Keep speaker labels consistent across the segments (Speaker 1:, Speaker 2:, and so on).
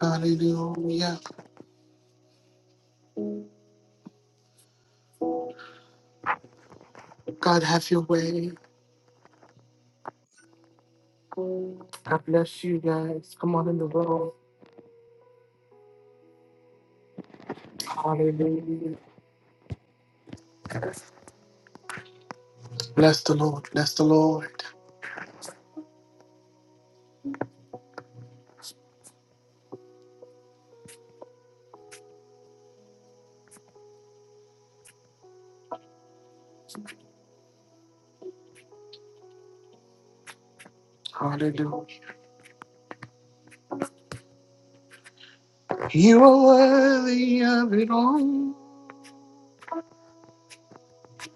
Speaker 1: Hallelujah. God, have your way. God bless you guys. Come on in the room. Hallelujah. Bless the Lord. Bless the Lord. Hallelujah. You are worthy of it all.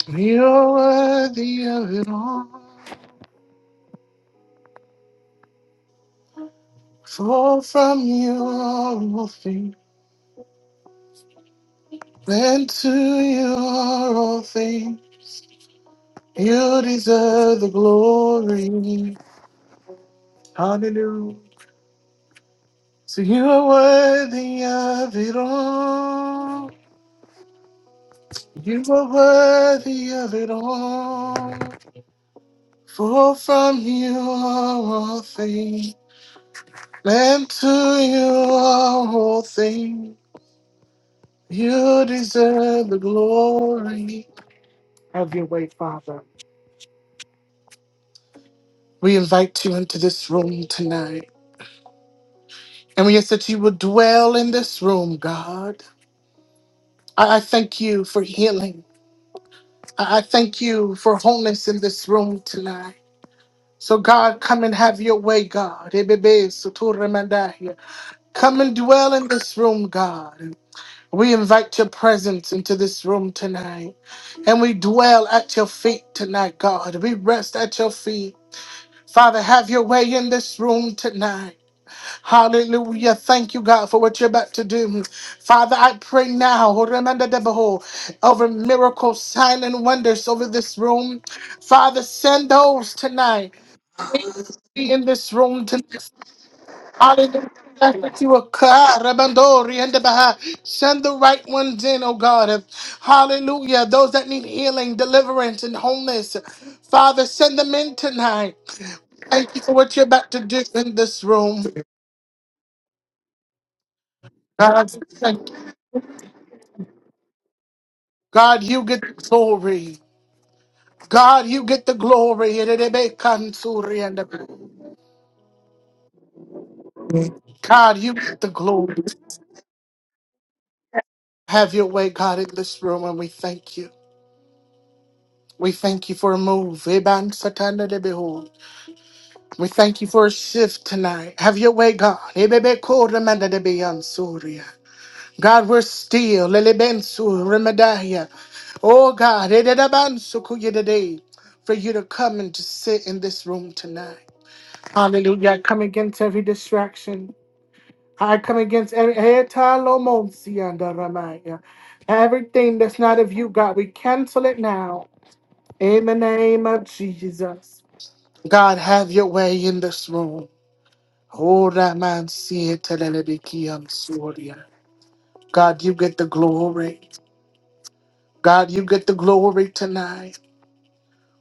Speaker 1: You are worthy of it all. For from you are all things, and to you are all things. You deserve the glory. Hallelujah. So you are worthy of it all. You are worthy of it all. For from you are all things, and to you are all things. You deserve the glory. Have your way, Father. We invite you into this room tonight. And we ask that you would dwell in this room, God. I, I thank you for healing. I I thank you for wholeness in this room tonight. So God, come and have your way, God. Ebebe sutura mandahia. Come and dwell in this room, God. We invite your presence into this room tonight. And we dwell at your feet tonight, God. We rest at your feet. Father, have your way in this room tonight. Hallelujah. Thank you, God, for what you're about to do. Father, I pray now Horamanda Debaho, over miracles, sign, and wonders over this room. Father, send those tonight be in this room tonight. Hallelujah. That you will cry, Rabandori and the Baha. Send the right ones in, oh God. Hallelujah. Those that need healing, deliverance, and wholeness. Father, send them in tonight. Thank you for what you're about to do in this room. God, thank you. God, you get the glory. God, you get the glory. Erebe kansuri and the- God, you get the glory. Have your way, God, in this room, and we thank you. We thank you for a move. Eban satana de behold. We thank you for a shift tonight. Have your way, God. Ebebe ko remanda de beyan suria. God, we're still. Lelebensu remadaya. Oh, God. ededaban sukuya de day. For you to come and to sit in this room tonight. Hallelujah. I come against every distraction. I come against every Etalomonsianda ramaya. everything that's not of you, God. We cancel it now. In the name of Jesus. God, have your way in this room. Oh, that man, see it, tell it I'm sorry. God, you get the glory. God, you get the glory tonight.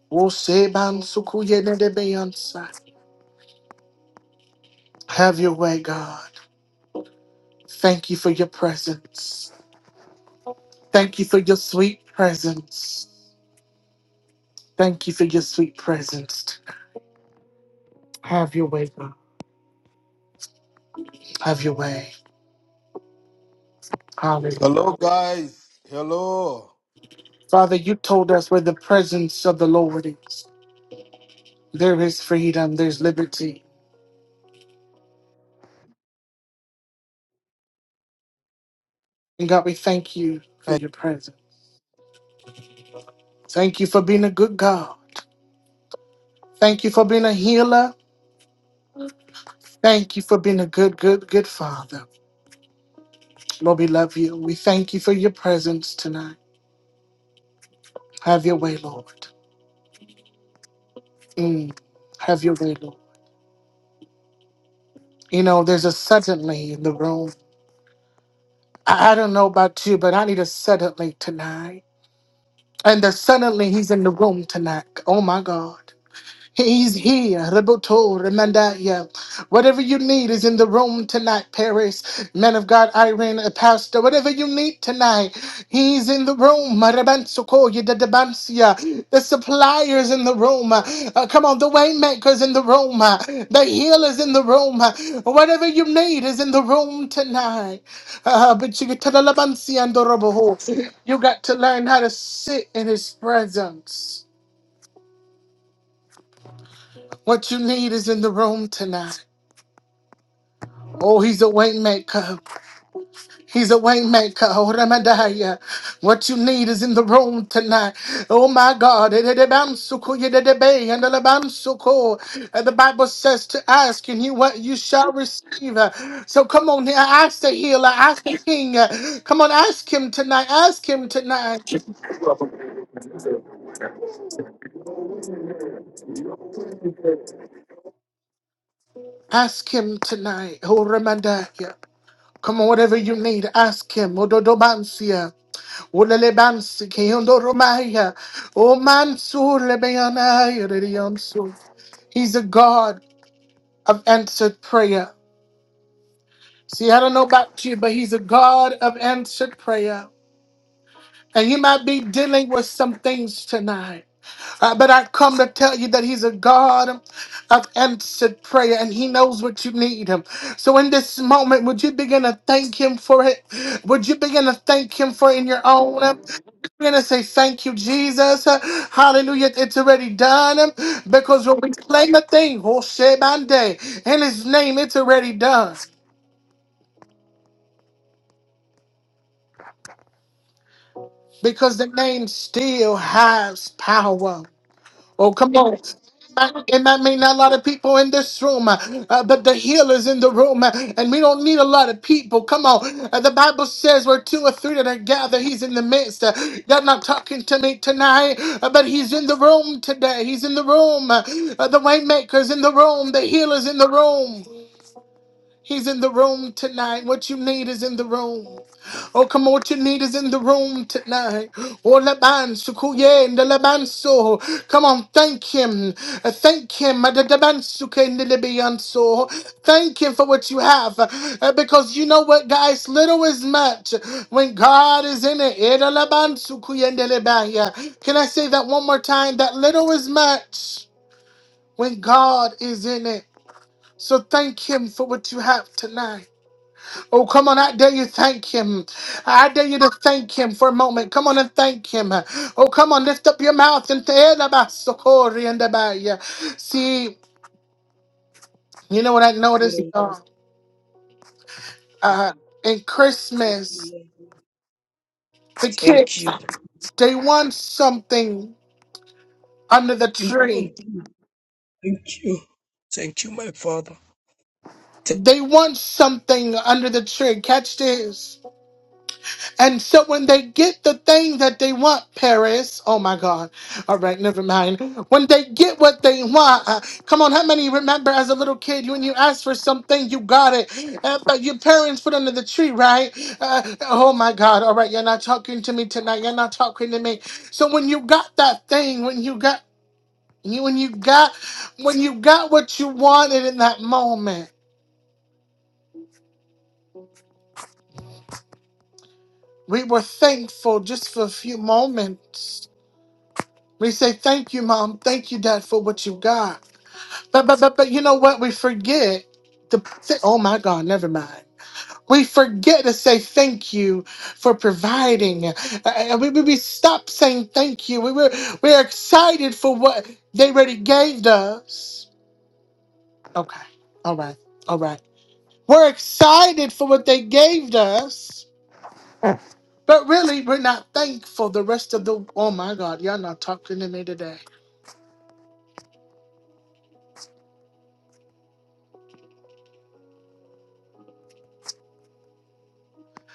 Speaker 1: Oh, say, man, suku, ye, ne, de, be, on, sa. Have your way, God. Thank you for your presence. Thank you for your sweet presence. Thank you for your sweet presence. Have your way, God. Have your way. Hallelujah.
Speaker 2: Hello, guys. Hello.
Speaker 1: Father, you told us where the presence of the Lord is. There is freedom, there's liberty. And God, we thank you for your presence. Thank you for being a good God. Thank you for being a healer. Thank you for being a good, good, good Father. Lord, we love you. We thank you for your presence tonight. Have your way, Lord. Mm, have your way, Lord. You know, there's a suddenly in the room. I, I don't know about you, but I need a suddenly tonight. And the suddenly he's in the room tonight. Oh my God. He's here. Reboto, Remandaya. Whatever you need is in the room tonight, Paris. Man of God, Irene, a pastor. Whatever you need tonight, he's in the room. Marabansoko, Yedadabansia. The suppliers in the room. Uh, come on, the waymakers in the room. Uh, The healers in the room. Uh, Whatever you need is in the room tonight. Uh, but you, get to the Labansia and the Roboho. you got to learn how to sit in his presence. What you need is in the room tonight. Oh, he's a waymaker. He's a waymaker. Oh, Ramadaya. What you need is in the room tonight. Oh my God. Ededebamsuku, yededebe, and elebamsuku. Uh, The Bible says to ask, and you what you shall receive. Uh, So come on here. Ask the healer. Ask the king. Uh, Come on, ask him tonight. Ask him tonight. Ask him tonight. Oh Ramadaya. Come on, whatever you need, ask him. Ulele bansi ki ondoro maya. O mansur le beyanaya de yamsu. He's a God of answered prayer. See, I don't know about you, but he's a God of answered prayer. And you might be dealing with some things tonight. Uh, but I come to tell you that He's a God of answered prayer and He knows what you need. So in this moment, would you begin to thank Him for it? Would you begin to thank Him for it in your own? We're going to say thank you, Jesus. Hallelujah. It's already done because when we claim a thing, Hoshebande, in His name, it's already done because the name still has power. Oh, come on. And I mean not a lot of people in this room, uh, uh, but the healer's in the room, uh, and we don't need a lot of people. Come on. Uh, the Bible says where two or three that are gathered, he's in the midst. Uh, you're not talking to me tonight, uh, but he's in the room today. He's in the room. Uh, uh, the waymaker's in the room. The healer's in the room. He's in the room tonight. What you need is in the room. Oh, come on, what you need is in the room tonight. Oh, Laban, Sukuye, and the Laban so. Come on, thank him. Uh, Thank him. Uh, the Laban Suke, and the Libyan so. Thank him for what you have. Uh, Because you know what, guys? Little is much when God is in it. Eh, the Laban Sukuye, and the Libya. Can I say that one more time? That little is much when God is in it. So thank him for what you have tonight. Oh, come on. I dare you thank him. I dare you to thank him for a moment. Come on and thank him. Oh, come on. Lift up your mouth and tell about Sokori and about you. See, you know what I noticed?
Speaker 3: Lord,
Speaker 1: Uh,
Speaker 3: I
Speaker 1: uh, in
Speaker 3: Thank you,
Speaker 1: Christmas,
Speaker 3: Lord.
Speaker 1: the
Speaker 3: Thank
Speaker 1: kids,
Speaker 3: you.
Speaker 1: they want something under the
Speaker 3: You-
Speaker 1: tree.
Speaker 3: Thank you. Thank you. Thank you, my Father. Thank
Speaker 1: They want something under the tree. Catch this. And so when they get the thing that they want, Paris, oh my God. All right, never mind. When they get what they want, uh, come on, how many remember as a little kid, you, when you asked for something, you got it. Uh, but your parents put under the tree, right? Uh, oh my God. All right, you're not talking to me tonight. You're not talking to me. So when you got that thing, when you got you when you got when you got what you wanted in that moment, we were thankful just for a few moments. We say, Thank you, Mom. Thank you, Dad, for what you got. But but but but you know what? We forget to say, oh my God, never mind. We forget to say thank you for providing. Uh, uh, we, we, we stop saying thank you. We were we're excited for what they already gave us. Okay. All right. All right. We're excited for what they gave us, but really we're not thankful the rest of the oh my God, y'all not talking to me today.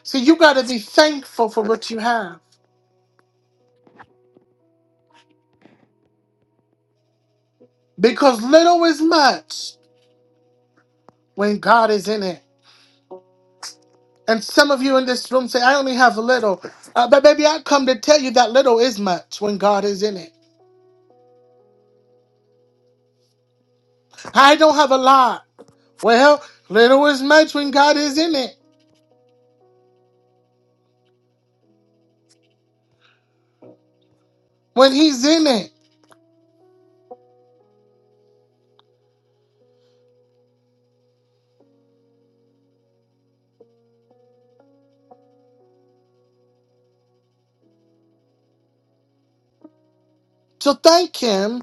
Speaker 1: See, you got to be thankful for what you have because little is much when God is in it. And some of you in this room say, I only have a little. Uh, but baby, I come to tell you that little is much when God is in it. I don't have a lot. Well, little is much when God is in it, when He's in it. So thank Him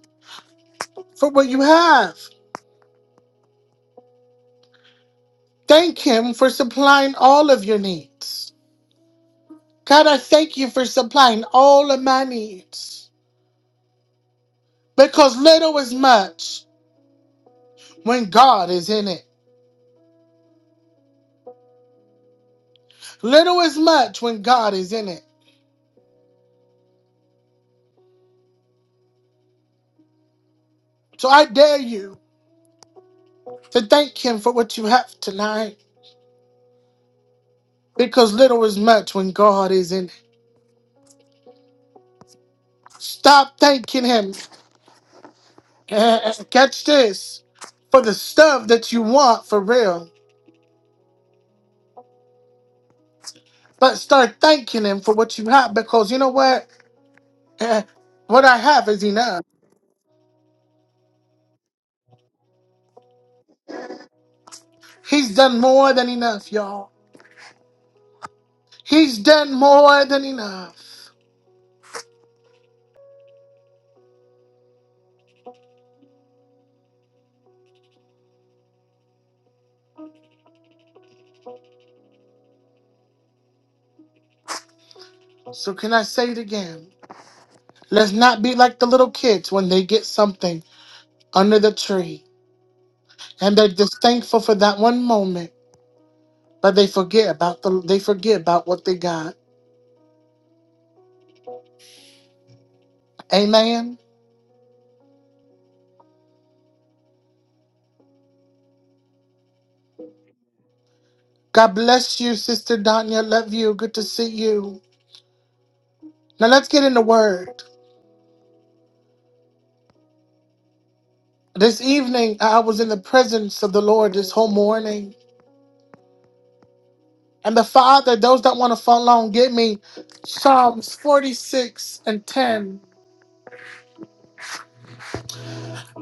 Speaker 1: for what you have. Thank Him for supplying all of your needs. God, I thank you for supplying all of my needs because little is much when God is in it. Little is much when God is in it. So I dare you to thank Him for what you have tonight because little is much when God is in it. Stop thanking Him. Eh, Catch this for the stuff that you want for real, but start thanking Him for what you have because you know what? Eh, What I have is enough. He's done more than enough, y'all. He's done more than enough. So, can I say it again? Let's not be like the little kids when they get something under the tree and they're just thankful for that one moment, but they forget about the they forget about what they got. Amen. God bless you, Sister Danya. Love you. Good to see you. Now let's get in the word. This evening I was in the presence of the Lord this whole morning. And the Father, those that want to follow along, give me Psalms 46 and 10.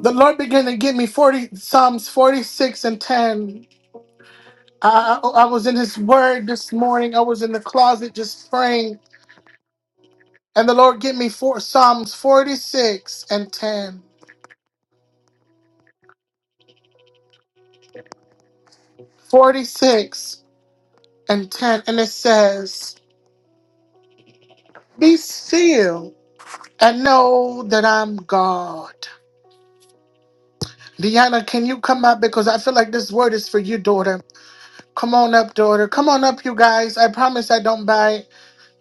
Speaker 1: The Lord began to give me 40 Psalms 46 and 10. I, I I was in His Word this morning. I was in the closet just praying, and the Lord gave me four Psalms 46 and 10. 46 and 10, and it says, "Be still and know that I'm God." Deanna, can you come up because I feel like this word is for you, daughter. Come on up, daughter. Come on up, you guys. I promise I don't bite.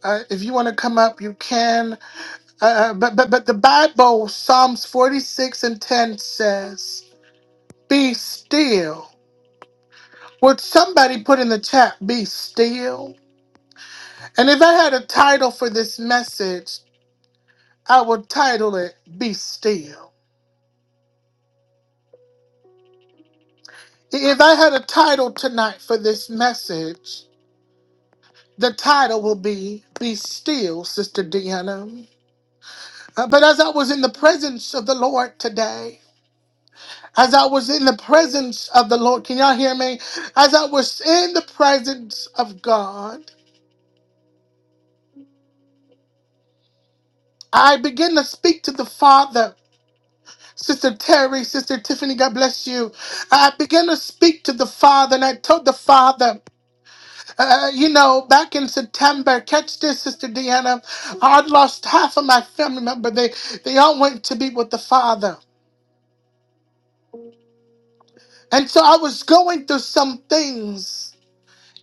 Speaker 1: Uh, if you want to come up, you can. Uh, uh, but but but the Bible, Psalms 46 and 10 says. Be still. Would somebody put in the chat, be still? And if I had a title for this message, I would title it, Be Still. If I had a title tonight for this message, the title will be, Be Still, Sister Deanna. Uh, But as I was in the presence of the Lord today, as I was in the presence of the Lord, can y'all hear me? As I was in the presence of God, I began to speak to the Father Sister Terry, Sister Tiffany, God bless you. I began to speak to the Father, and I told the Father, uh, uh, you know, back in September, catch this, Sister Deanna, I'd lost half of my family member. They they all went to be with the Father, and so I was going through some things.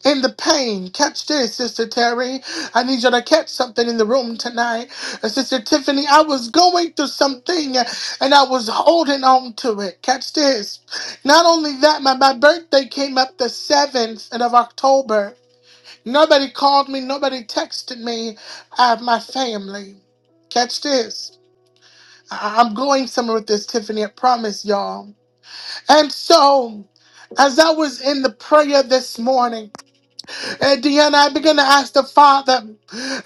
Speaker 1: in the pain. Catch this, Sister Terry. I need you to catch something in the room tonight. Uh, Sister Tiffany, I was going through something uh, and I was holding on to it. Catch this. Not only that, my, my birthday came up the 7th of October. Nobody called me, nobody texted me. I have my family. Catch this. I- I'm going somewhere with this, Tiffany, I promise y'all. And so, as I was in the prayer this morning, and Deanna, I begin to ask the Father,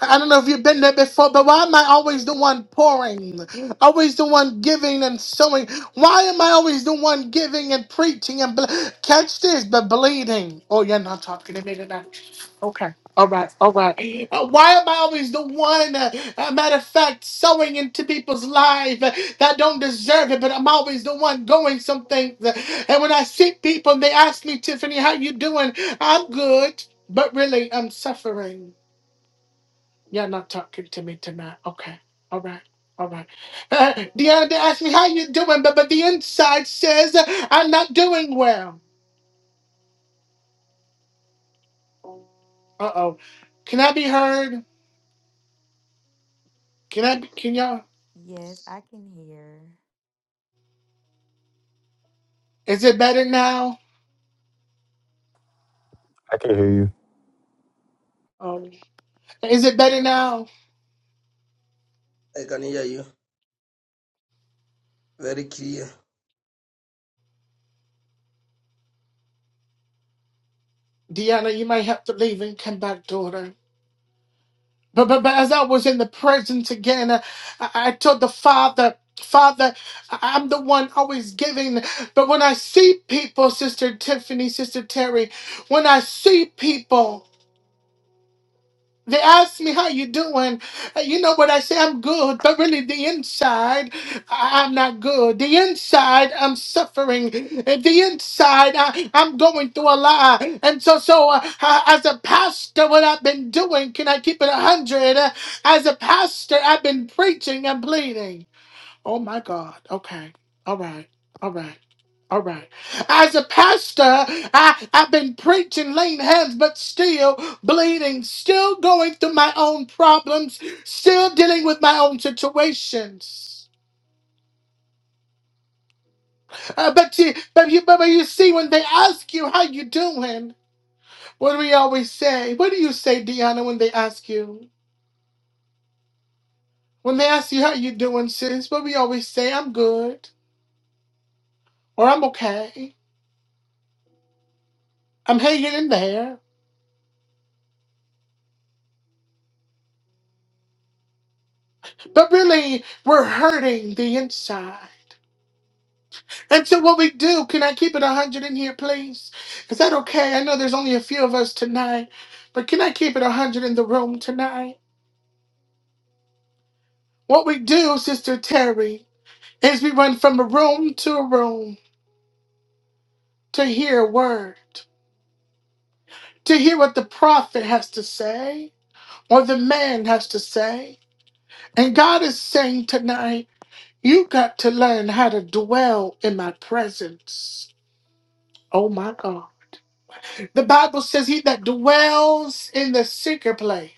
Speaker 1: I don't know if you've been there before, but why am I always the one pouring? Always the one giving and sowing? Why am I always the one giving and preaching and ble- catch this, but bleeding? Oh, you're not talking to me tonight. Okay. All right, all right. Uh, why am I always the one, uh, uh, matter of fact, sowing into people's lives uh, that don't deserve it, but I'm always the one going some things. Uh, and when I see people and they ask me, Tiffany, how you doing? I'm good. But really, I'm suffering. You're not talking to me tonight. Okay. All right. All right. Uh, the other asked me how you doing, but but the inside says uh, I'm not doing well. Uh oh. Can I be heard? Can I? Be, can y'all?
Speaker 4: Yes, I can hear.
Speaker 1: Is it better now?
Speaker 5: I can hear you.
Speaker 1: Oh, is it better now?
Speaker 3: I can hear you very clear.
Speaker 1: Deanna, you might have to leave and come back, daughter. But, but, but as I was in the presence again, uh, I, I told the Father, Father, I- I'm the one always giving. But when I see people, Sister Tiffany, Sister Terry, when I see people, they ask me how you doing. Uh, You know what I say? I'm good, but really the inside, I- I'm not good. The inside, I'm suffering. Uh, The inside, I- I'm going through a lot. And so, so uh, uh, as a pastor, what I've been doing, can I keep it a hundred? Uh, as a pastor, I've been preaching and pleading. Oh my God. Okay. All right. All right. All right. As a pastor, I, I've been preaching, laying hands, but still bleeding, still going through my own problems, still dealing with my own situations. Uh, but, you, but, you, but you see, when they ask you, how you doing? What do we always say? What do you say, Deanna, when they ask you? When they ask you, how you doing, sis? What we always say, I'm good, or I'm okay, I'm hanging in there. But really, we're hurting the inside. And so what we do, can I keep it 100 in here, please? Is that okay? I know there's only a few of us tonight, but can I keep it 100 in the room tonight? What we do, Sister Terry, is we run from a room to a room to hear a word, to hear what the prophet has to say or the man has to say. And God is saying tonight, you got to learn how to dwell in my presence. Oh my God. The Bible says he that dwells in the secret place.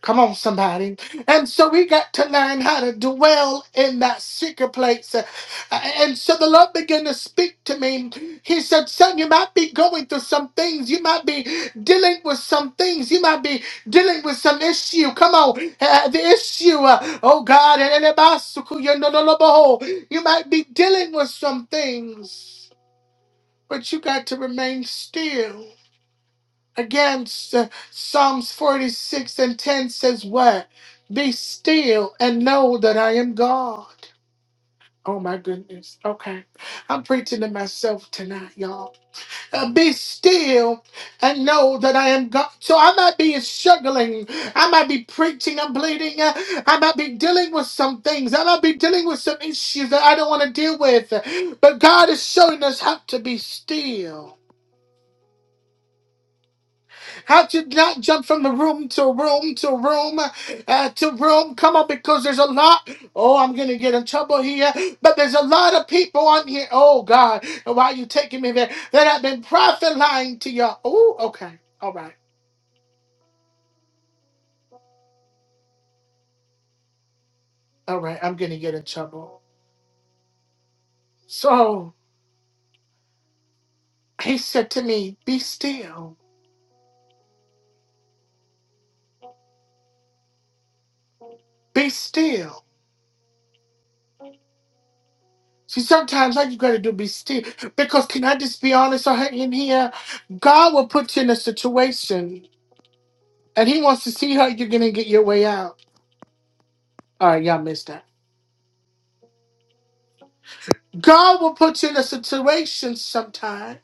Speaker 1: Come on, somebody. And so we got to learn how to dwell in that secret place. Uh, And so the Lord began to speak to me. He said, Son, you might be going through some things. You might be dealing with some things. You might be dealing with some issue. Come on. Uh, the issue, uh, oh God, and- and about suku- you know, no, no, behold, you might be dealing with some things, but you got to remain still. Again, S- Psalms 46 and 10 says, What? Be still and know that I am God. Oh my goodness. Okay. I'm preaching to myself tonight, y'all. Uh, be still and know that I am God. So I might be struggling. I might be preaching. I'm bleeding. Uh, I might be dealing with some things. I might be dealing with some issues that I don't want to deal with. But God is showing us how to be still How to not jump from the room to room to room uh, to room? Come on, because there's a lot. Oh, I'm gonna get in trouble here, but there's a lot of people on here. Oh God, why are you taking me there? That have been prophesying to y'all. Oh, okay, all right, all right. I'm gonna get in trouble. So he said to me, "Be still, be still." See, sometimes all you gotta do be still. Because can I just be honest right in here? God will put you in a situation and he wants to see how you're gonna get your way out. All right, y'all missed that. God will put you in a situation sometime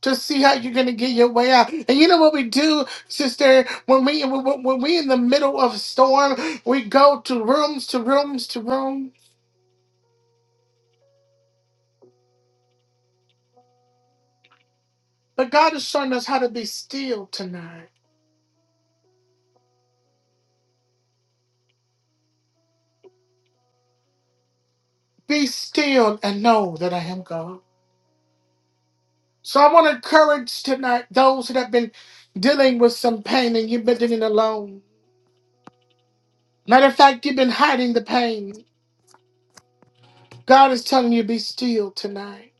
Speaker 1: to see how you're gonna get your way out. And you know what we do, sister? When we when when we in the middle of a storm, we go to rooms to rooms to room. But God is showing us how to be still tonight. Be still and know that I am God. So I want to encourage tonight those that have been dealing with some pain and you've been dealing alone. Matter of fact, you've been hiding the pain. God is telling you be still tonight.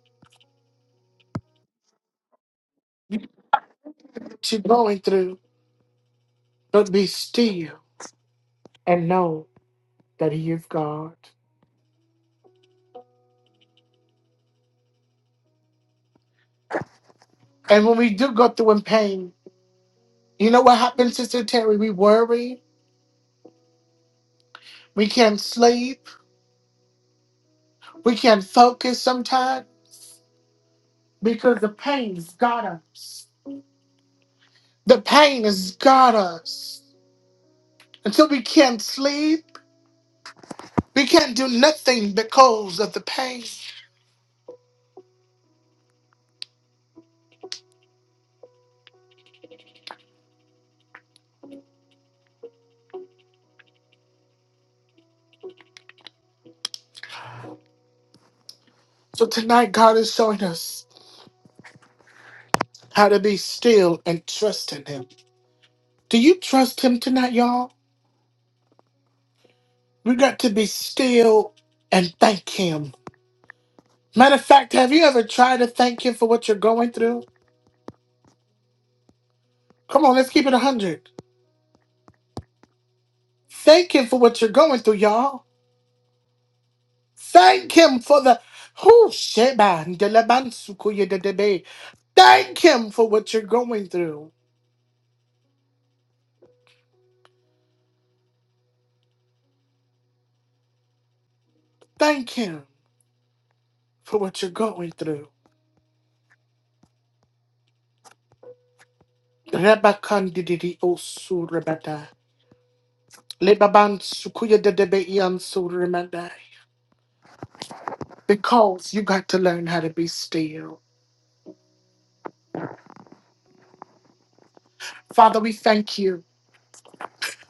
Speaker 1: What you're going through, but be still and know that He is God. And when we do go through in pain, you know what happens, Sister Terry? We worry. We can't sleep. We can't focus sometimes because the pain's got us. The pain has got us. Until we can't sleep, we can't do nothing because of the pain. So tonight, God is showing us how to be still and trust in Him Do you trust him tonight, y'all? We got to be still and thank him. Matter of fact, have you ever tried to thank him for what you're going through? Come on, let's keep it 100. Thank him for what you're going through, y'all. Thank him for the. Who sheba ndelebansukuye dedebe. Thank him for what you're going through. Thank him for what you're going through. Rabakandidi osurabada. Lebaban sukuya de debe because you got to learn how to be still. Father, we thank you.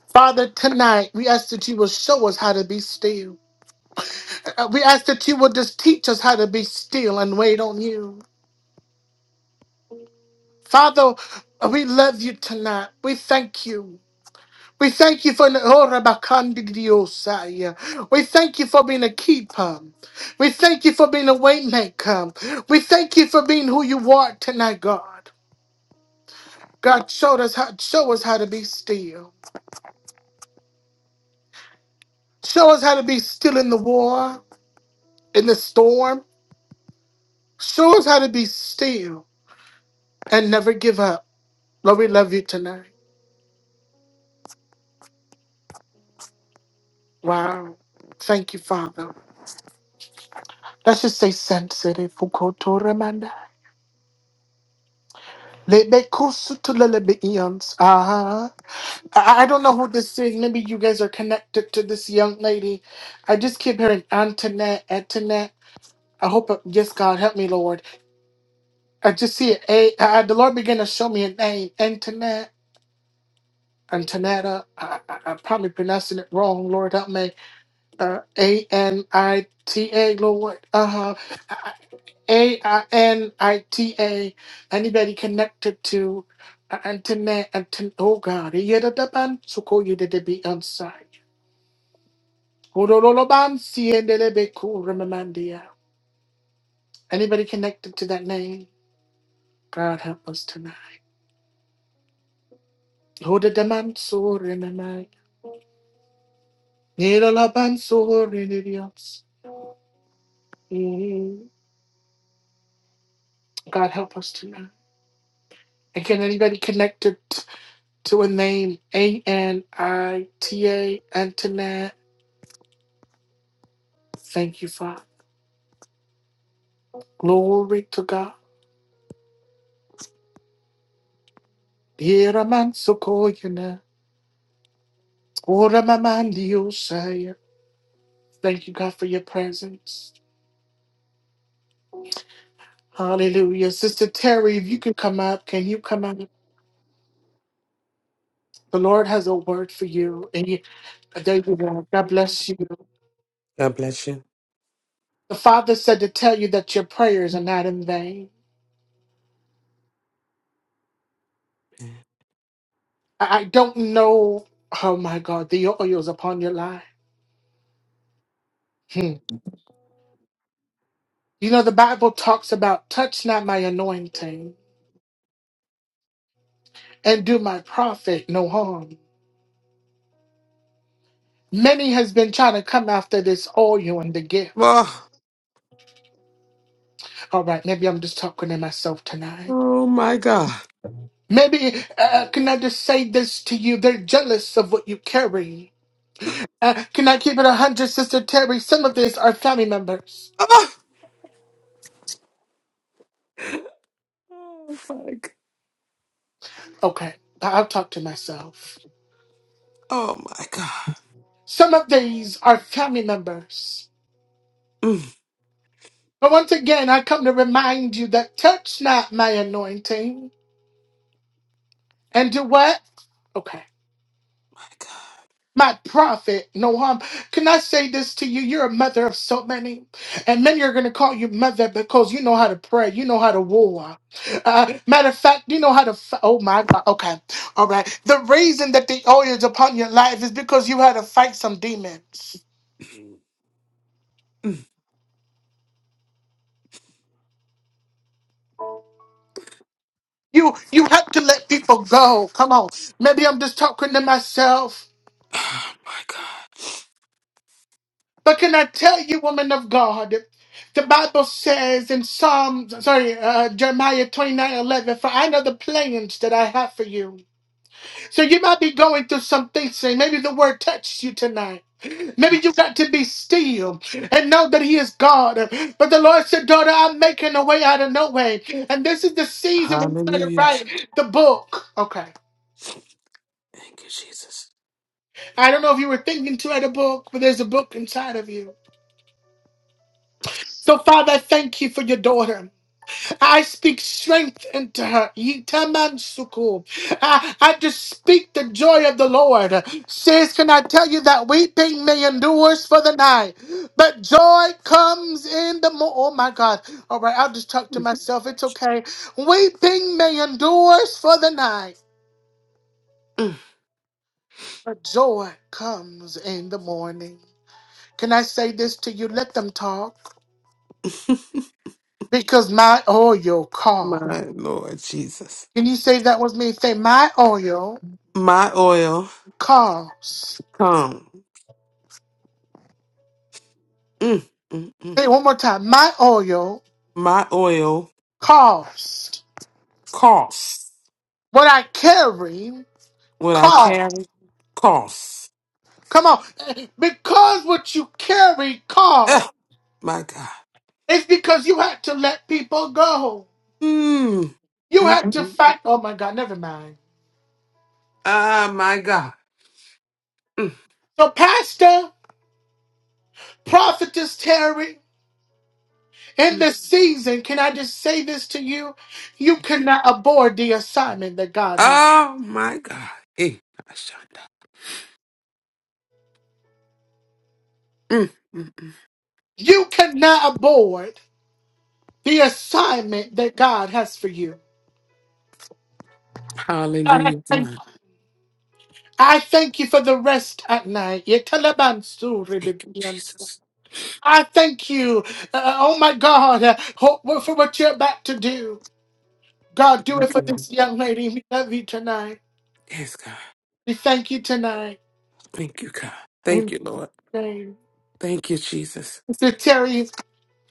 Speaker 1: Father, tonight we ask that you will show us how to be still. Uh, We ask that you will just teach us how to be still and wait on you. Father, we love you tonight. We thank you. We thank you for oh, Rabakandidiosai. We thank you for being a keeper. We thank you for being a waymaker. We thank you for being who you are tonight, God. God showed us how show us how to be still. Show us how to be still in the war, in the storm. Show us how to be still and never give up. Lord, we love you tonight. Wow. Thank you, Father. Let's just say sensitive. Fukotoramanda. Lebekusutulelebeiyans. Ah. I I don't know who this is. Maybe you guys are connected to this young lady. I just keep hearing Antoinette, Antoinette. I hope, uh, yes, God, help me, Lord. I just see it. A, I, the Lord began to show me a name, Antoinette. Antonetta, I, I, I'm probably pronouncing it wrong. Lord, help me. Uh, A N I T A, Lord. Uh huh. A I N I T A. Anybody connected to uh, Antoinette? Anton- oh God. Yedadaban sukoyededebi ansai. Horoloban siyedelebeko remamandia. Anybody connected to that name? God help us tonight. Hodedaman so remamai. Yedalaban so renedians. God help us tonight. And can anybody connected t- to a name, A N I T A, Antoinette? Thank you, Father. Glory to God. Yera man sokoyana. Ora mamandi osaya. Thank you, God, for your presence. Hallelujah. Sister Terry, if you can come up, can you come up? The Lord has a word for you. And you, there you go. God bless you.
Speaker 6: God bless you.
Speaker 1: The Father said to tell you that your prayers are not in vain. I I don't know. Oh my God, the oil is upon your life. Hmm. You know, the Bible talks about touch not my anointing and do my prophet no harm. Many has been trying to come after this oil and the gift.
Speaker 6: Oh,
Speaker 1: All right, maybe I'm just talking to myself tonight.
Speaker 6: oh my God.
Speaker 1: Maybe, uh, uh, can I just say this to you? They're jealous of what you carry. Uh, can I keep it 100, Sister Terry? Some of these are family members.
Speaker 6: Ah, Oh, fuck.
Speaker 1: Okay, I- I'll talk to myself.
Speaker 6: Oh my God.
Speaker 1: Some of these are family members.
Speaker 6: Mm,
Speaker 1: But once again, I come to remind you that touch not my anointing and do what? Okay.
Speaker 6: my God.
Speaker 1: My prophet, no harm. Can I say this to you? You're a mother of so many. And many are going to call you mother because you know how to pray. You know how to war. Uh, matter of fact, you know how to. F- oh my God. Okay. All right. The reason that the oil is upon your life is because you had to fight some demons.
Speaker 6: Mm.
Speaker 1: You you have to let people go. Come on. Maybe I'm just talking to myself.
Speaker 6: Oh my God.
Speaker 1: But can I tell you, woman of God, the Bible says in Psalms, sorry, uh, Jeremiah 29 11. for I know the plans that I have for you. So you might be going through some things, saying maybe the word touched you tonight. Maybe you got to be still and know that He is God. But the Lord said, Daughter, I'm making a way out of no way. And this is the season when you gotta
Speaker 6: Hallelujah.
Speaker 1: write the book. Okay.
Speaker 6: Thank you, Jesus.
Speaker 1: I don't know if you were thinking to write a book, but there's a book inside of you. So, Father, I thank you for your daughter. I speak strength into her. Yitamansuku. I, I just speak the joy of the Lord. Says, can I tell you that weeping may endures for the night, but joy comes in the morning. Oh my God. All right, I'll just talk to myself. It's okay. Weeping may endures for the night,
Speaker 6: Mm.
Speaker 1: but joy comes in the morning. Can I say this to you? Let them talk because my oil call.
Speaker 6: my Lord Jesus.
Speaker 1: Can you say that with me? Say, my oil.
Speaker 6: My oil
Speaker 1: cost.
Speaker 6: come. Mm, mm, mm.
Speaker 1: Say it one more time. My oil
Speaker 6: My oil
Speaker 1: cost.
Speaker 6: costs.
Speaker 1: What I carry
Speaker 6: What I
Speaker 1: cost.
Speaker 6: carry costs.
Speaker 1: Come on. Because what you carry cost.
Speaker 6: Ah, my God.
Speaker 1: It's because you had to let people go.
Speaker 6: Mm,
Speaker 1: You
Speaker 6: mm,
Speaker 1: had to
Speaker 6: mm.
Speaker 1: fight. Oh my God, never mind.
Speaker 6: Ah, my God.
Speaker 1: So, Pastor, Prophetess Terry, in this season, can I just say this to you? You cannot abort the assignment that God has.
Speaker 6: Oh my God. Hey, Ashanda. Mm, mm. mm.
Speaker 1: You cannot abort the assignment that God has for you.
Speaker 6: Hallelujah, God.
Speaker 1: I thank you for the rest at night. Ye talabansu
Speaker 6: Thank you,
Speaker 1: ribibian.
Speaker 6: Jesus.
Speaker 1: I thank you, uh, uh, oh my God, uh, ho- for what you're about to do. God, do it for
Speaker 6: Okay.
Speaker 1: this young lady. We love you tonight.
Speaker 6: Yes, God.
Speaker 1: We thank you tonight.
Speaker 6: Thank you, God. Thank
Speaker 1: In
Speaker 6: you, Lord.
Speaker 1: your name.
Speaker 6: Thank you, Jesus.
Speaker 1: Mr. Terry,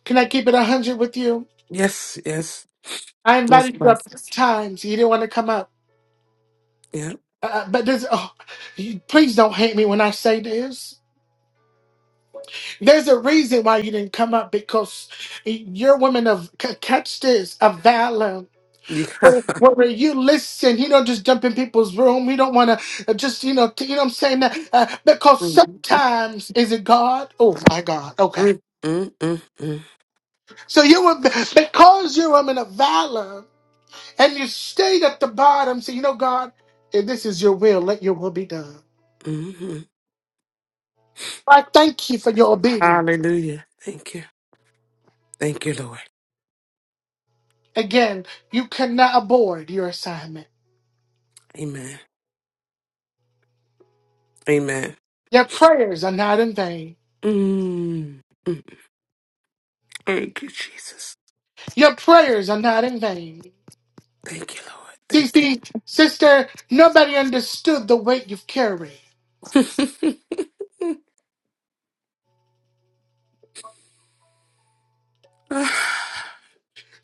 Speaker 1: can I keep it 100 with you?
Speaker 6: Yes, yes.
Speaker 1: I
Speaker 6: Yes,
Speaker 1: invited you up
Speaker 6: blessing.
Speaker 1: six times. You didn't want to come up.
Speaker 6: Yeah.
Speaker 1: Uh, uh, but there's, oh, you, please don't hate me when I say this. There's a reason why you didn't come up because you're women of, c- catch this, of valor.
Speaker 6: Yeah.
Speaker 1: When you listen, he don't just jump in people's room. He don't want to just, you know, t- you know what I'm saying? That, uh, because
Speaker 6: Mm,
Speaker 1: sometimes, is it God? Oh my God. Okay.
Speaker 6: mm, mm, mm, mm,
Speaker 1: So you were, because you're a woman of valor and you stayed at the bottom, say, you know, God, if this is your will, let your will be done.
Speaker 6: mhm.
Speaker 1: I thank you for your obedience.
Speaker 6: Hallelujah. Thank you. Thank you, Lord.
Speaker 1: Again, you cannot abort your assignment.
Speaker 6: Amen. Amen.
Speaker 1: Your prayers are not in vain.
Speaker 6: Mm, mm. Thank you, Jesus.
Speaker 1: Your prayers are not in vain.
Speaker 6: Thank you, Lord.
Speaker 1: See,
Speaker 6: Thank
Speaker 1: see, sister, nobody understood the weight you've carried.
Speaker 6: you.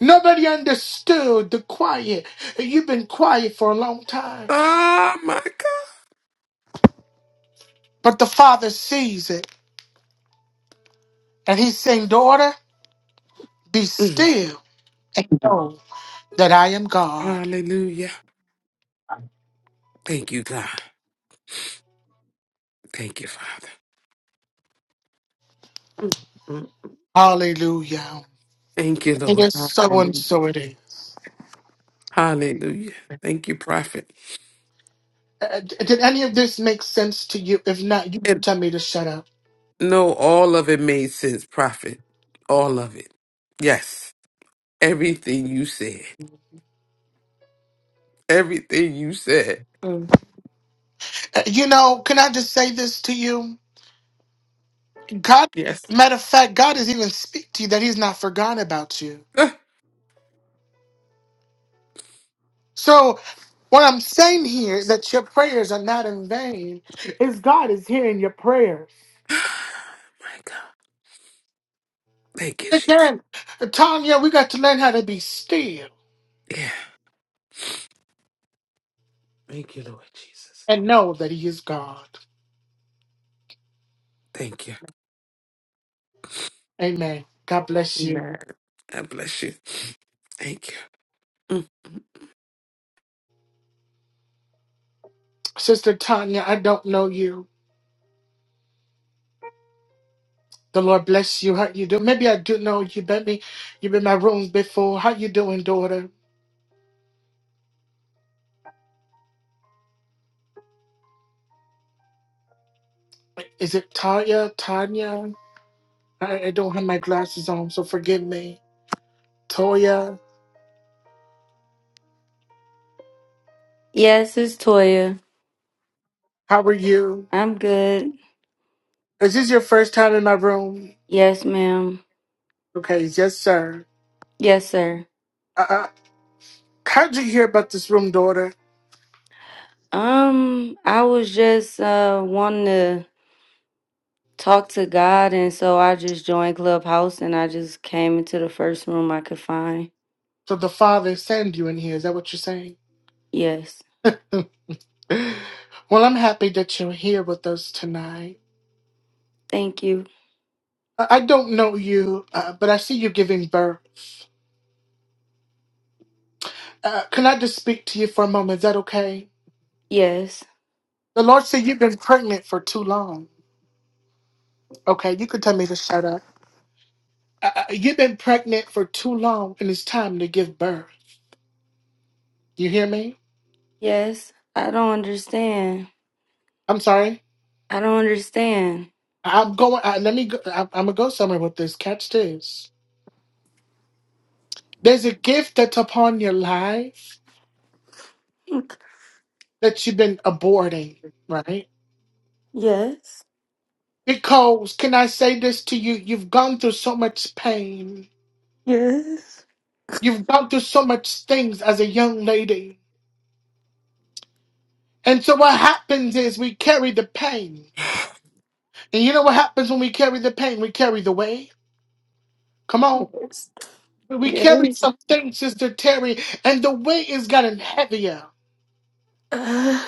Speaker 1: Nobody understood the quiet. You've been quiet for a long time.
Speaker 6: oh my God.
Speaker 1: But the Father sees it. And He's saying, Daughter, be
Speaker 6: Mm.
Speaker 1: still and know that I am God.
Speaker 6: Hallelujah. Thank you, God. Thank you, Father. Mm. Mm.
Speaker 1: Hallelujah.
Speaker 6: Thank you,
Speaker 1: It
Speaker 6: Lord.
Speaker 1: is so and
Speaker 6: Hallelujah.
Speaker 1: so it is.
Speaker 6: Hallelujah. Thank you, Prophet.
Speaker 1: Uh, d- did any of this make sense to you? If not, you
Speaker 6: And
Speaker 1: tell me to shut up.
Speaker 6: no, all of it made sense, Prophet. All of it. Yes. Everything you said. Everything you said.
Speaker 1: Mm. Uh, You know, can I just say this to you? God,
Speaker 6: Yes.
Speaker 1: matter of fact, God is even speak to you that He's not forgotten about you.
Speaker 6: My
Speaker 1: So what I'm saying here is that your prayers are not in vain. Is God is hearing your prayers.
Speaker 6: God. Thank you, Jesus.
Speaker 1: Again, Tanya, we got to learn how to be still
Speaker 6: Yeah. Thank you, Lord Jesus.
Speaker 1: and know that He is God.
Speaker 6: Thank you.
Speaker 1: Amen. God bless you,
Speaker 6: Amen. God bless you. Thank you. Mm.
Speaker 1: Sister Tanya. I don't know you. The Lord bless you. How you do? Maybe I do know you. Maybe you've been in my rooms before. How you doing, daughter? Is it Tanya? Tanya? I, I don't have my glasses on, so forgive me. Toya,
Speaker 7: Yes, it's Toya.
Speaker 1: how are you?
Speaker 7: I'm good.
Speaker 1: Is this your first time in my room?
Speaker 7: Yes, ma'am.
Speaker 1: Okay, yes, sir.
Speaker 7: Yes, sir.
Speaker 1: Uh, uh, how'd you hear about this room, daughter?
Speaker 7: Um, I was just uh wanting to talk to God and so I just joined Clubhouse and I just came into the first room I could find.
Speaker 1: So the father sent you in here. Is that what you're saying?
Speaker 7: Yes.
Speaker 1: Well, I'm happy that you're here with us tonight.
Speaker 7: Thank you.
Speaker 1: I, I don't know you, uh, but I see you giving birth. Uh, can I just speak to you for a moment? Is that okay?
Speaker 7: Yes.
Speaker 1: The Lord said you've been pregnant for too long. Okay, you can tell me to shut up. I, I- you've been pregnant for too long, and it's time to give birth. You hear me?
Speaker 7: Yes. I don't understand.
Speaker 1: I'm sorry.
Speaker 7: I don't understand.
Speaker 1: I- am going. I, let me. Go, I, I'm gonna go somewhere with this. Catch this. There's a gift that's upon your life that you've been aborting, right?
Speaker 7: Yes.
Speaker 1: Because can I say this to you? You've gone through so much pain.
Speaker 7: Yes.
Speaker 1: You've gone through so much things as a young lady. And so what happens is we carry the pain. And you know what happens when we carry the pain? We carry the weight. Come on.
Speaker 7: Yes.
Speaker 1: We carry
Speaker 7: Yes.
Speaker 1: something, Sister Terry, and the weight is gotten heavier.
Speaker 7: Uh,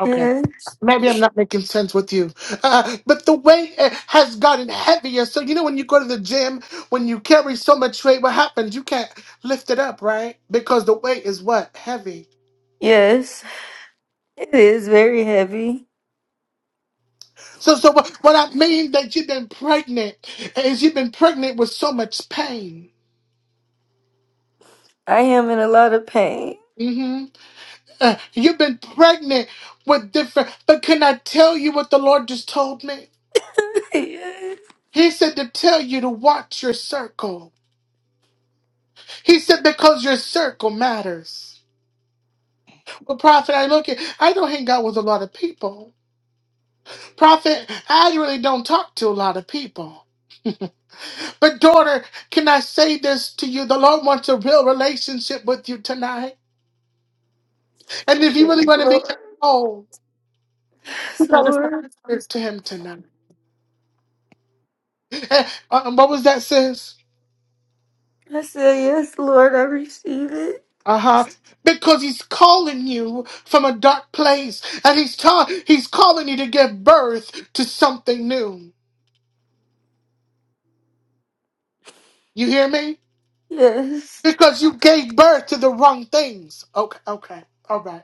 Speaker 1: Okay.
Speaker 7: yes.
Speaker 1: Maybe I'm not making sense with you, uh, but the weight uh, has gotten heavier. So you know when you go to the gym, when you carry so much weight, what happens? You can't lift it up, right? Because the weight is what heavy.
Speaker 7: Yes. It is very heavy.
Speaker 1: So, so what, what I mean that you've been pregnant is you've been pregnant with so much pain.
Speaker 7: I am in a lot of pain.
Speaker 1: hmm Uh, you've been pregnant with different. But can I tell you what the Lord just told me?
Speaker 7: yes,
Speaker 1: He said to tell you to watch your circle. He said because your circle matters. Well, prophet, I look at I don't hang out with a lot of people. Prophet, I really don't talk to a lot of people. But daughter, can I say this to you? The Lord wants a real relationship with you tonight. And if you really want to be
Speaker 7: Lord.
Speaker 1: whole, you
Speaker 7: Yes,
Speaker 1: gotta
Speaker 7: Lord.
Speaker 1: surrender this to him tonight. Eh, uh, what was that, sis?
Speaker 7: I said, Yes, Lord, I receive it.
Speaker 1: Uh huh. Because he's calling you from a dark place, and he's ta- he's calling you to give birth to something new. You hear me?
Speaker 7: Yes.
Speaker 1: Because you gave birth to the wrong things. Okay. Okay. All right.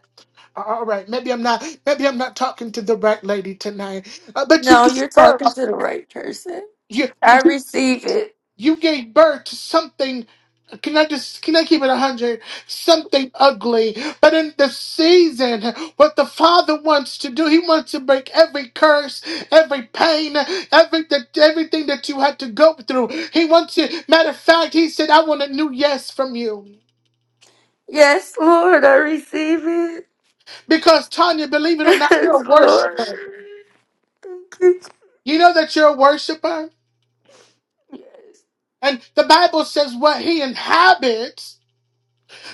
Speaker 1: A- All right. Maybe I'm not. Maybe I'm not talking to the right lady tonight. Uh, but you
Speaker 7: No,
Speaker 1: gave
Speaker 7: you're talking
Speaker 1: birth.
Speaker 7: to the right person.
Speaker 1: You
Speaker 7: I receive it.
Speaker 1: You gave birth to something. Can I just can I keep it a hundred? Something ugly. But in the season, what the Father wants to do, He wants to break every curse, every pain, every that everything that you had to go through. He wants to. Matter of fact, He said, "I want a new yes from you,"
Speaker 7: Yes, Lord, I receive it.
Speaker 1: because Tanya, believe it or not, you're a
Speaker 7: Yes,
Speaker 1: worshiper.
Speaker 7: Lord. Thank you.
Speaker 1: You know that you're a worshiper,
Speaker 7: Yes,
Speaker 1: and the Bible says what He inhabits.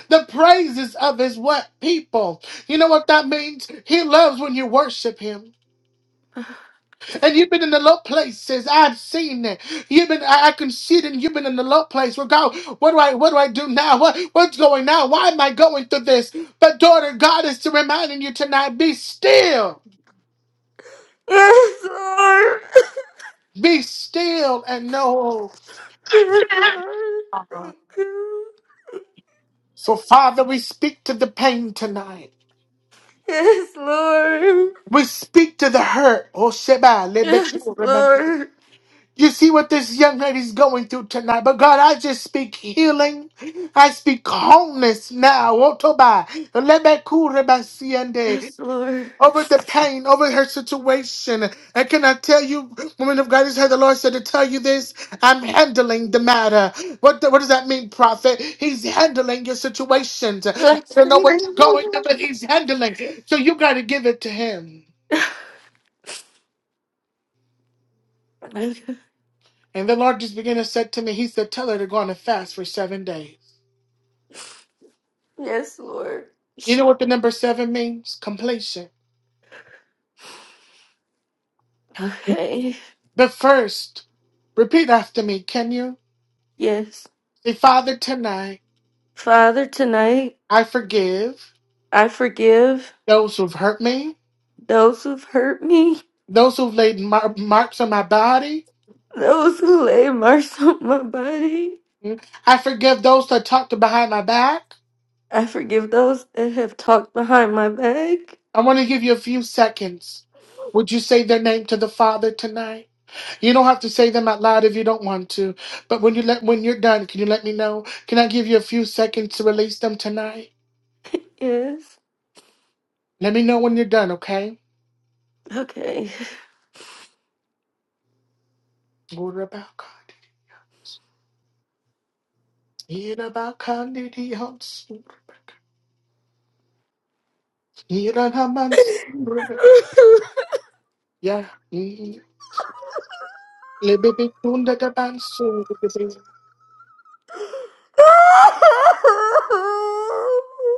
Speaker 1: the praises of his what people. You know what that means? He loves when you worship him. And you've been in the low places. I've seen it. You've been I, I can see it and you've been in the low place where God, what do I what do I do now? What what's going now? Why am I going through this? But daughter, God is to reminding you tonight, be still,
Speaker 7: Lord.
Speaker 1: be still and know.
Speaker 7: Yes, Lord. Thank you.
Speaker 1: So Father, we speak to the pain tonight.
Speaker 7: Yes, Lord.
Speaker 1: We speak to the hurt. Oh Sheba,
Speaker 7: Yes, Lord.
Speaker 1: You see what this young lady's going through tonight. But God, I just speak healing. I speak wholeness now. Otoba, lebekurebasiende,
Speaker 7: Yes, Lord.
Speaker 1: Over the pain, over her situation. And can I tell you, woman of God, this is how the Lord said to tell you this. I'm handling the matter. What, the- what does that mean, prophet? He's handling your situations. I
Speaker 7: Yes,
Speaker 1: don't know
Speaker 7: thank
Speaker 1: what you're going through, but he's handling. So you got to give it to him.
Speaker 7: you.
Speaker 1: And the Lord just began to say to me, He said, Tell her to go on a fast for seven days.
Speaker 7: Yes, Lord.
Speaker 1: You know what the number seven means? Completion.
Speaker 7: Okay.
Speaker 1: But first, repeat after me, can you?
Speaker 7: Yes.
Speaker 1: Say, Father, tonight
Speaker 7: Father, tonight
Speaker 1: I forgive
Speaker 7: I forgive
Speaker 1: those who've hurt me,
Speaker 7: those who've hurt me,
Speaker 1: those who've laid mar- marks on my body.
Speaker 7: those who lay marks on my body.
Speaker 1: Mm. I forgive those that talked behind my back.
Speaker 7: I forgive those that have talked behind my back.
Speaker 1: I want to give you a few seconds. Would you say their name to the Father tonight? You don't have to say them out loud if you don't want to. But when you let when you're done, can you let me know? Can I give you a few seconds to release them tonight?
Speaker 7: Yes.
Speaker 1: Let me know when you're done, okay?
Speaker 7: Okay.
Speaker 1: Urabakadi. Irabakadi Hansurabak. Iranamansurabak. Yeah. Lebebe Kunda Gabansurabak.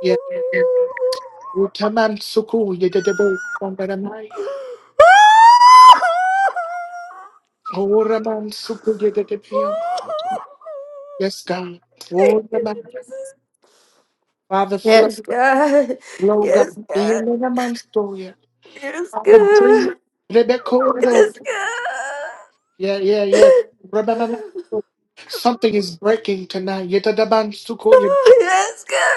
Speaker 1: Yeah. Utaman Suku Yedebe Sandaramai. Oraman Suku Yedebe. Yes, God. Oraman. Father, flow,
Speaker 7: Yes, God.
Speaker 1: flow,
Speaker 7: Yes,
Speaker 1: God. Be in
Speaker 7: God.
Speaker 1: the Mansoria.
Speaker 7: Yes,
Speaker 1: Father, breathe.
Speaker 7: God.
Speaker 1: Rebecca.
Speaker 7: Yes, God.
Speaker 1: Yeah, yeah, yeah. Remember, something is breaking tonight. You tada ban suko, you-
Speaker 7: Oh, Yes, God.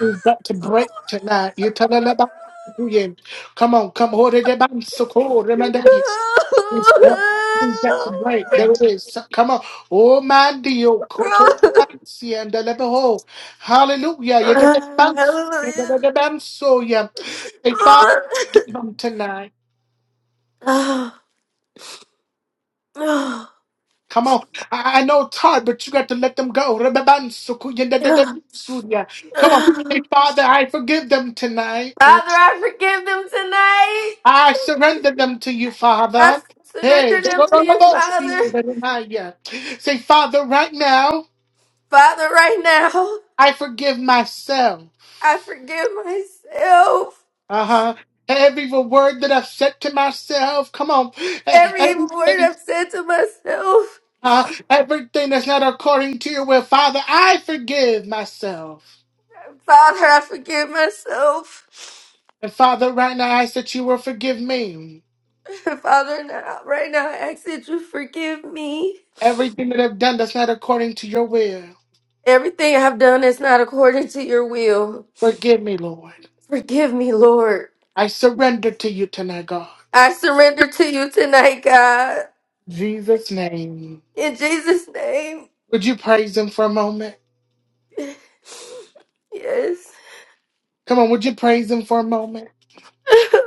Speaker 1: You've got to break tonight. You tada la ban suko, yeah. Come on, come hold it. ban suko. Remember, it's it's got it's got to
Speaker 7: Oh,
Speaker 1: break. There it is. So- Come on. Oh, man, Dio. koto ban si, and the level hole. Hallelujah. You tada ban si, you
Speaker 7: Hallelujah.
Speaker 1: tada ban so, yeah. Hey, Father, forgive them tonight.
Speaker 7: Oh. Father,
Speaker 1: Come on. I, I know it's hard, but you got to let them go. Rebaban suku yende de de surya. Come on. Say, Father, I forgive them tonight. Mm.
Speaker 7: I forgive them tonight.
Speaker 1: I surrender them to you,
Speaker 7: I
Speaker 1: Father. Hey,
Speaker 7: surrender them to you, Father.
Speaker 1: Jodorolobosi Benaya. say, Father, right now,
Speaker 7: Father, right now,
Speaker 1: I forgive myself.
Speaker 7: I forgive myself.
Speaker 1: Uh huh. Every word that I've said to myself, come on. E-
Speaker 7: Every evil word
Speaker 1: Everything,
Speaker 7: I've said to myself.
Speaker 1: uh, everything that's not according to your will, Father, I forgive myself.
Speaker 7: Father, I forgive myself.
Speaker 1: And Father, right now I ask that you will forgive me.
Speaker 7: Father, now, right now, I ask that you forgive me.
Speaker 1: Everything that I've done that's not according to your will.
Speaker 7: Everything I've done is not according to your will.
Speaker 1: Forgive me, Lord.
Speaker 7: Forgive me, Lord.
Speaker 1: I surrender to you tonight, God.
Speaker 7: I surrender to you tonight, God.
Speaker 1: In Jesus' name.
Speaker 7: In Jesus' name.
Speaker 1: Would you praise him for a moment?
Speaker 7: Yes.
Speaker 1: Come on, would you praise him for a moment?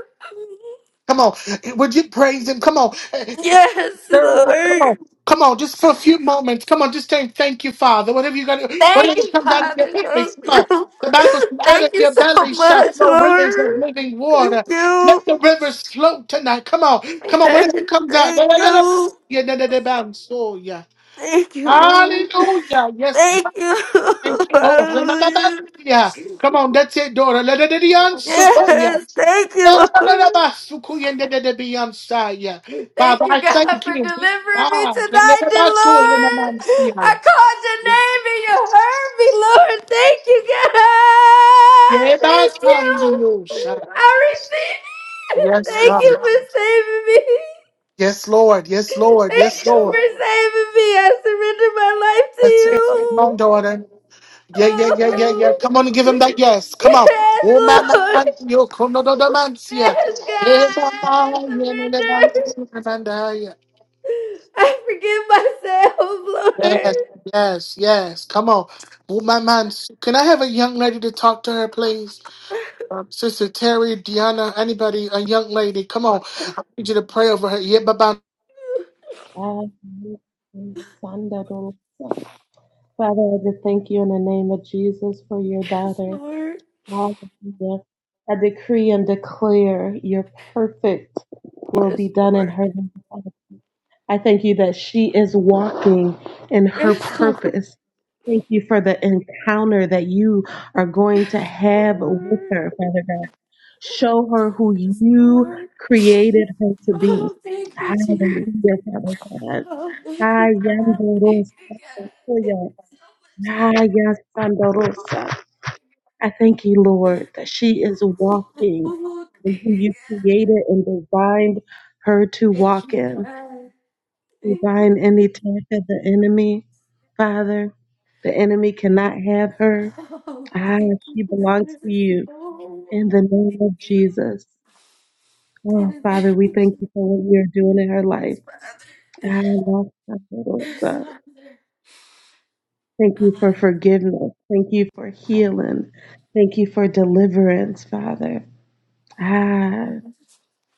Speaker 1: Come on, would you praise him? Come on.
Speaker 7: Yes,
Speaker 1: There's, come on,
Speaker 7: Lord.
Speaker 1: come on, just for a few moments. Come on, just say thank you, Father. Whatever you got,
Speaker 7: Thank
Speaker 1: whatever
Speaker 7: you,
Speaker 1: comes out of your
Speaker 7: Father.
Speaker 1: belly,
Speaker 7: Thank
Speaker 1: come on.
Speaker 7: you.
Speaker 1: The Bible says, out of
Speaker 7: Thank you
Speaker 1: your
Speaker 7: so
Speaker 1: belly shall
Speaker 7: much,
Speaker 1: flow rivers of
Speaker 7: Lord.
Speaker 1: living
Speaker 7: Thank
Speaker 1: water.
Speaker 7: you.
Speaker 1: Let the rivers flow tonight. Come on, come on,
Speaker 7: Yes,
Speaker 1: whatever comes out.
Speaker 7: thank
Speaker 1: yeah, yeah, yeah, la,
Speaker 7: you.
Speaker 1: yeah, da, da, so, yeah.
Speaker 7: Thank you, Lord.
Speaker 1: Hallelujah. Yes,
Speaker 7: Thank you.
Speaker 1: Thank you, Lord.
Speaker 7: Hallelujah.
Speaker 1: Remamamamaya. Come on, that's it, daughter. Let it be on Sukoya.
Speaker 7: Yes, thank you, Lord.
Speaker 1: Sukoya, let it be on Saya.
Speaker 7: Thank
Speaker 1: Father,
Speaker 7: you,
Speaker 1: I
Speaker 7: God,
Speaker 1: thank
Speaker 7: for
Speaker 1: you.
Speaker 7: delivering me
Speaker 1: Ah, let it
Speaker 7: tonight,
Speaker 1: be
Speaker 7: dear
Speaker 1: on Suya,
Speaker 7: Lord. I
Speaker 1: Mamamamaya.
Speaker 7: called your name and you heard me, Lord. Thank you, God.
Speaker 1: Yeah, that's
Speaker 7: Thank
Speaker 1: how it is.
Speaker 7: you. I receive it.
Speaker 1: Yes,
Speaker 7: Thank you
Speaker 1: God.
Speaker 7: for saving me.
Speaker 1: Yes, Lord. Yes, Lord.
Speaker 7: Thank
Speaker 1: Yes,
Speaker 7: you
Speaker 1: Lord.
Speaker 7: for saving me. I surrender my life to
Speaker 1: That's it. Come on,
Speaker 7: you.
Speaker 1: daughter. Yeah, yeah, yeah, yeah, yeah. Come on and give him that
Speaker 7: Oh.
Speaker 1: yes. Come on. Oh, my
Speaker 7: Yes, Lord.
Speaker 1: man, yo, come on the man's yeah.
Speaker 7: Yes,
Speaker 1: Eh,
Speaker 7: God. I
Speaker 1: man, yeah, man,
Speaker 7: surrender.
Speaker 1: man, man, man, yeah.
Speaker 7: I forgive myself,
Speaker 1: Yes,
Speaker 7: Lord.
Speaker 1: yes, yes. Come on. Oh, my man. Can I have a young lady to talk to her, please? Um, Sister Terry, Deanna, anybody, a young lady. Come on. I need you to pray over her. Yeah, bye-bye.
Speaker 8: I am Sanda Dorosa. Father, I just thank you in the name of Jesus for your
Speaker 7: Yes,
Speaker 8: daughter.
Speaker 7: Lord.
Speaker 8: Hallelujah. I decree and declare your perfect will be
Speaker 7: Yes,
Speaker 8: done in
Speaker 7: Lord.
Speaker 8: her. life. Father, I thank you that she is walking in her
Speaker 7: Yes, Lord.
Speaker 8: purpose. Thank you for the encounter that you are going to have with her, Father God. Show her who
Speaker 7: Yes,
Speaker 8: you
Speaker 7: Lord.
Speaker 8: created her to be.
Speaker 7: Oh, thank you, Jesus.
Speaker 8: Hallelujah, Father God.
Speaker 7: Oh, thank you. Thank
Speaker 8: Ayandorosa, Okoya. Ayasandorosa. I thank you, Lord, that she is
Speaker 7: you.
Speaker 8: walking
Speaker 7: Oh,
Speaker 8: in
Speaker 7: thank
Speaker 8: who you created and designed her to
Speaker 7: you, God. Thank you,
Speaker 8: walk in.
Speaker 7: God.
Speaker 8: We
Speaker 7: Thank you.
Speaker 8: bind any attack of the enemy, Father. The enemy cannot have her.
Speaker 7: Oh,
Speaker 8: Ah,
Speaker 7: thank you,
Speaker 8: she belongs
Speaker 7: God.
Speaker 8: to you
Speaker 7: Oh,
Speaker 8: in the name
Speaker 7: thank
Speaker 8: of
Speaker 7: you.
Speaker 8: Jesus.
Speaker 7: In
Speaker 8: Oh,
Speaker 7: the
Speaker 8: Father,
Speaker 7: name
Speaker 8: we
Speaker 7: of
Speaker 8: thank you
Speaker 7: Jesus,
Speaker 8: for what you're doing in her life.
Speaker 7: Father. Yes,
Speaker 8: Ah,
Speaker 7: Father.
Speaker 8: Thank you for forgiveness. Thank you for healing. Thank you for deliverance, Father. Ah,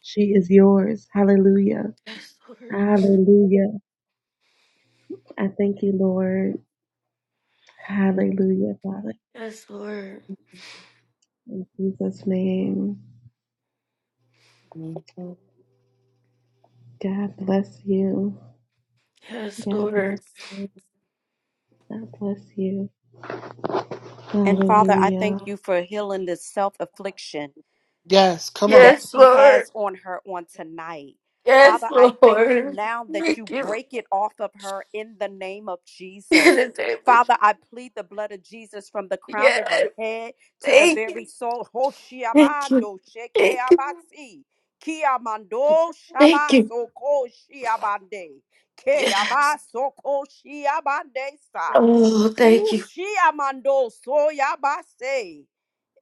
Speaker 8: she is yours. Hallelujah.
Speaker 7: Yes, Lord.
Speaker 8: Hallelujah. I thank you, Lord. Hallelujah, Father.
Speaker 7: Yes, Lord.
Speaker 8: In Jesus' name.
Speaker 1: Mhm.
Speaker 8: God bless you.
Speaker 7: Yes,
Speaker 8: God
Speaker 7: Lord.
Speaker 8: bless you. God bless you.
Speaker 9: And Father, I thank
Speaker 8: Hallelujah.
Speaker 9: you for healing this self affliction
Speaker 1: Yes, come on.
Speaker 9: that
Speaker 7: Yes,
Speaker 9: she
Speaker 7: Lord.
Speaker 9: has on her on tonight.
Speaker 7: Yes,
Speaker 9: Father, I thank you
Speaker 7: Lord.
Speaker 9: now that you
Speaker 7: Thank you.
Speaker 9: break it off of her in the name of
Speaker 7: In
Speaker 9: Jesus.
Speaker 7: the name of Jesus.
Speaker 9: Father, I plead the blood of Jesus from the crown of her
Speaker 7: Yes.
Speaker 9: head to the
Speaker 7: Thank you.
Speaker 9: very soul.
Speaker 7: Thank you.
Speaker 9: Hoshiabando
Speaker 7: Thank you.
Speaker 9: shekeabasi. Kiamando
Speaker 7: Thank you.
Speaker 9: shabasoko shiabande.
Speaker 7: Yes.
Speaker 9: Keabasoko shiabande sa.
Speaker 7: Oh, thank you.
Speaker 9: Hushiamando soyabase.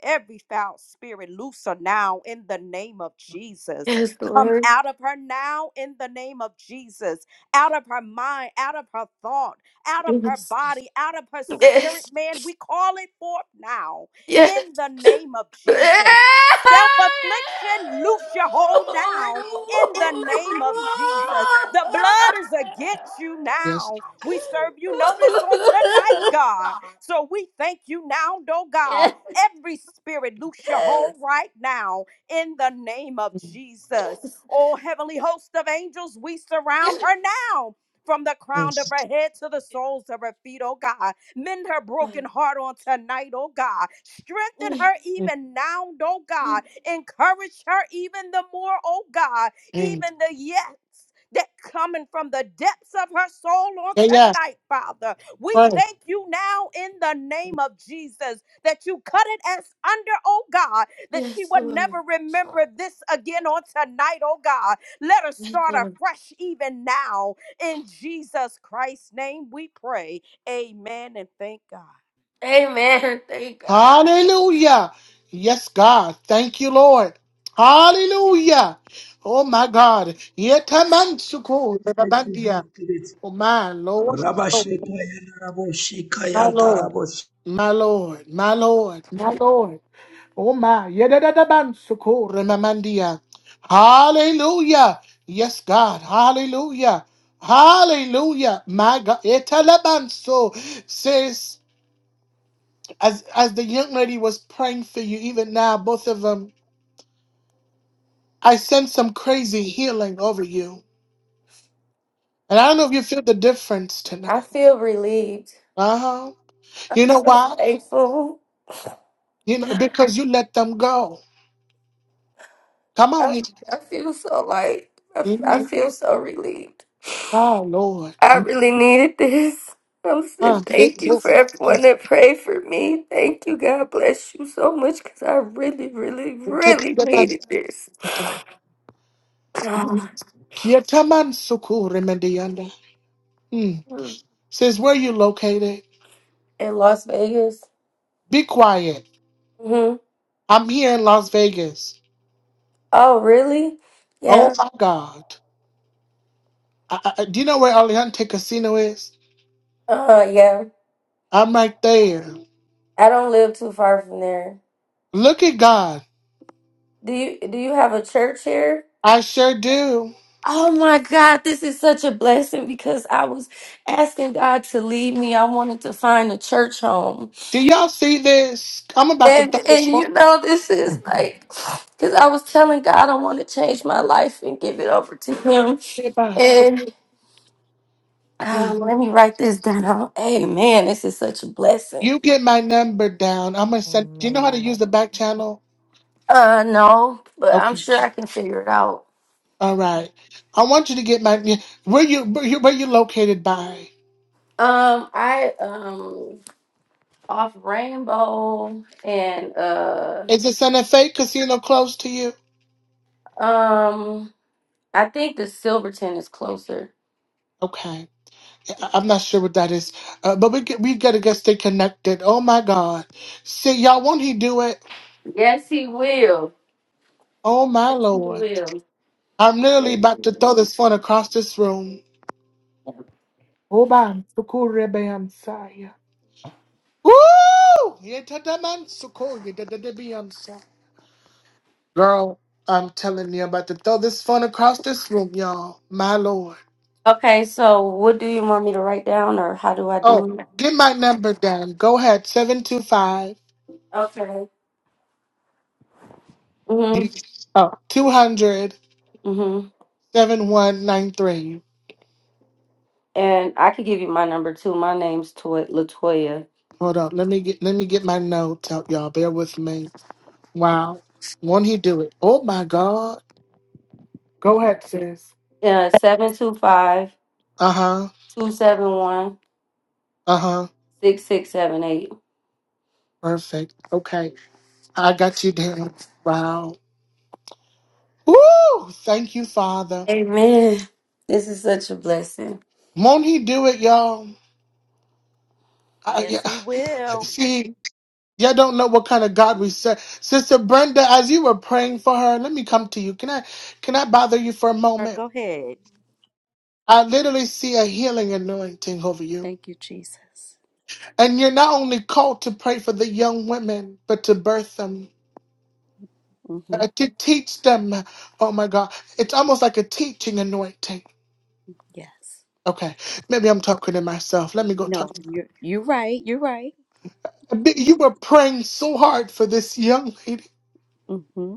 Speaker 9: Every foul spirit, loose her now in the name of Jesus.
Speaker 7: Yes,
Speaker 9: Come
Speaker 7: Lord.
Speaker 9: out of her now in the name of Jesus. Out of her mind, out of her thought, out of her
Speaker 7: Yes.
Speaker 9: body, out of her spirit, man. We call it forth now
Speaker 7: Yes. Yes.
Speaker 9: in the name of Jesus.
Speaker 7: Yes.
Speaker 9: Self affliction, loose your hold now in the name of Jesus. The blood is against you
Speaker 1: Yes.
Speaker 9: now. We serve you notice on tonight, God. So we thank you now, oh God Every spirit, loose your hold right now in the name of Jesus. Oh, heavenly host of angels, we
Speaker 7: Yes.
Speaker 9: surround
Speaker 7: Yes.
Speaker 9: her now. From the crown of
Speaker 1: Yes.
Speaker 9: her head to the soles of her feet, oh God. Mend her broken heart on tonight, oh God. Strengthen her even now, oh God. Encourage her even the more, oh God.
Speaker 1: Mhm.
Speaker 9: Even the yes that coming from the depths of her soul on
Speaker 1: Yeah, yeah.
Speaker 9: tonight, Father. We
Speaker 1: Pray.
Speaker 9: thank you now in the name of Jesus that you cut it as under, oh God, that she
Speaker 7: Yes,
Speaker 9: would never
Speaker 7: Lord.
Speaker 9: remember this again on tonight, oh God. Let us
Speaker 7: Yes,
Speaker 9: start
Speaker 7: Lord.
Speaker 9: afresh even now. In Jesus Christ's name we pray. Amen and thank God.
Speaker 7: Amen. Thank God.
Speaker 1: Hallelujah. Yes, God. Thank you, Lord. Hallelujah. Oh, my God. Yetamansuko
Speaker 3: Thank you,
Speaker 1: rebabandia.
Speaker 3: Holy Spirit.
Speaker 1: Oh, my Lord. Oh,
Speaker 3: Rabashekaya,
Speaker 1: my Lord.
Speaker 3: Raboshekaya,
Speaker 1: My Lord. My Lord. My Lord. Oh, my. Yedadabansuko remamandia. Hallelujah. Yes, God. Hallelujah. Hallelujah. My God. Etalabanso says, as, as the young lady was praying for you, even now, both of them I sense some crazy healing over you. And I don't know if you feel the difference tonight.
Speaker 7: I feel relieved.
Speaker 1: Uh huh. You
Speaker 7: I'm
Speaker 1: know
Speaker 7: so
Speaker 1: why?
Speaker 7: thankful.
Speaker 1: You know
Speaker 7: I,
Speaker 1: because you let them go. Come on here.
Speaker 7: I feel so light. I, I
Speaker 1: Mhm.
Speaker 7: feel so relieved.
Speaker 1: Oh Lord.
Speaker 7: I really needed this. I'm so
Speaker 1: Ah, big
Speaker 7: thank you
Speaker 1: wolf.
Speaker 7: for everyone that prayed for me. Thank you. God bless you so much because I really, really,
Speaker 1: we take
Speaker 7: really
Speaker 1: the
Speaker 7: needed this.
Speaker 1: man.
Speaker 7: Ah,
Speaker 1: Kieta man suku remedianda. Hmm.
Speaker 7: mm.
Speaker 1: Says where you located?
Speaker 7: In Las Vegas.
Speaker 1: Be quiet.
Speaker 7: hmm
Speaker 1: I'm here in Las Vegas.
Speaker 7: Oh, really?
Speaker 1: Oh
Speaker 7: Yeah.
Speaker 1: my God. I, I, I- do you know where Aliante Casino is?
Speaker 7: Uh, yeah.
Speaker 1: I'm right there.
Speaker 7: I don't live too far from there.
Speaker 1: Look at God.
Speaker 7: Do you do you have a church here?
Speaker 1: I sure do.
Speaker 7: Oh my God, this is such a blessing because I was asking God to lead me. I wanted to find a church home.
Speaker 1: Do y'all see this? I'm about to
Speaker 7: And
Speaker 1: throw
Speaker 7: and
Speaker 1: this
Speaker 7: you
Speaker 1: on.
Speaker 7: know, this is like because I was telling God I want to change my life and give it over to him.
Speaker 1: So,
Speaker 7: And
Speaker 1: mm.
Speaker 7: um, let me write this down. Amen. This is such a blessing.
Speaker 1: You get my number down. I'm gonna send. Do you know how to use
Speaker 4: Amen.
Speaker 1: the back channel?
Speaker 7: Uh no, but I'm
Speaker 1: Okay.
Speaker 7: sure I can figure it out.
Speaker 1: All right. I want you to get my. yeah, Where you? Where you, where you located by?
Speaker 7: Um, I um off rainbow and uh
Speaker 1: Is this an FA casino close to you?
Speaker 7: um I think the Silverton is closer.
Speaker 1: Okay. I- I'm not sure what that is, uh, but we get, we gotta get stay connected. Oh my God. See y'all. Won't he do it?
Speaker 7: Yes, he will.
Speaker 1: Oh my
Speaker 7: Yes, he
Speaker 1: Lord.
Speaker 7: will.
Speaker 1: I'm literally about to throw this phone across this room. Oh, bam. Sukurebe, I'm sorry. Woo! Yetataman soko, yetatatabiyamsa. Girl, I'm telling you, I'm about to throw this phone across this room, y'all. My lord.
Speaker 7: Okay, so what do you want me to write down, or how do I
Speaker 1: Oh,
Speaker 7: do it?
Speaker 1: get my number down. Go ahead, 725
Speaker 7: Okay. Mhm.
Speaker 1: oh, two hundred
Speaker 7: Mhm.
Speaker 1: seven one nine three.
Speaker 7: And I could give you my number too. My name's Toy- Latoya.
Speaker 1: Hold on, let me get let me get my notes out, y'all. Bear with me. Wow, won't he do it? Oh my God! Go ahead, sis.
Speaker 7: Uh, seven two five
Speaker 1: Uh huh.
Speaker 7: two seven one
Speaker 1: Uh huh.
Speaker 7: six six seven eight.
Speaker 1: Perfect. Okay, I got you down. Wow. Woo! Thank you, Father.
Speaker 7: Amen. This is such a blessing.
Speaker 1: Won't He do it, y'all? I,
Speaker 9: Yes,
Speaker 1: yeah,
Speaker 9: He will.
Speaker 1: see, y'all don't know what kind of God we serve. Sister Brenda, as you were praying for her, let me come to you. Can I, can I bother you for a
Speaker 9: Or
Speaker 1: moment?
Speaker 9: go ahead.
Speaker 1: I literally see a healing anointing over you,
Speaker 9: Thank you, Jesus.
Speaker 1: and you're not only called to pray for the young women, but to birth them,
Speaker 9: Mm-hmm.
Speaker 1: uh, to teach them. Oh my God, it's almost like a teaching anointing.
Speaker 9: Yes.
Speaker 1: Okay, maybe I'm talking to myself. Let me go
Speaker 9: No,
Speaker 1: talk.
Speaker 9: you're, you're right. You're right.
Speaker 1: You were praying so hard for this young lady.
Speaker 9: Mm-hmm.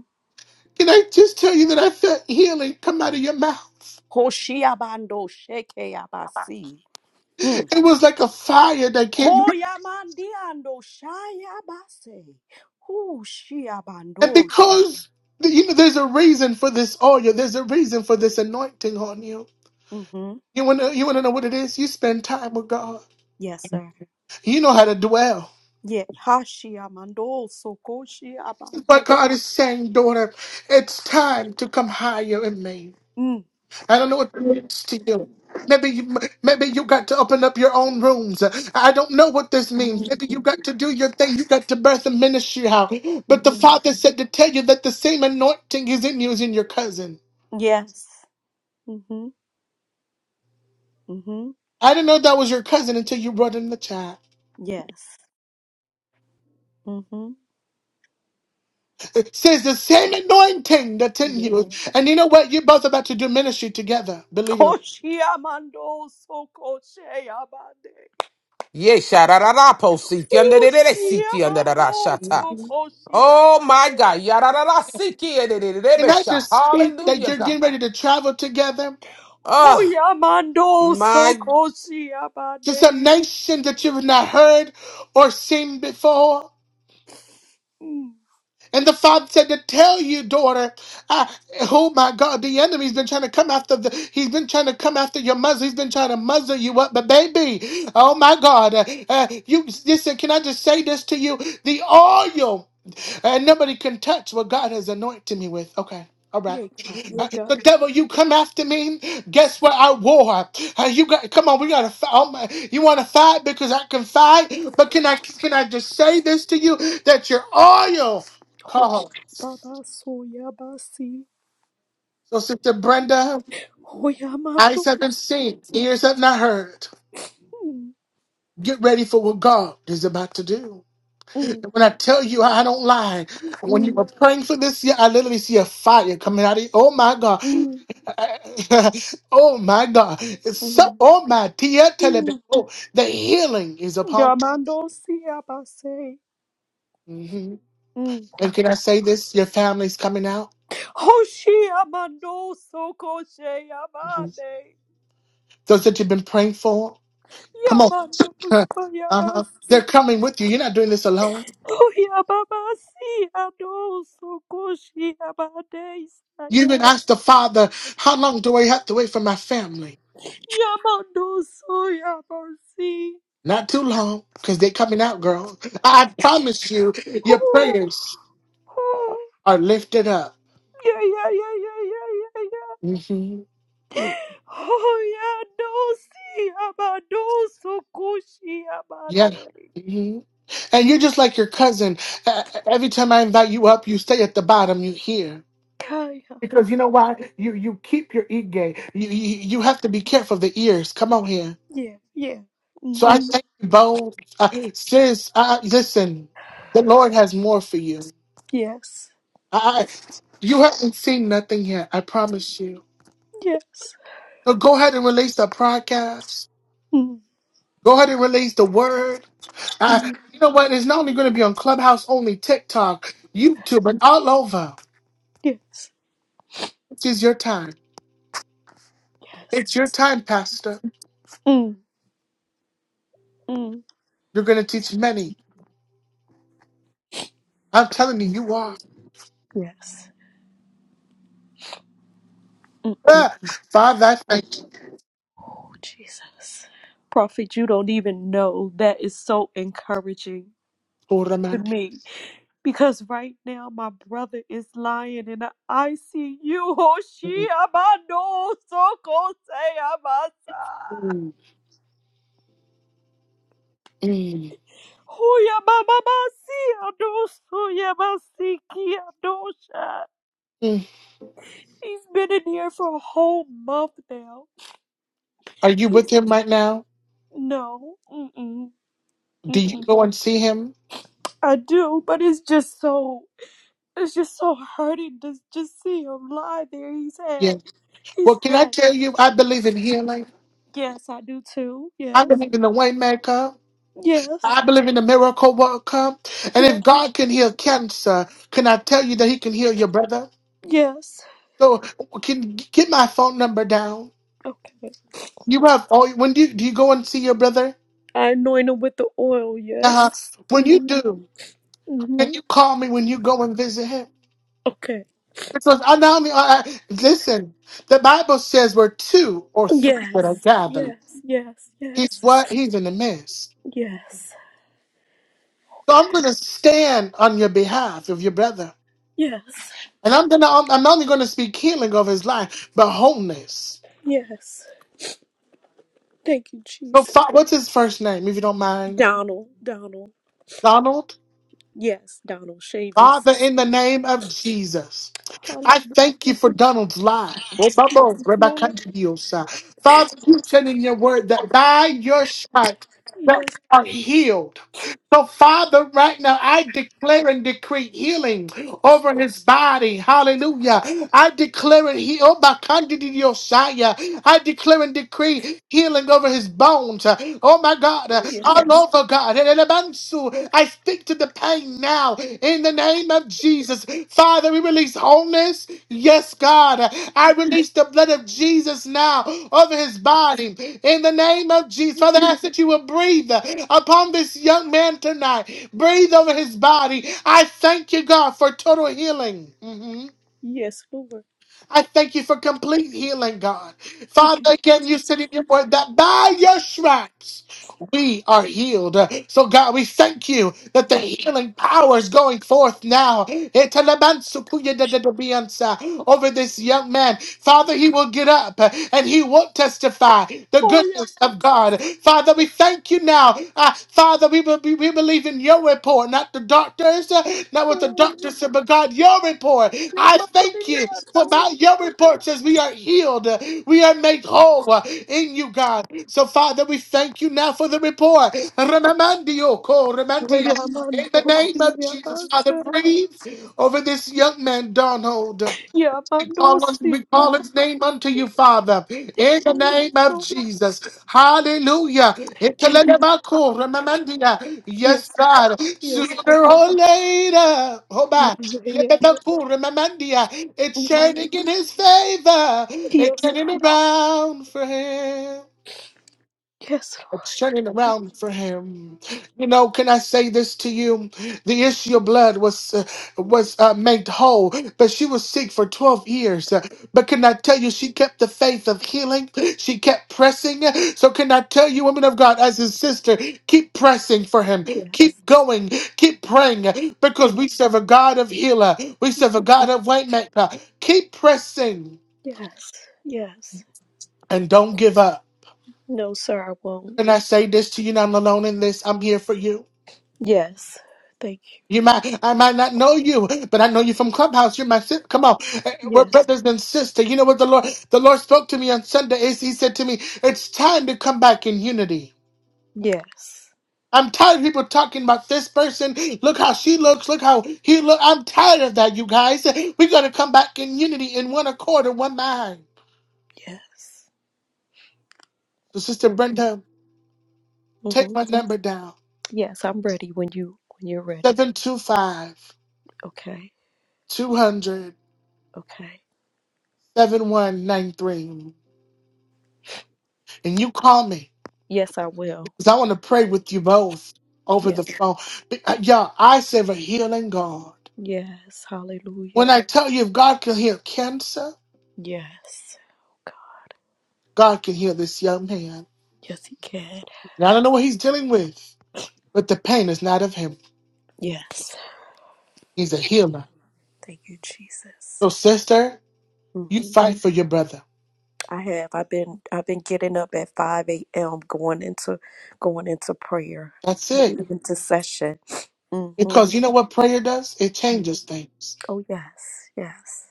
Speaker 1: Can I just tell you that I felt healing come out of your mouth?
Speaker 9: Hoshiabando shekeabasi.
Speaker 1: It was like a fire that came.
Speaker 9: Hoyamandiando Shayabase. Who she
Speaker 1: And
Speaker 9: Shiabandosha.
Speaker 1: because, you know, there's a reason for this oil, there's a reason for this anointing on you.
Speaker 9: Mm-hmm.
Speaker 1: You want to you wanna know what it is? You spend time with God.
Speaker 9: Yes, sir.
Speaker 1: You know how to dwell.
Speaker 9: Yeah. Hashiamando Soko she abando?
Speaker 1: But God is saying, daughter, it's time to come higher in me.
Speaker 9: Mm.
Speaker 1: I don't know what it means to you. Maybe you, maybe you got to open up your own rooms. I don't know what this means.
Speaker 9: Mm.
Speaker 1: Maybe you got to do your thing. You got to birth a ministry out. But the
Speaker 9: Mm.
Speaker 1: Father said to tell you that the same anointing is in you as in your cousin.
Speaker 9: Yes. Mm-hmm. Mm-hmm.
Speaker 1: I didn't know that was your cousin until you brought in the child.
Speaker 9: Yes. Mm-hmm.
Speaker 1: It says the same anointing that's in
Speaker 9: Yeah.
Speaker 1: you. And you know what? You're both about to do ministry together. Believe it or
Speaker 9: Hoshiamando Soko Shayabande.
Speaker 6: Yeshararapo siki under the siki under the
Speaker 9: Hoshiamando
Speaker 1: not.
Speaker 6: rashata.
Speaker 1: Can
Speaker 9: Soko
Speaker 6: Oh my
Speaker 9: Shiabande.
Speaker 6: God. Yararara siki under the
Speaker 1: I
Speaker 6: ederebesha.
Speaker 1: just speak that
Speaker 6: Hallelujah,
Speaker 1: you're
Speaker 6: God.
Speaker 1: getting ready to travel together?
Speaker 6: Oh
Speaker 9: Hoyamando
Speaker 6: my.
Speaker 9: Soko
Speaker 1: This is a
Speaker 9: Shiabande.
Speaker 1: nation that you have not heard or seen before. And the father said to tell you, daughter, I, oh my God, the enemy's been trying to come after the, he's been trying to come after your muzzle. He's been trying to muzzle you up. But baby, oh my God, uh, uh, you listen, can I just say this to you? The oil, and nobody can touch what God has anointed me with. Okay. All right,
Speaker 9: Yega,
Speaker 1: Uh,
Speaker 9: yega,
Speaker 1: the devil, you come after me. Guess what? I war. Uh, you got come on. We gotta fight. Oh my, you want to fight because I can fight. But can I can I just say this to you that your oil?
Speaker 9: hosh,
Speaker 1: Call.
Speaker 9: baba, soya, basi,
Speaker 1: So, Sister Brenda, eyes haven't
Speaker 9: hoyamatos,
Speaker 1: seen, ears have not heard.
Speaker 9: mm,
Speaker 1: Get ready for what God is about to do. And
Speaker 9: mm,
Speaker 1: when I tell you, I don't lie. When you were
Speaker 9: mm,
Speaker 1: praying for this year, I literally see a fire coming out of you. Oh my God.
Speaker 9: mm,
Speaker 1: oh my God. It's so,
Speaker 9: mm,
Speaker 1: oh my dear, tell
Speaker 9: mm,
Speaker 1: it. Oh, the healing is upon
Speaker 9: gamando, siya, base,
Speaker 1: you. Mhm.
Speaker 9: mm,
Speaker 1: And can I say this? Your family's coming out.
Speaker 9: hoshi, amando, soko, she,
Speaker 1: Mhm.
Speaker 9: amane,
Speaker 1: Those that you've been praying for, come on.
Speaker 9: yamando, soya,
Speaker 1: uh-huh. They're
Speaker 9: basi,
Speaker 1: coming with you. You're not doing this alone.
Speaker 9: hoyababasi, ado, soko, she, amane,
Speaker 1: You
Speaker 9: saya,
Speaker 1: even asked the father, how long do I have to wait for my family?
Speaker 9: yamando, soya, basi,
Speaker 1: Not too long, because they're coming out, girl. I promise you, your
Speaker 9: oh,
Speaker 1: prayers
Speaker 9: oh.
Speaker 1: are lifted up.
Speaker 9: Yeah, yeah, yeah, yeah, yeah, yeah, yeah.
Speaker 1: hmm
Speaker 9: Oh, yeah, no, see, Amado, so cushy,
Speaker 1: Yeah.
Speaker 9: Amaderi.
Speaker 1: hmm And you're just like your cousin. Uh, every time I invite you up, you stay at the bottom, you hear.
Speaker 9: Kaya.
Speaker 1: Because you know why? You you keep your e gay. You, you you have to be careful of the ears. Come on here.
Speaker 9: Yeah, yeah.
Speaker 1: So I
Speaker 9: Mm-hmm.
Speaker 1: thank you both. Uh, sis, uh, listen, the Lord has more for you.
Speaker 9: Yes,
Speaker 1: I, you haven't seen nothing yet. I promise you.
Speaker 9: yes.
Speaker 1: So go ahead and release the podcast.
Speaker 9: Mm,
Speaker 1: Go ahead and release the word. I, you know what? It's not only going to be on Clubhouse, only TikTok, YouTube, and all over.
Speaker 9: yes,
Speaker 1: This is your time.
Speaker 9: yes.
Speaker 1: It's your time, Pastor.
Speaker 9: Mm, mm,
Speaker 1: You're going to teach many. I'm telling you, you are.
Speaker 9: yes. Mm, mm.
Speaker 1: Ah, Father, I thank you.
Speaker 9: Oh, Jesus. Prophet, you don't even know. That is so encouraging
Speaker 1: for the
Speaker 9: to
Speaker 1: man.
Speaker 9: me. Because right now my brother is lying in the ICU. Hoshi
Speaker 1: Mm,
Speaker 9: abando soko se abasa.
Speaker 1: mm, mm,
Speaker 9: Huya mama masi adosu yamasi ki adosha.
Speaker 1: mm.
Speaker 9: He's been in here for a whole month now.
Speaker 1: Are you with
Speaker 9: He's
Speaker 1: him right now?
Speaker 9: no, mm-mm,
Speaker 1: Do you
Speaker 9: mm-mm.
Speaker 1: go and see him?
Speaker 9: I do, but it's just so, it's just so hurting to just see him lie there. He's
Speaker 1: Yeah.
Speaker 9: had, he's
Speaker 1: Well, can I
Speaker 9: had.
Speaker 1: tell you, I believe in healing.
Speaker 9: Yes, I do too.
Speaker 1: I
Speaker 9: Yes,
Speaker 1: believe in the waymaker. I
Speaker 9: Yes,
Speaker 1: believe in the miracle worker. And
Speaker 9: yes.
Speaker 1: if God can heal cancer, can I tell you that He can heal your brother?
Speaker 9: Yes.
Speaker 1: So, can get my phone number down.
Speaker 9: Okay.
Speaker 1: You have oh, when do you, do you go and see your brother?
Speaker 9: I anoint him with the oil,
Speaker 1: Uh-huh.
Speaker 9: yes.
Speaker 1: When you
Speaker 9: hmm
Speaker 1: do,
Speaker 9: hmm
Speaker 1: can you call me when you go and visit him?
Speaker 9: Okay.
Speaker 1: Because I not only I, I- listen, the Bible says we're two or three
Speaker 9: Yes.
Speaker 1: that are gathered.
Speaker 9: Yes. Yes.
Speaker 1: He's
Speaker 9: Yes.
Speaker 1: what? He's in the midst.
Speaker 9: Yes.
Speaker 1: So
Speaker 9: Okay.
Speaker 1: I'm going to stand on your behalf of your brother.
Speaker 9: Yes.
Speaker 1: And I'm gonna I'm, I'm only gonna speak healing of his life, but wholeness.
Speaker 9: Yes. Thank you,
Speaker 1: So
Speaker 9: Jesus.
Speaker 1: Fa- what's his first name, if you don't mind?
Speaker 9: Donald. Donald.
Speaker 1: Donald?
Speaker 9: Yes, Donald Shavis.
Speaker 1: Father, in the name of Jesus.
Speaker 9: Hallelujah.
Speaker 1: I thank you for Donald's life.
Speaker 9: Yes,
Speaker 1: Father, Rebecca
Speaker 9: Lord.
Speaker 1: Dios. Father, you said in your word that by your stripes that
Speaker 9: Yes.
Speaker 1: we are healed. So, Father, right now I declare and decree healing over his body. Hallelujah. I declare it he oh my Yosaya. I declare and decree healing over his bones. Oh my God. All
Speaker 9: Yes.
Speaker 1: over God. Elebansu. I speak to the pain now in the name of Jesus. Father, we release wholeness. Yes, God. I release the blood of Jesus now over his body. In the name of Jesus. Father, I ask that you will breathe upon this young man tonight. Breathe over his body. I thank you, God, for total healing. Mhm.
Speaker 9: Yes, Lord.
Speaker 1: I thank you for complete healing, God.
Speaker 9: Okay.
Speaker 1: Father, again, you said in your word that by your stripes we are healed. So, God, we thank you that the healing power is going forth now. Over this young man. Father, he will get up and he will testify the
Speaker 9: Oh,
Speaker 1: goodness of
Speaker 9: yes.
Speaker 1: God. Father, we thank you now. Uh, Father, Father, we, be- we we believe in your report, not the doctors, uh, not what the
Speaker 9: Oh,
Speaker 1: doctor
Speaker 9: yes.
Speaker 1: said, but God, your report. I thank you for my, your report says we are healed, uh, we are made whole uh, in you, God. So, Father, we thank you now for the report. Remamandio ko, remandia. In the
Speaker 9: Yamando,
Speaker 1: name
Speaker 9: see,
Speaker 1: of Jesus, Father, breathe over this young man, Donald. We call, us- we
Speaker 9: Yamando,
Speaker 1: call his name unto you, Father, in the name of Jesus. Hallelujah.
Speaker 9: Thank
Speaker 1: Ikelelebakuramandia. Yes,
Speaker 9: yes, Lord.
Speaker 1: God. Sooner
Speaker 9: yes, Lord.
Speaker 1: or later, oh
Speaker 9: yeah,
Speaker 1: my,
Speaker 9: yeah, yeah.
Speaker 1: lebebakuramandia. it's turning in his favor, it's
Speaker 9: yes, Lord.
Speaker 1: turning around for him.
Speaker 9: yes,
Speaker 1: It's turning
Speaker 9: Lord.
Speaker 1: around for him. You know, can I say this to you? The issue of blood was uh, was uh, made whole, but she was sick for twelve years. Uh, But can I tell you, she kept the faith of healing. She kept pressing. So can I tell you, women of God, as his sister, keep pressing for him.
Speaker 9: yes,
Speaker 1: Keep going. Keep praying because
Speaker 9: yes,
Speaker 1: we serve a God of healer. We serve a God of waymaker. Keep pressing
Speaker 9: yes, yes.
Speaker 1: and don't give up.
Speaker 9: No, sir, I won't.
Speaker 1: Can I say this to you? You're not alone in this. I'm here for you.
Speaker 9: Yes, thank you.
Speaker 1: You might, I might not know you, but I know you from Clubhouse. You're my sis. Come on, Eh, eh, we're
Speaker 9: Yes,
Speaker 1: brothers and sisters. You know what the Lord, the Lord spoke to me on Sunday. Is He said to me, "It's time to come back in unity."
Speaker 9: yes,
Speaker 1: I'm tired of people talking about this person. Look how she looks. Look how he look. I'm tired of that, you guys. We're gonna come back in unity, in one accord, in one mind.
Speaker 9: yes.
Speaker 1: So, Sister Brenda,
Speaker 9: Mm-hmm.
Speaker 1: take my number down:
Speaker 9: Yes, I'm ready when you when you're ready.
Speaker 1: 725
Speaker 9: Okay,
Speaker 1: 200
Speaker 9: okay.
Speaker 1: 7193, and you call me.
Speaker 9: Yes, I will.
Speaker 1: 'Cause I want to pray with you both over
Speaker 9: Yeah.
Speaker 1: the phone. Be- uh, Y'all, I serve a healing God.
Speaker 9: Yes. Hallelujah.
Speaker 1: When I tell you, if God can heal cancer,
Speaker 9: Yes. God.
Speaker 1: God can heal this young man.
Speaker 9: Yes, He can.
Speaker 1: Now, I don't know what he's dealing with, but the pain is not of him.
Speaker 9: Yes.
Speaker 1: He's a healer.
Speaker 9: Thank you, Jesus.
Speaker 1: So, sister, you
Speaker 9: hmm
Speaker 1: fight for your brother.
Speaker 9: I have. I've been. I've been getting up at five a.m. going into, going into prayer,
Speaker 1: That's
Speaker 9: heavy
Speaker 1: it.
Speaker 9: intercession. hmm
Speaker 1: Because you know what prayer does? It changes things.
Speaker 9: Oh yes, yes.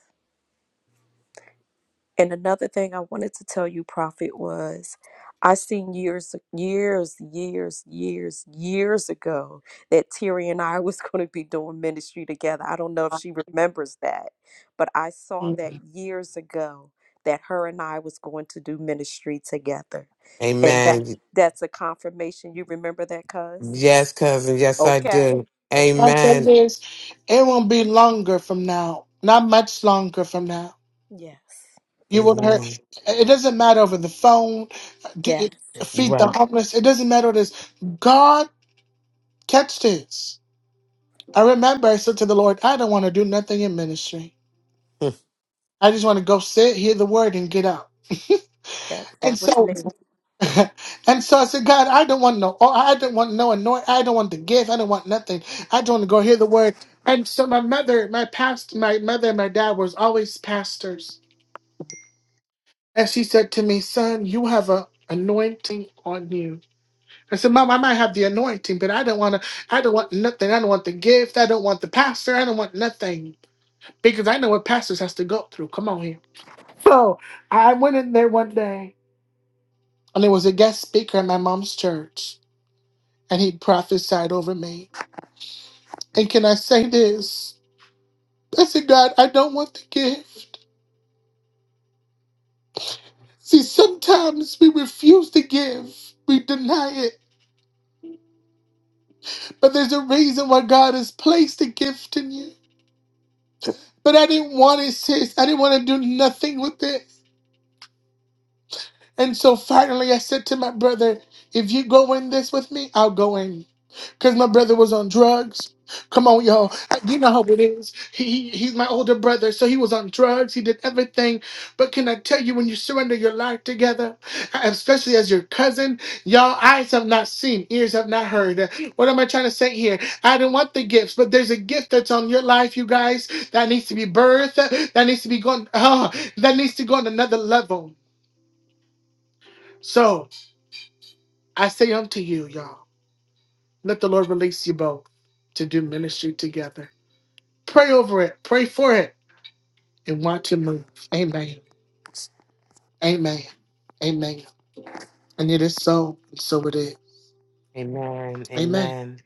Speaker 9: And another thing I wanted to tell you, Prophet, was I seen years, years, years, years, years ago that Terry and I was going to be doing ministry together. I don't know if she remembers that, but I saw
Speaker 1: Can
Speaker 9: that years ago that her and I was going to do ministry together. And that
Speaker 6: Amen.
Speaker 9: that's a confirmation. You remember that, cuz?
Speaker 6: Yes, cousin. Yes, I
Speaker 9: Okay.
Speaker 6: do.
Speaker 1: I
Speaker 9: Okay.
Speaker 1: say
Speaker 6: Amen.
Speaker 1: this? It won't be longer from now. Not much longer from now.
Speaker 9: Yes.
Speaker 1: You would hurt.
Speaker 6: Amen.
Speaker 1: It doesn't matter over the phone, d-
Speaker 9: Yes.
Speaker 1: it- feed the
Speaker 6: Right.
Speaker 1: homeless. It doesn't matter what it is. God, catch this. I remember I said to the Lord, I don't want to do nothing in ministry. I just want to go sit, hear the word, and get out.
Speaker 9: That
Speaker 1: And
Speaker 9: that was
Speaker 1: so,
Speaker 9: me.
Speaker 1: and so I said, God, I don't want no, oh, I don't want no anoint, I don't want the gift, I don't want nothing. I just want to go hear the word. And so my mother, my past, my mother and my dad was always pastors, and she said to me, son, you have a anointing on you I said, Mom, I might have the anointing, but I don't want to. I don't want nothing. I don't want the gift. I don't want the pastor. I don't want nothing because I know what pastors has to go through. Come on here. So I went in there one day, and there was a guest speaker at my mom's church, and he prophesied over me. And can I say this? I said, God, I don't want the gift. See, sometimes we refuse to give. We deny it, but there's a reason why God has placed a gift in you. But I didn't want it, sis. I didn't want to do nothing with it. And so finally, I said to my brother, if you go in this with me, I'll go in. Because my brother was on drugs. Come on, y'all. I- You know how it is. He, he- he's my older brother, so he was on drugs. He did everything. But can I tell you, when you surrender your life together, especially as your cousin, y'all eyes have not seen, ears have not heard. What am I trying to say here? I didn't want the gifts, but there's a gift that's on your life, you guys, that needs to be birthed, that needs to be gone, ah, that needs to go on another level. So. I say unto you, y'all, let the Lord release you both to do ministry together. Pray over it, pray for it, and watch Him move. Amen. Amen. Amen. And it is so, and so it is.
Speaker 6: Amen.
Speaker 1: Amen.
Speaker 6: Amen.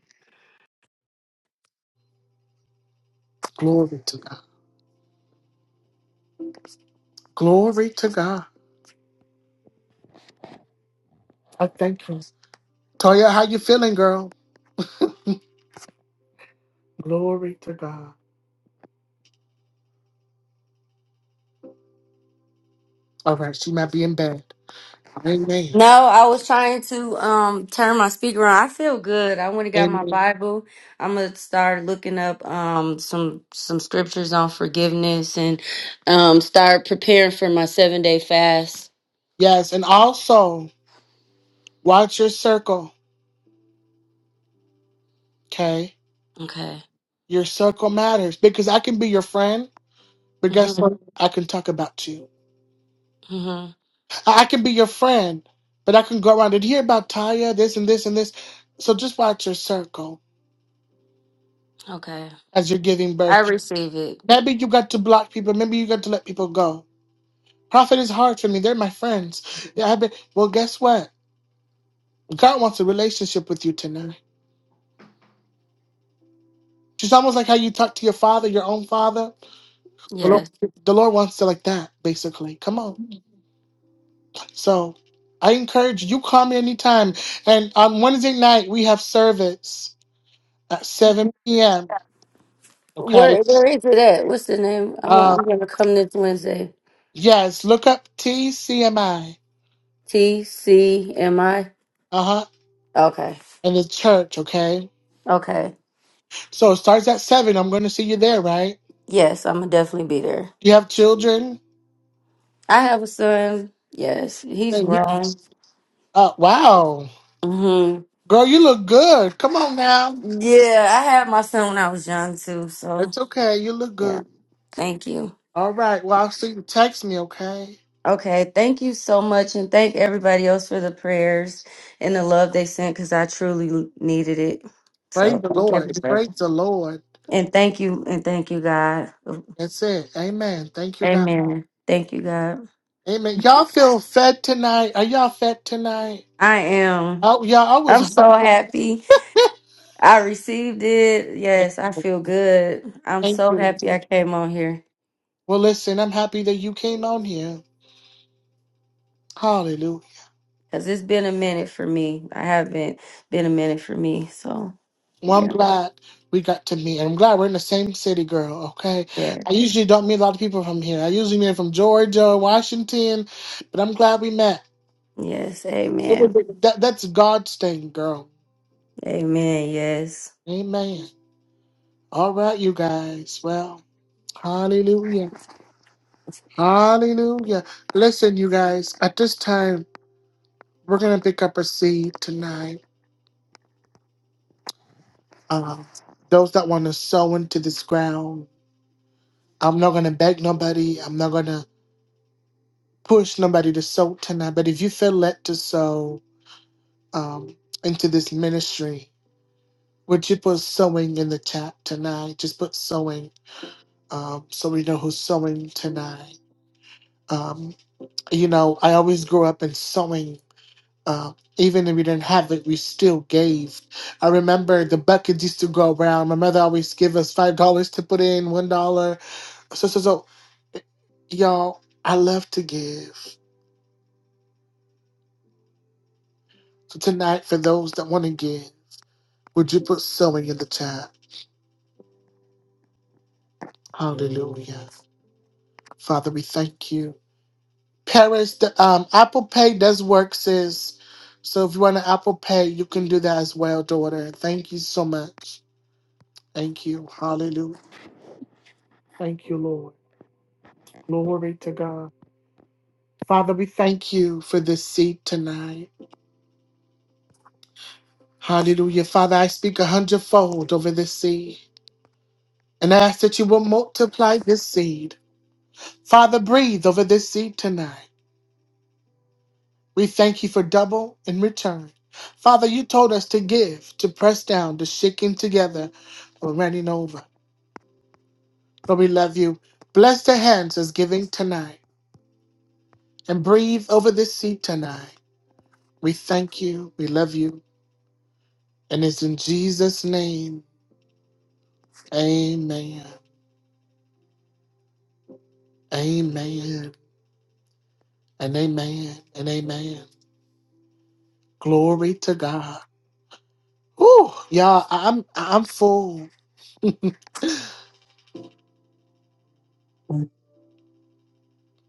Speaker 1: Glory to God. Glory to God. I thank you. Toya, how you feeling, girl? Glory to God. All right, she might be in bed. Amen.
Speaker 7: No, I was trying to um turn my speaker on. I feel good. I went and got my
Speaker 1: Amen.
Speaker 7: Bible. I'm gonna start looking up um some some scriptures on forgiveness and um start preparing for my seven day fast.
Speaker 1: Yes, and also watch your circle, okay?
Speaker 7: Okay.
Speaker 1: Your circle matters because I can be your friend But guess what?
Speaker 7: Mhm.
Speaker 1: I can talk about you.
Speaker 7: Mhm.
Speaker 1: I I can be your friend, but I can go around and hear about Taya, this and this and this. So just watch your circle
Speaker 7: Okay.
Speaker 1: as you're giving
Speaker 7: I
Speaker 1: birth.
Speaker 7: receive it.
Speaker 1: Maybe you got to block people. Maybe you got to let people go. Profit is hard for me. They're my friends. Yeah, I've been, well, guess what? God wants a relationship with you tonight. Just almost like how you talk to your father, your own father. The Lord,
Speaker 7: Yes.
Speaker 1: the Lord wants to like that, basically. Come on. So I encourage you. You call me anytime. And on Wednesday night we have service. at 7 p.m. Okay.
Speaker 7: Where Where is it at? What's the name? I want,
Speaker 1: Uh,
Speaker 7: I'm gonna come this Wednesday.
Speaker 1: yes, look up TCMI.
Speaker 7: T C M I.
Speaker 1: Uh huh.
Speaker 7: Okay.
Speaker 1: And the church. Okay.
Speaker 7: Okay.
Speaker 1: So it starts at 7. I'm going to see you there, right?
Speaker 7: Yes, I'm gonna definitely be there.
Speaker 1: You have children?
Speaker 7: I have a son. Yes, he's
Speaker 1: Hey, we-
Speaker 7: grown.
Speaker 1: Uh, wow.
Speaker 7: hmm
Speaker 1: Girl, you look good. Come on now.
Speaker 7: Yeah, I had my son when I was young too. So
Speaker 1: It's okay. You look
Speaker 7: yeah,
Speaker 1: good.
Speaker 7: thank you.
Speaker 1: All right. Well, I'll see you. Text me, okay?
Speaker 7: Okay, thank you so much, and thank everybody else for the prayers and the love they sent because I truly needed it.
Speaker 1: Praise
Speaker 7: So
Speaker 1: the
Speaker 7: thank
Speaker 1: Lord.
Speaker 7: everybody,
Speaker 1: Praise the Lord.
Speaker 7: and thank you, and thank you, God.
Speaker 1: That's it. Amen. Thank you, God.
Speaker 7: Amen. Thank you, God.
Speaker 1: Amen. Y'all feel fed tonight? Are y'all fed tonight?
Speaker 7: I am.
Speaker 1: Oh, yeah, I was
Speaker 7: I'm so
Speaker 1: hungry.
Speaker 7: happy. I received it. Yes, I feel good. I'm
Speaker 1: Thank
Speaker 7: so
Speaker 1: you.
Speaker 7: happy I came on here.
Speaker 1: Well, listen, I'm happy that you came on here. Hallelujah.
Speaker 7: Cause it's been a minute for me. I have been been a minute for me. So
Speaker 1: Well, I'm
Speaker 7: yeah.
Speaker 1: glad we got to meet. I'm glad we're in the same city, girl, okay?
Speaker 7: Yeah.
Speaker 1: I usually don't meet a lot of people from here. I usually meet from Georgia, Washington, but I'm glad we met.
Speaker 7: Yes.
Speaker 1: It was
Speaker 7: Amen.
Speaker 1: that, that's God's thing, girl.
Speaker 7: Amen. Yes.
Speaker 1: Amen. All right, you guys. Well, hallelujah. Hallelujah. Listen, you guys, at this time, we're going to pick up a seed tonight. Um, those that want to sow into this ground. I'm not gonna beg nobody. I'm not gonna push nobody to sow tonight. But if you feel led to sow um, into this ministry, would you put sowing in the chat tonight? Just put sowing, um, so we know who's sowing tonight. Um, you know, I always grew up in sowing. Uh, even if we didn't have it, we still gave. I remember the buckets used to go around. My mother always give us five dollars to put in, one dollar. So so so, y'all. I love to give. So tonight, for those that want to give, would you put sewing in the chat? Hallelujah. Father, we thank you. Paris, the um, Apple Pay does work, sis. So if you want to Apple Pay, you can do that as well, daughter. Thank you so much. Thank you. Hallelujah. Thank you, Lord. Glory to God. Father, we thank you for this seed tonight. Hallelujah. Father, I speak a hundredfold over this seed. And I ask that you will multiply this seed. Father, breathe over this seed tonight. We thank you for double in return. Father, you told us to give, to press down, to shaking together, or running over. Lord, we love you. Bless the hands as giving tonight and breathe over this seat tonight. We thank you. We love you. And it's in Jesus' name. Amen. Amen. And amen. And amen. Glory to God. Ooh, Y'all, I- I'm I'm full.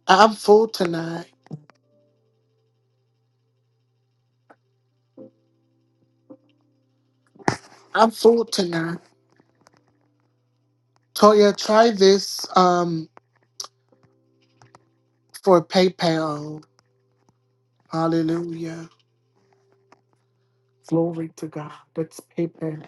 Speaker 1: I'm full tonight. I'm full tonight. Toya, try this um for PayPal. Hallelujah. Glory to God. That's PayPal.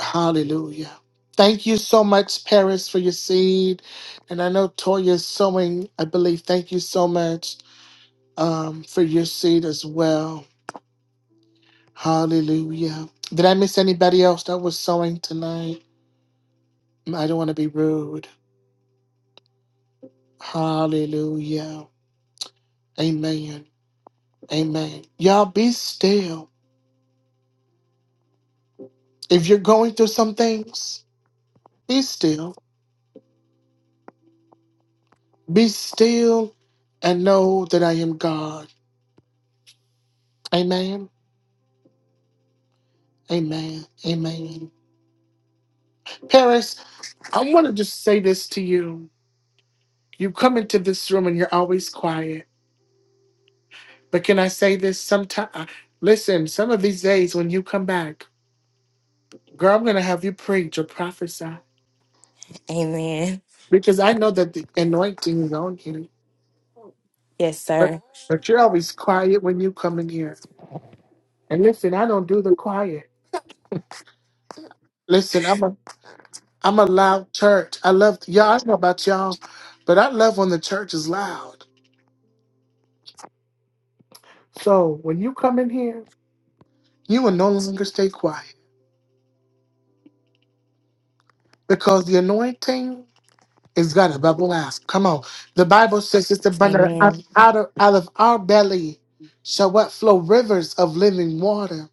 Speaker 1: Hallelujah. Thank you so much, Paris, for your seed. And I know Toya's sowing, I believe. Thank you so much um, for your seed as well. Hallelujah. Did I miss anybody else that was sowing tonight? I don't want to be rude. Hallelujah. Amen. Amen. Y'all be still. If you're going through some things, Be still. Be still and know that I am God. Amen. Amen. Amen. Paris, I want to just say this to you. You come into this room and you're always quiet. But can I say this Sometimes, Listen, some of these days when you come back, girl, I'm going to have you preach or prophesy
Speaker 4: Amen.
Speaker 1: because I know that the anointing is on you.
Speaker 4: Yes,
Speaker 1: But,
Speaker 4: sir.
Speaker 1: but you're always quiet when you come in here. And listen, I don't do the quiet. Listen, I'm a I'm a loud church. I love y'all. I don't know about y'all, but I love when the church is loud. So when you come in here, you will no longer stay quiet because the anointing is gonna bubble ask. Come on, the Bible says it's the burner out,
Speaker 4: Amen.
Speaker 1: out of out of our belly shall what flow rivers of living water.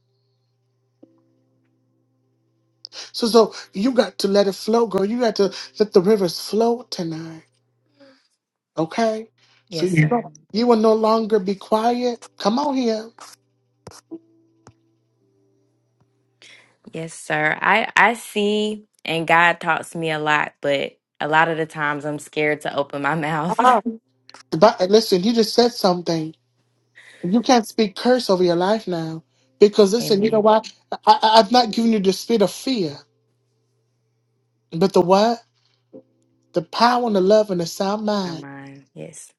Speaker 1: So so you got to let it flow, girl. You got to let the rivers flow tonight. Okay. So
Speaker 4: Yes,
Speaker 1: you,
Speaker 4: sir.
Speaker 1: Yeah. you will no longer be quiet. Come on here.
Speaker 4: Yes, sir. I I see and God talks to me a lot, but a lot of the times I'm scared to open my mouth.
Speaker 1: The Bi- listen, you just said something. You can't speak curse over your life now. Because listen, you know
Speaker 4: Amen.
Speaker 1: why? I, I, I've not given you the spirit of fear, but the what? The power and the love and the sound
Speaker 4: My
Speaker 1: mind.
Speaker 4: mind. Yes.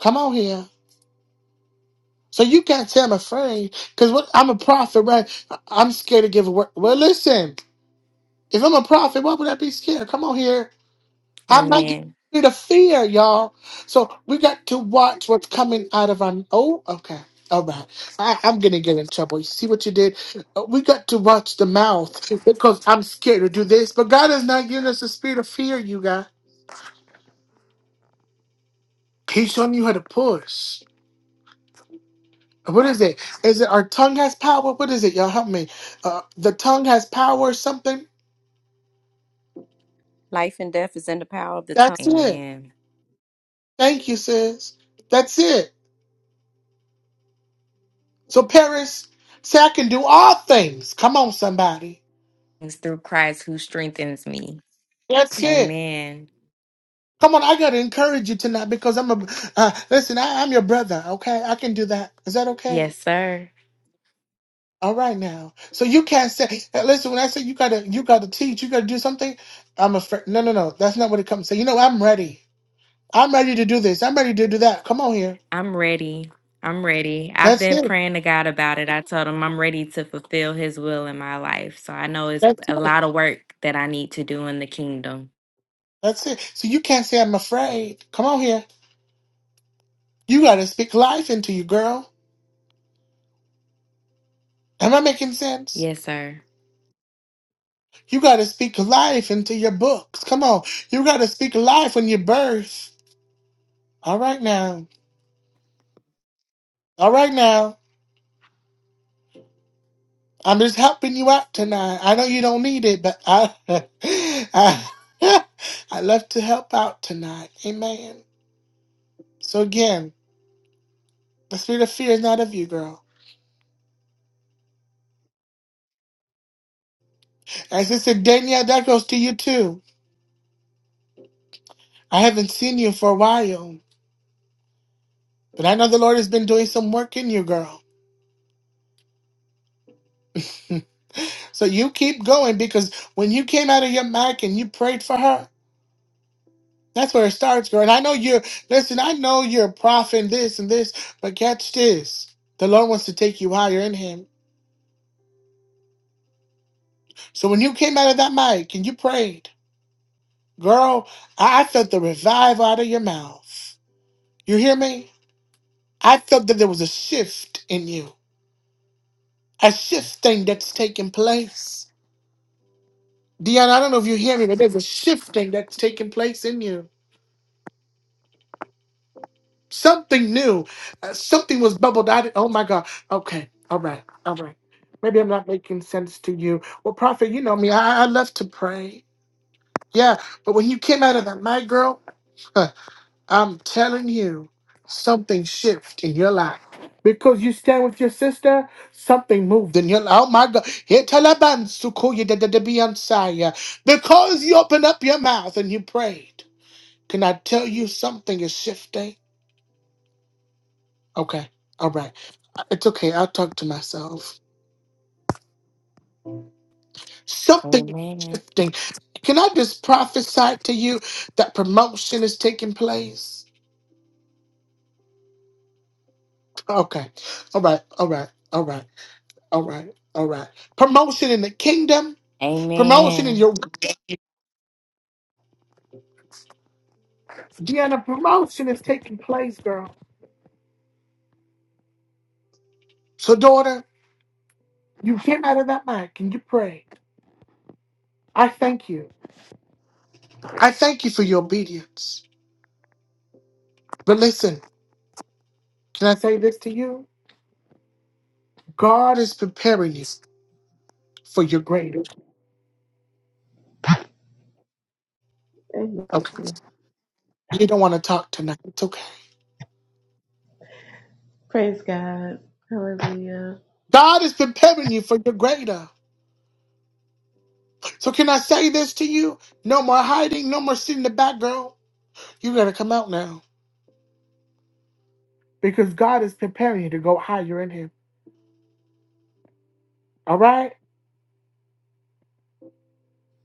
Speaker 1: Come on here. So you can't say I'm afraid. Because what I'm a prophet, right? I- I'm scared to give a word. Well, listen, if I'm a prophet, why would I be scared? Come on here. I'm not getting
Speaker 4: Amen.
Speaker 1: rid of fear, y'all. So we got to watch what's coming out of our. Oh, okay. All right. I, I'm going to get in trouble. You see what you did? Uh, We got to watch the mouth because I'm scared to do this. But God has not given us a spirit of fear, you guys. He's showing you how to push. What is it? Is it our tongue has power? What is it? Y'all help me. Uh, the tongue has power or something?
Speaker 9: Life and death is in the power of the tongue.
Speaker 1: That's it.
Speaker 4: Amen.
Speaker 1: Thank you, sis. That's it. So, Paris, say I can do all things. Come on, somebody.
Speaker 4: It's through Christ who strengthens me.
Speaker 1: That's it.
Speaker 4: Amen.
Speaker 1: Come on, I gotta encourage you tonight because I'm a uh, listen. I, I'm your brother. Okay, I can do that. Is that okay?
Speaker 4: Yes, sir.
Speaker 1: All right now. So you can't say. uh, Listen, when I say you gotta, you gotta teach. You gotta do something. I'm afraid. No, no, no. That's not what it comes. to. you know, I'm ready. I'm ready to do this. I'm ready to do that. Come on here.
Speaker 4: I'm ready. I'm ready. I've
Speaker 1: That's
Speaker 4: been
Speaker 1: it.
Speaker 4: praying to God about it. I told him I'm ready to fulfill his will in my life. So I know it's
Speaker 1: That's
Speaker 4: a
Speaker 1: it.
Speaker 4: lot of work that I need to do in the kingdom.
Speaker 1: That's it. So you can't say I'm afraid. Come on here. You gotta speak life into you, girl. Am I making sense?
Speaker 4: Yes, sir.
Speaker 1: You got to speak life into your books. Come on. You got to speak life when you birth. All right now. All right now. I'm just helping you out tonight. I know you don't need it, but I I, I love to help out tonight. Amen. So again, the spirit of fear is not of you, girl. And Sister Danielle, that goes to you too. I haven't seen you for a while, but I know the Lord has been doing some work in you, girl. So you keep going because when you came out of your mic and you prayed for her, That's where it starts, girl. And I know you're, listen, I know you're a prophet and this and this, but catch this. The Lord wants to take you higher in Him. So when you came out of that mic and you prayed, girl, I I felt the revive out of your mouth. You hear me? I felt that there was a shift in you, a shifting that's taking place. Dion, I don't know if you hear me, but there's a shifting that's taking place in you. Something new. Uh, something was bubbled out. Oh my God. Okay. All right. All right. Maybe I'm not making sense to you. Well, Prophet, you know me. I, I love to pray. Yeah. But when you came out of that night, girl, huh, I'm telling you, something shift in your life. Because you stand with your sister, something moved in your life. Oh my God. Here, Taliban, Sukoya, da- da- da- Beyonce. Because you opened up your mouth and you prayed. Can I tell you something is shifting? Okay. All right. It's okay. I'll talk to myself. Something is
Speaker 4: Amen.
Speaker 1: shifting. Can I just prophesy to you that promotion is taking place? Okay. All right. All right. All right. All right. All right. Promotion in the kingdom. Promotion in
Speaker 4: Amen.
Speaker 1: your Deanna, promotion is taking place, girl. So, daughter, you came out of that mic and you prayed. I thank you. I thank you for your obedience. But listen, can I say this to you? God is preparing you for your greater.
Speaker 8: Amen.
Speaker 1: Okay? You don't want to talk tonight. It's okay.
Speaker 8: Praise God. Hallelujah.
Speaker 1: God is preparing you for your greater. So can I say this to you? No more hiding, no more sitting in the back, girl. You gotta come out now. Because God is preparing you to go higher in him. All right?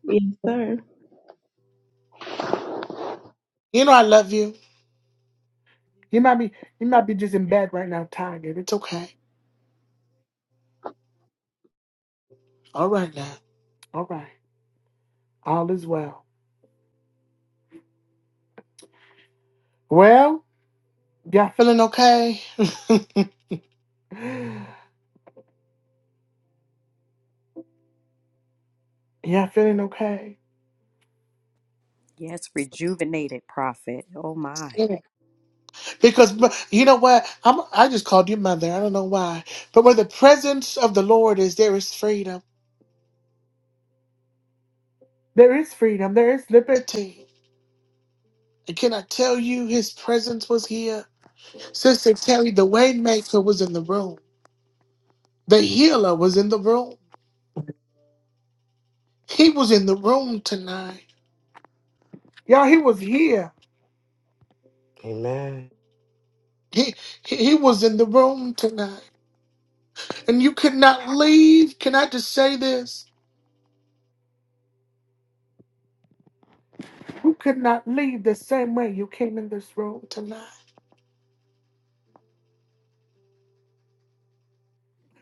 Speaker 8: Yes, sir.
Speaker 1: You know I love you. You might be you might be just in bed right now, tired. It's okay. All right now. All right. All is well. Well, y'all feeling okay? y'all feeling okay?
Speaker 9: Yes, rejuvenated prophet. Oh my.
Speaker 1: Because but you know what? I'm, I just called you mother. I don't know why. But where the presence of the Lord is, there is freedom. There is freedom. There is liberty. And can I tell you, his presence was here? Sister Terry, the waymaker was in the room. The healer was in the room. He was in the room tonight. Y'all, he was here.
Speaker 6: Amen.
Speaker 1: He, he he was in the room tonight. And you could not leave. Can I just say this? You could not leave the same way you came in this room tonight.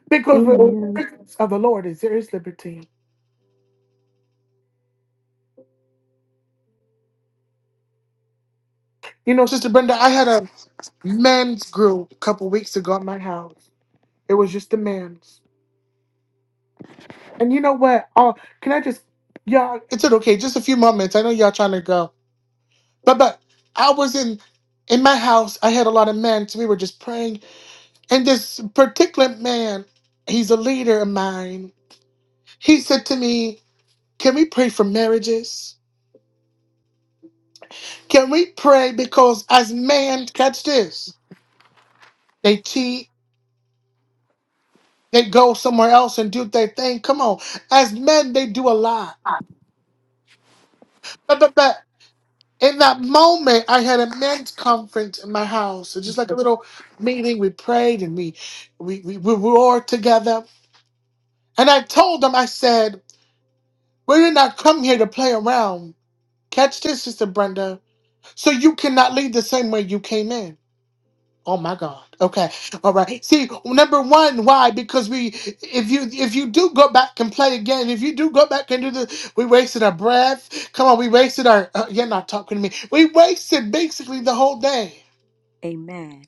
Speaker 1: Because the
Speaker 8: Amen.
Speaker 1: presence of the Lord is there is liberty. You know, Sister Brenda, I had a men's group a couple weeks ago at my house. It was just the men's. And you know what? Oh, can I just, y'all? It's okay. Just a few moments. I know y'all trying to go, but but I was in in my house. I had a lot of men, so we were just praying. And this particular man, he's a leader of mine. He said to me, "Can we pray for marriages? Can we pray because as men, catch this, they cheat." They go somewhere else and do their thing. Come on. As men, they do a lot. But, but, but in that moment, I had a men's conference in my house. So just like a little meeting, we prayed and we, we, we, we roared together. And I told them, I said, we did not come here to play around. Catch this, Sister Brenda. So you cannot leave the same way you came in. Oh my God. Okay. All right. See, number one, why? Because we, if you, if you do go back and play again, if you do go back and do this, we wasted our breath. Come on, we wasted our. Uh, you're not talking to me. We wasted basically the whole day.
Speaker 9: Amen.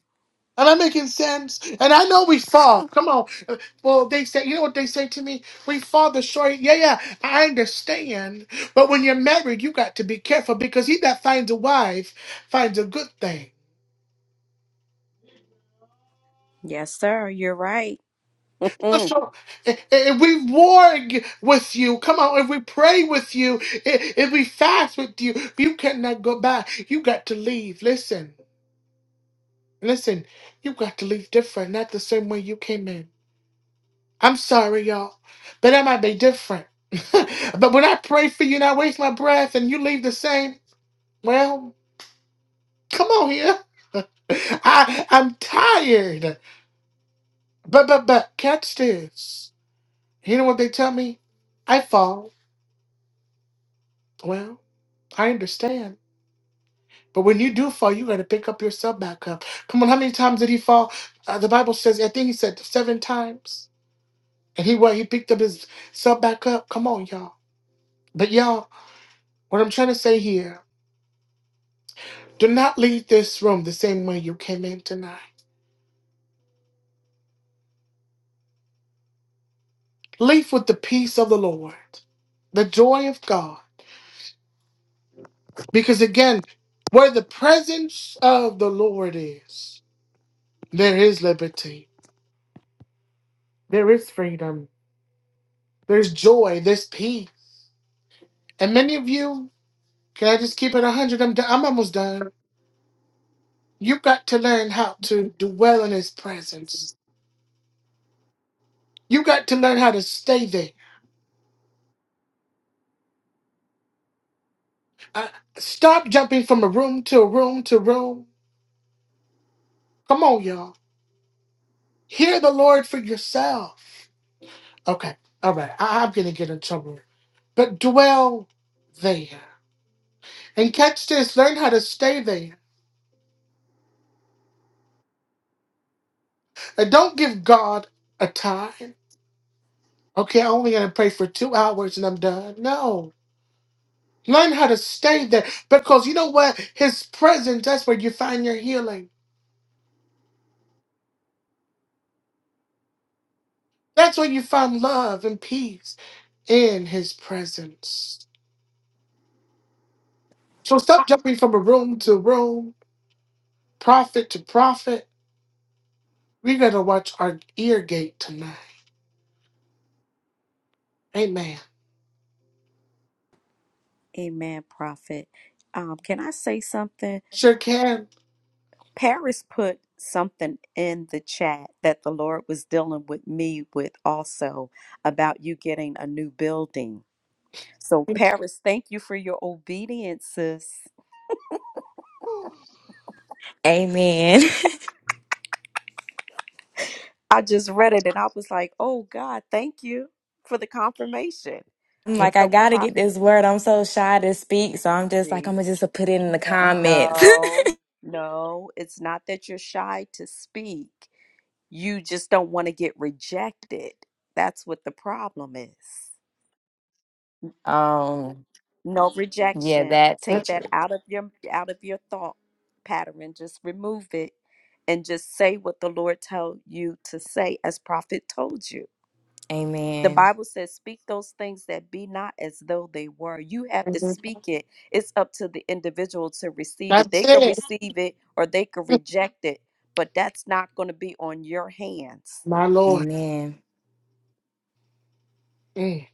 Speaker 1: Am I making sense? And I know we fall. Come on. Uh, Well, they say, you know what they say to me? We fall the short. Yeah, yeah. I understand. But when you're married, you got to be careful because he that finds a wife finds a good thing.
Speaker 9: Yes, sir. You're right.
Speaker 1: So, i- if we war with you, come on, if we pray with you, i- if we fast with you, you cannot go back. You got to leave. Listen, listen, you got to leave different, not the same way you came in. I'm sorry, y'all, but that might be different. but when I pray for you and I waste my breath and you leave the same, well, come on here. I, I'm tired. But, but, but, catch this. You know what they tell me? I fall. Well, I understand. But when you do fall, you got to pick up yourself back up. Come on, how many times did he fall? Uh, the Bible says, I think he said seven times. And he what? He picked up his self back up. Come on, y'all. But y'all, what I'm trying to say here, do not leave this room the same way you came in tonight. Leave with the peace of the Lord, the joy of God. Because again, where the presence of the Lord is, there is liberty, there is freedom, there's joy, there's peace. And many of you, can I just keep it 100? I'm, do- I'm almost done. You got to learn how to dwell in his presence. You got to learn how to stay there. Uh, stop jumping from a room to a room to room. Come on, y'all. Hear the Lord for yourself. Okay, all right. I- I'm going to get in trouble. But dwell there. And catch this learn how to stay there. And don't give God a time. Okay, I'm only going to pray for two hours and I'm done. No. Learn how to stay there because you know what? His presence, that's where you find your healing. That's where you find love and peace in his presence. So stop jumping from room to room, prophet to prophet. We got to watch our ear gate tonight. Amen.
Speaker 9: Amen, prophet. Um, can I say something?
Speaker 1: Sure can.
Speaker 9: Paris put something in the chat that the Lord was dealing with me with also about you getting a new building. So, Paris, thank you for your obedience, sis.
Speaker 4: Amen.
Speaker 9: I just read it and I was like, oh God, thank you for the confirmation.
Speaker 4: I'm like, I
Speaker 9: So,
Speaker 4: gotta get
Speaker 9: prophet,
Speaker 4: this word. I'm so shy to speak. So I'm just like, I'm gonna just put it in the comments.
Speaker 9: No, no, it's not that you're shy to speak. You just don't want to get rejected. That's what the problem is.
Speaker 4: um,
Speaker 9: No Mhm.
Speaker 4: yeah,
Speaker 9: rejection.
Speaker 4: that's the
Speaker 9: Take that
Speaker 4: truth.
Speaker 9: out of your out of your thought pattern. Just remove it and just say what the Lord told you to say as prophet told you. The
Speaker 4: Amen.
Speaker 9: Bible says, Speak those things that be not as though they were. You have to speak it. It's up to the individual to receive it.
Speaker 1: That's
Speaker 9: They could
Speaker 1: it,
Speaker 9: receive it or they could reject it, but that's not going to be on your hands.
Speaker 1: my Lord.
Speaker 4: Amen.
Speaker 1: Mm.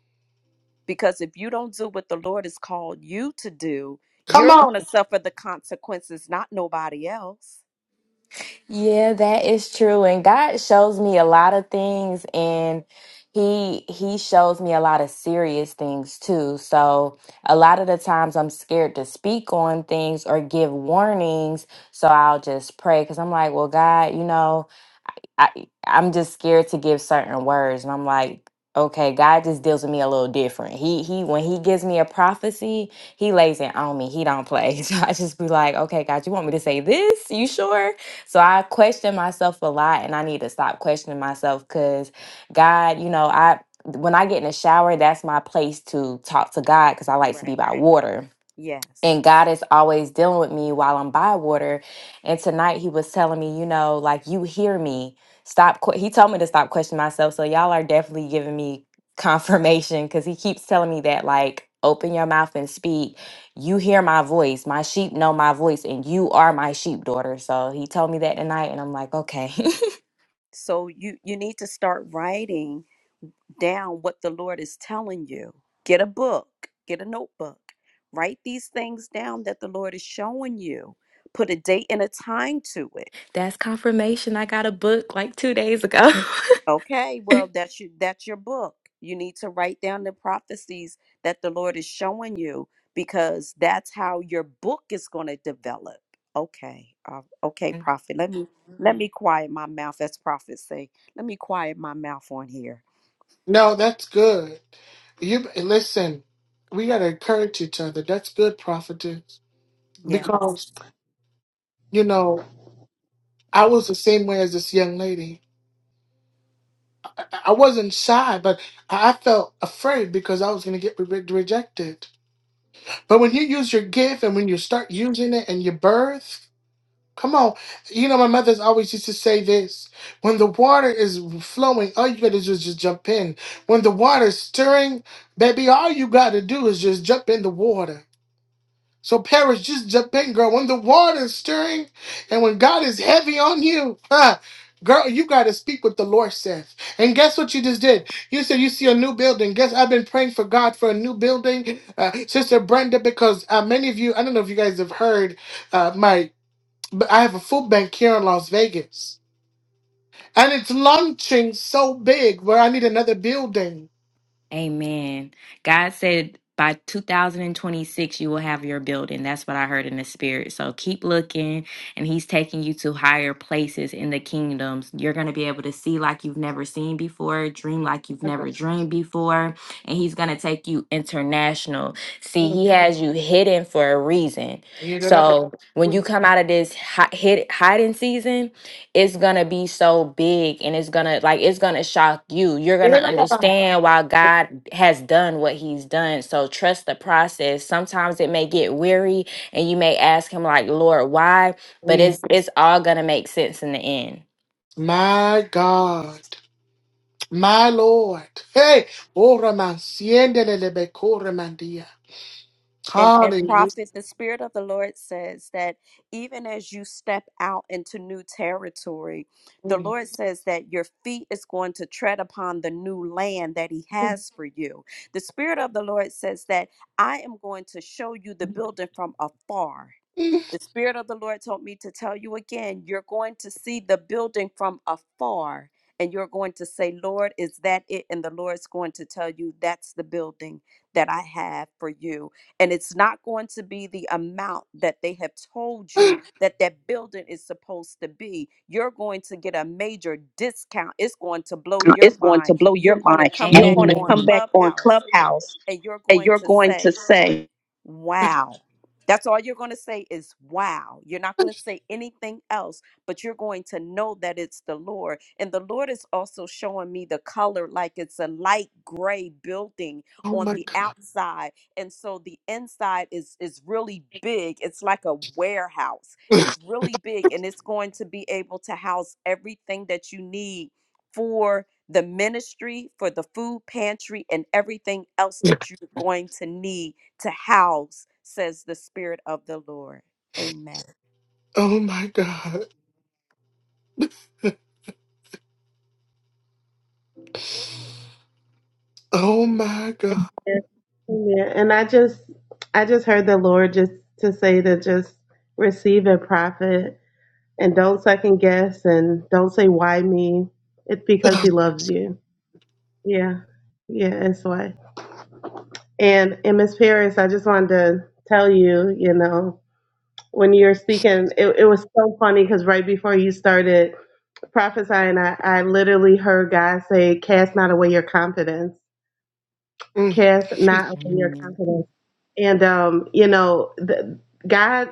Speaker 9: Because if you don't do what the Lord has called you to do,
Speaker 1: Come
Speaker 9: you're
Speaker 1: on.
Speaker 9: going to suffer the consequences, not nobody else.
Speaker 4: Yeah, that is true. And God shows me a lot of things and he he shows me a lot of serious things too. So, a lot of the times I'm scared to speak on things or give warnings, so I'll just pray cuz I'm like, "Well, God, you know, I I'm just scared to give certain words, and I'm like, okay, God just deals with me a little different. He he when he gives me a prophecy, he lays it on me. He don't play. So I just be like, okay, God, you want me to say this? You sure? So I question myself a lot, and I need to stop questioning myself because God, you know, I when I get in the shower, that's my place to talk to God because I like to be
Speaker 9: Right.
Speaker 4: by water
Speaker 9: Yes.
Speaker 4: and God is always dealing with me while I'm by water. And tonight he was telling me, you know, like you hear me. Stop. que- He told me to stop questioning myself. So y'all are definitely giving me confirmation because he keeps telling me that, like, open your mouth and speak. You hear my voice. My sheep know my voice, and you are my sheep daughter. So he told me that tonight, and I'm like, okay,
Speaker 9: So you you need to start writing down what the Lord is telling you. Get a book, get a notebook, write these things down that the Lord is showing you. Put a date and a time to it.
Speaker 4: that's confirmation. I got a book like two days ago.
Speaker 9: Okay, well that's your that's your book. You need to write down the prophecies that the Lord is showing you because that's how your book is going to develop. Okay, uh, okay, prophet. Let me let me quiet my mouth, as prophets say. Let me quiet my mouth on here.
Speaker 1: No, that's good. You listen. We got to encourage each other. That's good, prophetess.
Speaker 9: Yes.
Speaker 1: Because you know, I was the same way as this young lady. I, I wasn't shy, but I I felt afraid because I was going to get re- rejected. But when you use your gift and when you start using it and your birth, come on. You know, my mother's always used to say this when the water is flowing, all you got to do is just jump in. When the water's stirring, baby, all you got to do is just jump in the water. So Paris, just jump in, girl. When the water is stirring and when God is heavy on you, huh, girl, you gotta speak what the Lord says. And guess what you just did? You said you see a new building. Guess I've been praying for God for a new building, uh, Sister Brenda, because uh, many of you, I don't know if you guys have heard, uh, my, but I have a food bank here in Las Vegas, and it's launching so big where I need another building.
Speaker 4: Amen. God said by 2026 you will have your building. That's what I heard in the spirit. So keep looking and he's taking you to higher places in the kingdoms. You're going to be able to see like you've never seen before, dream like you've never dreamed before, and he's going to take you international. See, he has you hidden for a reason. So, when you come out of this hi- hid- hiding season, it's gonna be so big and it's gonna like it's gonna shock you you're gonna understand why god has done what he's done so trust the process sometimes it may get weary and you may ask him like lord why but it's it's all gonna make sense in the end
Speaker 1: My God. My Lord. Hey, ora mansiende le becora mandia.
Speaker 9: And and
Speaker 1: Hallelujah.
Speaker 9: prophet, the spirit of the Lord says that even as you step out into new territory, the Lord says that your feet is going to tread upon the new land that He has for you. The spirit of the Lord says that I am going to show you the building from afar. The Spirit of the Lord told me to tell you again you're going to see the building from afar, and you're going to say, Lord, is that it? And the Lord's going to tell you, that's the building that I have for you. And it's not going to be the amount that they have told you that that building is supposed to be. You're going to get a major discount. It's going to blow your
Speaker 10: It's going to
Speaker 9: mind.
Speaker 10: blow
Speaker 9: You're
Speaker 10: your
Speaker 9: going to
Speaker 10: mind.
Speaker 9: come
Speaker 10: You're
Speaker 9: back
Speaker 10: going to Amen.
Speaker 9: on
Speaker 10: come Amen.
Speaker 4: amen
Speaker 10: back on
Speaker 9: Clubhouse
Speaker 10: Clubhouse
Speaker 9: and you're
Speaker 10: and
Speaker 9: going
Speaker 10: you're
Speaker 9: to
Speaker 10: going
Speaker 9: say,
Speaker 10: to say,
Speaker 9: Wow. That's all you're going to say is wow. You're not going to say anything else, but you're going to know that it's the Lord. And the Lord is also showing me the color like it's a light gray building
Speaker 1: Oh
Speaker 9: on
Speaker 1: my
Speaker 9: the
Speaker 1: God.
Speaker 9: outside. And so the inside is is really big. It's like a warehouse. It's really big and it's going to be able to house everything that you need for the ministry, for the food pantry and everything else that you're going to need to house, says the Spirit of the Lord. Amen.
Speaker 1: Oh my God. Oh my God.
Speaker 8: Yeah, And I just I just heard the Lord just to say to just receive and profit and don't second guess and don't say why me. It's because he loves you. Yeah. Yeah, it's why. And and Miss Paris, I just wanted to tell you, you know, when you were speaking, it, it was so funny because right before you started prophesying, I, I literally heard God say, Cast not away your confidence
Speaker 1: Mm,
Speaker 8: cast not on your
Speaker 4: amen,
Speaker 8: confidence. And um, you know, the, God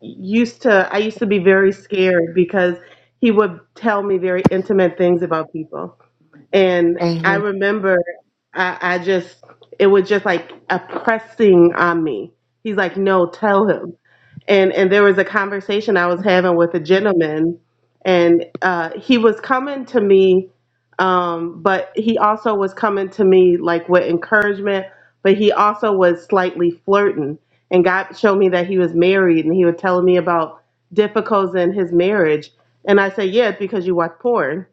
Speaker 8: used to. I used to be very scared because He would tell me very intimate things about people, and I
Speaker 1: mhm,
Speaker 8: remember I, I just it was just like a pressing on me. He's like, "No, tell him." and and there was a conversation I was having with a gentleman, and uh, he was coming to me, um, but he also was coming to me like with encouragement, but he also was slightly flirting. And God showed me that he was married, and he was telling me about difficulties in his marriage. And I said, "Yeah, it's because you watch porn."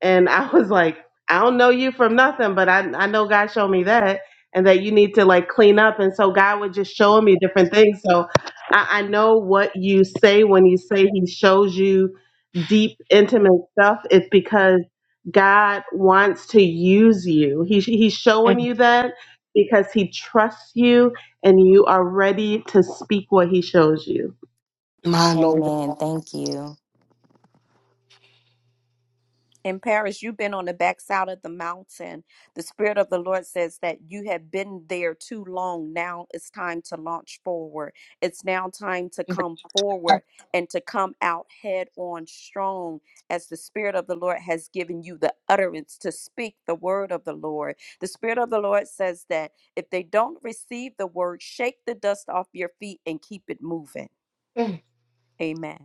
Speaker 8: And I was like, I don't know you from nothing, but I, I know God showed me that and that you need to like clean up. And so God would just show me different things. So I, I know what you say when you say he shows you deep, intimate stuff. It's because God wants to use you. He, he's showing you
Speaker 1: mm.
Speaker 8: that because he trusts you and you are ready to speak what he shows you.
Speaker 1: My Lord.
Speaker 4: amen. thank you
Speaker 9: In Paris, you've been on the backside of the mountain. The Spirit of the Lord says that you have been there too long. Now it's time to launch forward. It's now time to come forward and to come out head on strong as the Spirit of the Lord has given you the utterance to speak the word of the Lord. The Spirit of the Lord says that if they don't receive the word, shake the dust off your feet and keep it moving.
Speaker 1: Mm,
Speaker 9: Amen.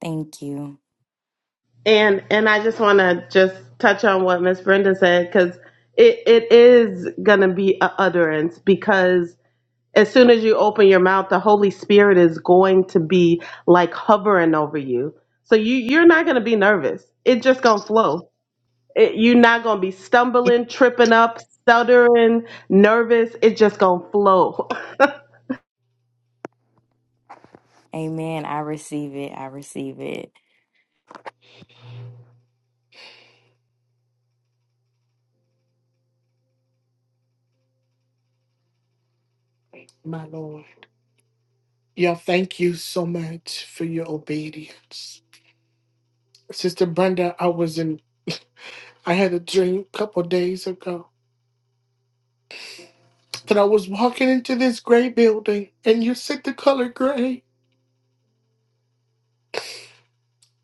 Speaker 4: thank you
Speaker 8: And and I just want to just touch on what Miss Brenda said because it, it is gonna be a utterance because as soon as you open your mouth, the Holy Spirit is going to be like hovering over you. So you you're not gonna be nervous. It's just gonna flow. It, you're not gonna be stumbling, tripping up, stuttering, nervous. It's just gonna flow.
Speaker 4: amen i receive it i receive it
Speaker 1: My Lord. Yeah, thank you so much for your obedience. Sister Brenda, I was in I had a dream a couple days ago that I was walking into this gray building and you said the color gray.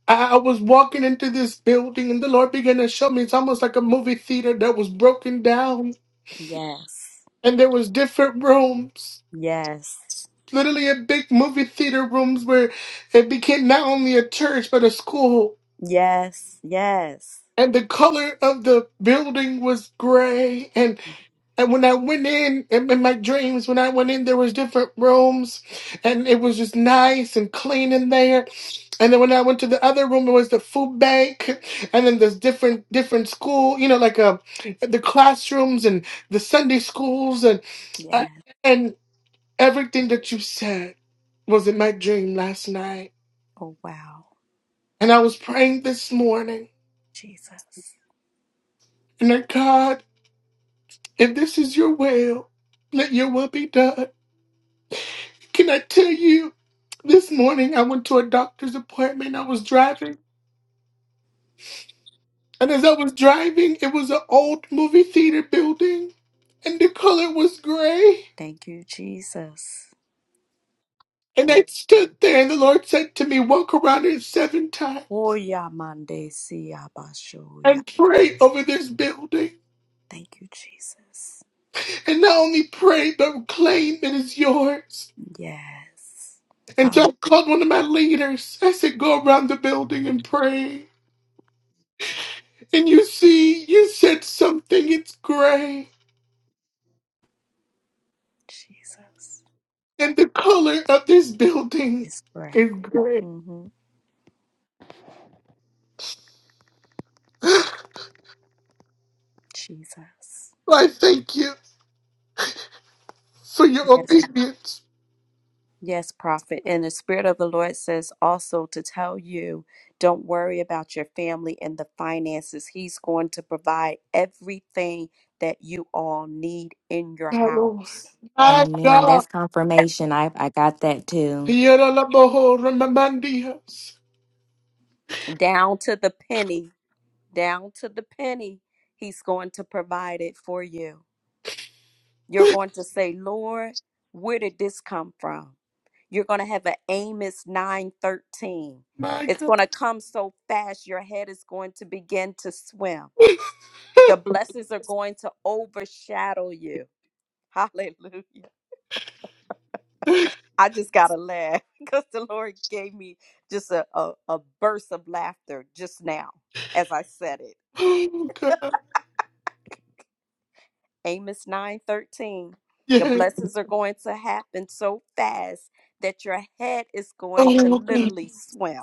Speaker 1: I I was walking into this building and the Lord began to show me it's almost like a movie theater that was broken down
Speaker 9: Yes.
Speaker 1: and there was different rooms.
Speaker 9: Yes.
Speaker 1: Literally a big movie theater rooms where it became not only a church but a school.
Speaker 9: Yes. Yes.
Speaker 1: And the color of the building was gray. And and when I went in, in in my dreams, when I went in, there was different rooms, and it was just nice and clean in there And then when I went to the other room, it was the food bank, and then there's different different school, you know, like uh, the classrooms and the Sunday schools, and uh,
Speaker 9: Yes.
Speaker 1: and everything that you said was in my dream last night.
Speaker 9: Oh, wow.
Speaker 1: And I was praying this morning,
Speaker 9: Jesus.
Speaker 1: and I God, if this is your will, let your will be done. Can I tell you? This morning, I went to a doctor's appointment. I was driving. And as I was driving, it was an old movie theater building, and the color was gray.
Speaker 9: Thank you, Jesus.
Speaker 1: And I stood there, and the Lord said to me, Walk around it seven times
Speaker 9: Oya mande siya bashoya.
Speaker 1: and pray over this building.
Speaker 9: Thank you, Jesus.
Speaker 1: And not only pray, but claim it is yours.
Speaker 9: Yes.
Speaker 1: And so
Speaker 9: Hallelujah.
Speaker 1: I called one of my leaders. I said, Go around the building and pray. And you see, you said something, it's gray.
Speaker 9: Jesus
Speaker 1: And the color of this building
Speaker 9: is great.
Speaker 1: is gray.
Speaker 9: Mm-hmm. Jesus.
Speaker 1: Well, I thank you. for your
Speaker 9: Yes,
Speaker 1: obedience,
Speaker 9: Yes, prophet. And the Spirit of the Lord says also to tell you don't worry about your family and the finances. He's going to provide everything that you all need in your
Speaker 1: my Lord.
Speaker 9: house,
Speaker 1: My
Speaker 4: amen that's
Speaker 1: God.
Speaker 4: confirmation i i got that too
Speaker 1: Piedra la boho remamandias.
Speaker 9: down to the penny, down to the penny. He's going to provide it for you. You're going to say, Lord, where did this come from? You're going to have an Amos 9:13.
Speaker 1: My
Speaker 9: It's
Speaker 1: God.
Speaker 9: going to come so fast your head is going to begin to swim The blessings are going to overshadow you. Hallelujah. I just got to laugh because the Lord gave me just a, a, a burst of laughter just now as I said it.
Speaker 1: Oh, God.
Speaker 9: Amos 9 13. The
Speaker 1: Yeah.
Speaker 9: blessings are going to happen so fast that your head is going to
Speaker 1: Oh, God.
Speaker 9: literally swim.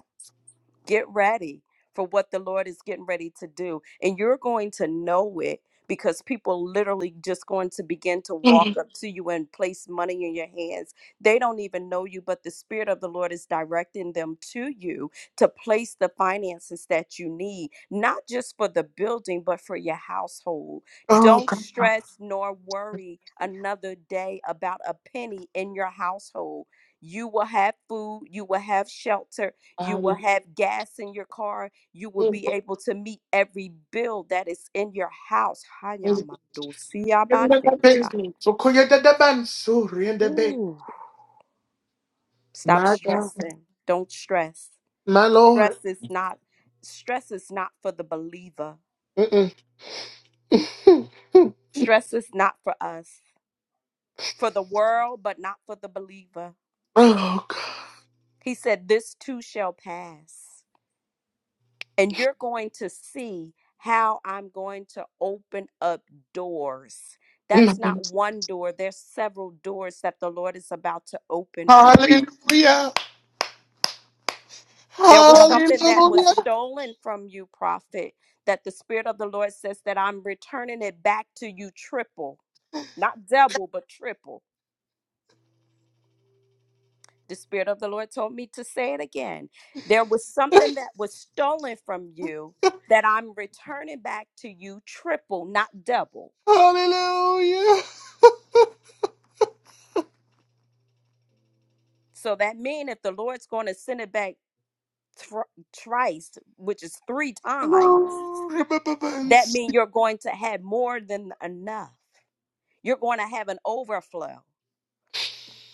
Speaker 9: Get ready for what the Lord is getting ready to do. And you're going to know it because people literally just going to begin to walk up to you and place money in your hands. They don't even know you, but the Spirit of the Lord is directing them to you to place the finances that you need, not just for the building, but for your household.
Speaker 1: Oh,
Speaker 9: Don't
Speaker 1: God.
Speaker 9: stress nor worry another day about a penny in your household. You will have food, you will have shelter, you will have gas in your car. You will be able to meet every bill that is in your house.
Speaker 1: Um,
Speaker 9: Hayamado siyabandesha.
Speaker 1: so koya da da ban suri and the bay.
Speaker 9: Ooh, stop
Speaker 1: My God.
Speaker 9: stressing. Don't stress.
Speaker 1: My Lord.
Speaker 9: Stress is not stress is not for the believer.
Speaker 1: Mm-mm. Hmm, hmm.
Speaker 9: Stress is not for us. For the world, but not for the believer.
Speaker 1: Oh, God.
Speaker 9: He said, This too shall pass. and you're going to see how I'm going to open up doors. That's not one door, there's several doors that the Lord is about to open for you.
Speaker 1: Hallelujah.
Speaker 9: There was something
Speaker 1: Hallelujah.
Speaker 9: that was stolen from you, prophet, that the Spirit of the Lord says that I'm returning it back to you triple, not double, but triple. The Spirit of the Lord told me to say it again. There was something that was stolen from you that I'm returning back to you triple, not double.
Speaker 1: Hallelujah.
Speaker 9: So that means if the Lord's going to send it back thr thrice, which is three times,
Speaker 1: Oh,
Speaker 9: that means you're going to have more than enough. You're going to have an overflow.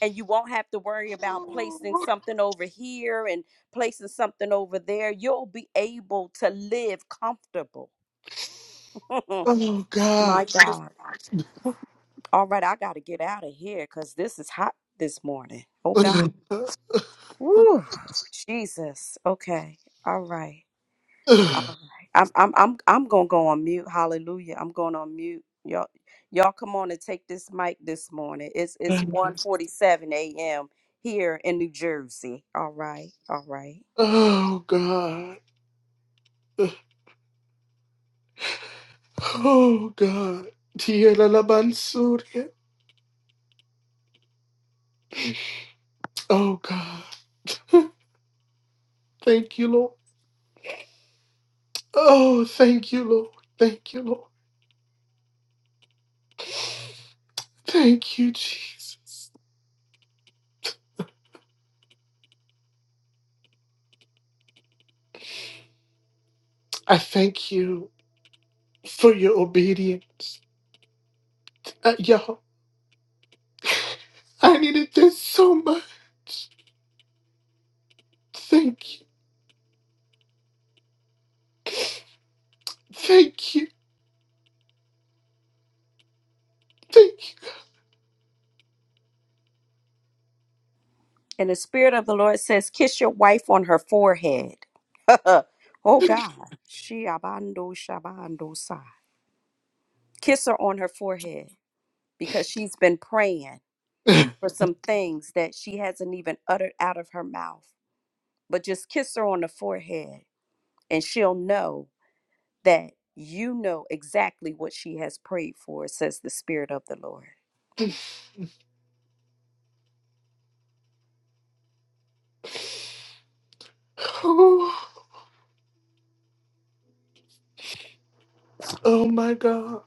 Speaker 9: And you won't have to worry about placing
Speaker 1: Oh
Speaker 9: something over here and placing something over there. You'll be able to live comfortable. My
Speaker 1: God.
Speaker 9: God. All right, I got to get out of here because this is hot this morning. Oh, God.
Speaker 1: Oh
Speaker 9: Woo. Jesus. Okay. All right. All right. I'm I'm I'm I'm gonna go on mute. Hallelujah. I'm going on mute. Y'all y'all come on and take this mic this morning. It's it's 1:47 a.m. here in New Jersey. All right, all right.
Speaker 1: God. Oh God. Tierra la Mansuria. Oh God. Thank you, Lord. Oh, thank you, Lord. Thank you, Lord. Thank you, Jesus. I thank you for your obedience. Uh, y'all, I needed this so much. Thank you. Thank you. Thank
Speaker 9: And the spirit of the Lord says, kiss your wife on her forehead. oh God. She abando shabando sa. Kiss her on her forehead because she's been praying
Speaker 1: you.
Speaker 9: for some things that she hasn't even uttered out of her mouth. But just kiss her on the forehead and she'll know that you know exactly what she has prayed for, says the Spirit of the Lord.
Speaker 1: Oh, oh my God.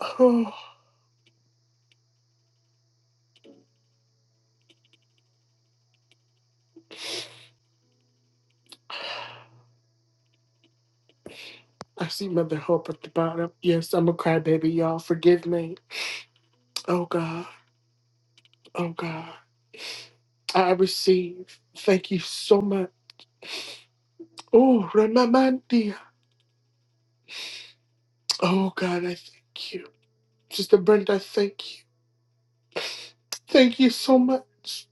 Speaker 1: Oh, I see Mother Hope at the bottom. Yes, I'm a crybaby, y'all. Forgive me. Oh God. Oh God. I receive. Thank you so much. Oh, Ramamandia. Oh God, I thank you. Sister Brenda, I thank you. Thank you so much.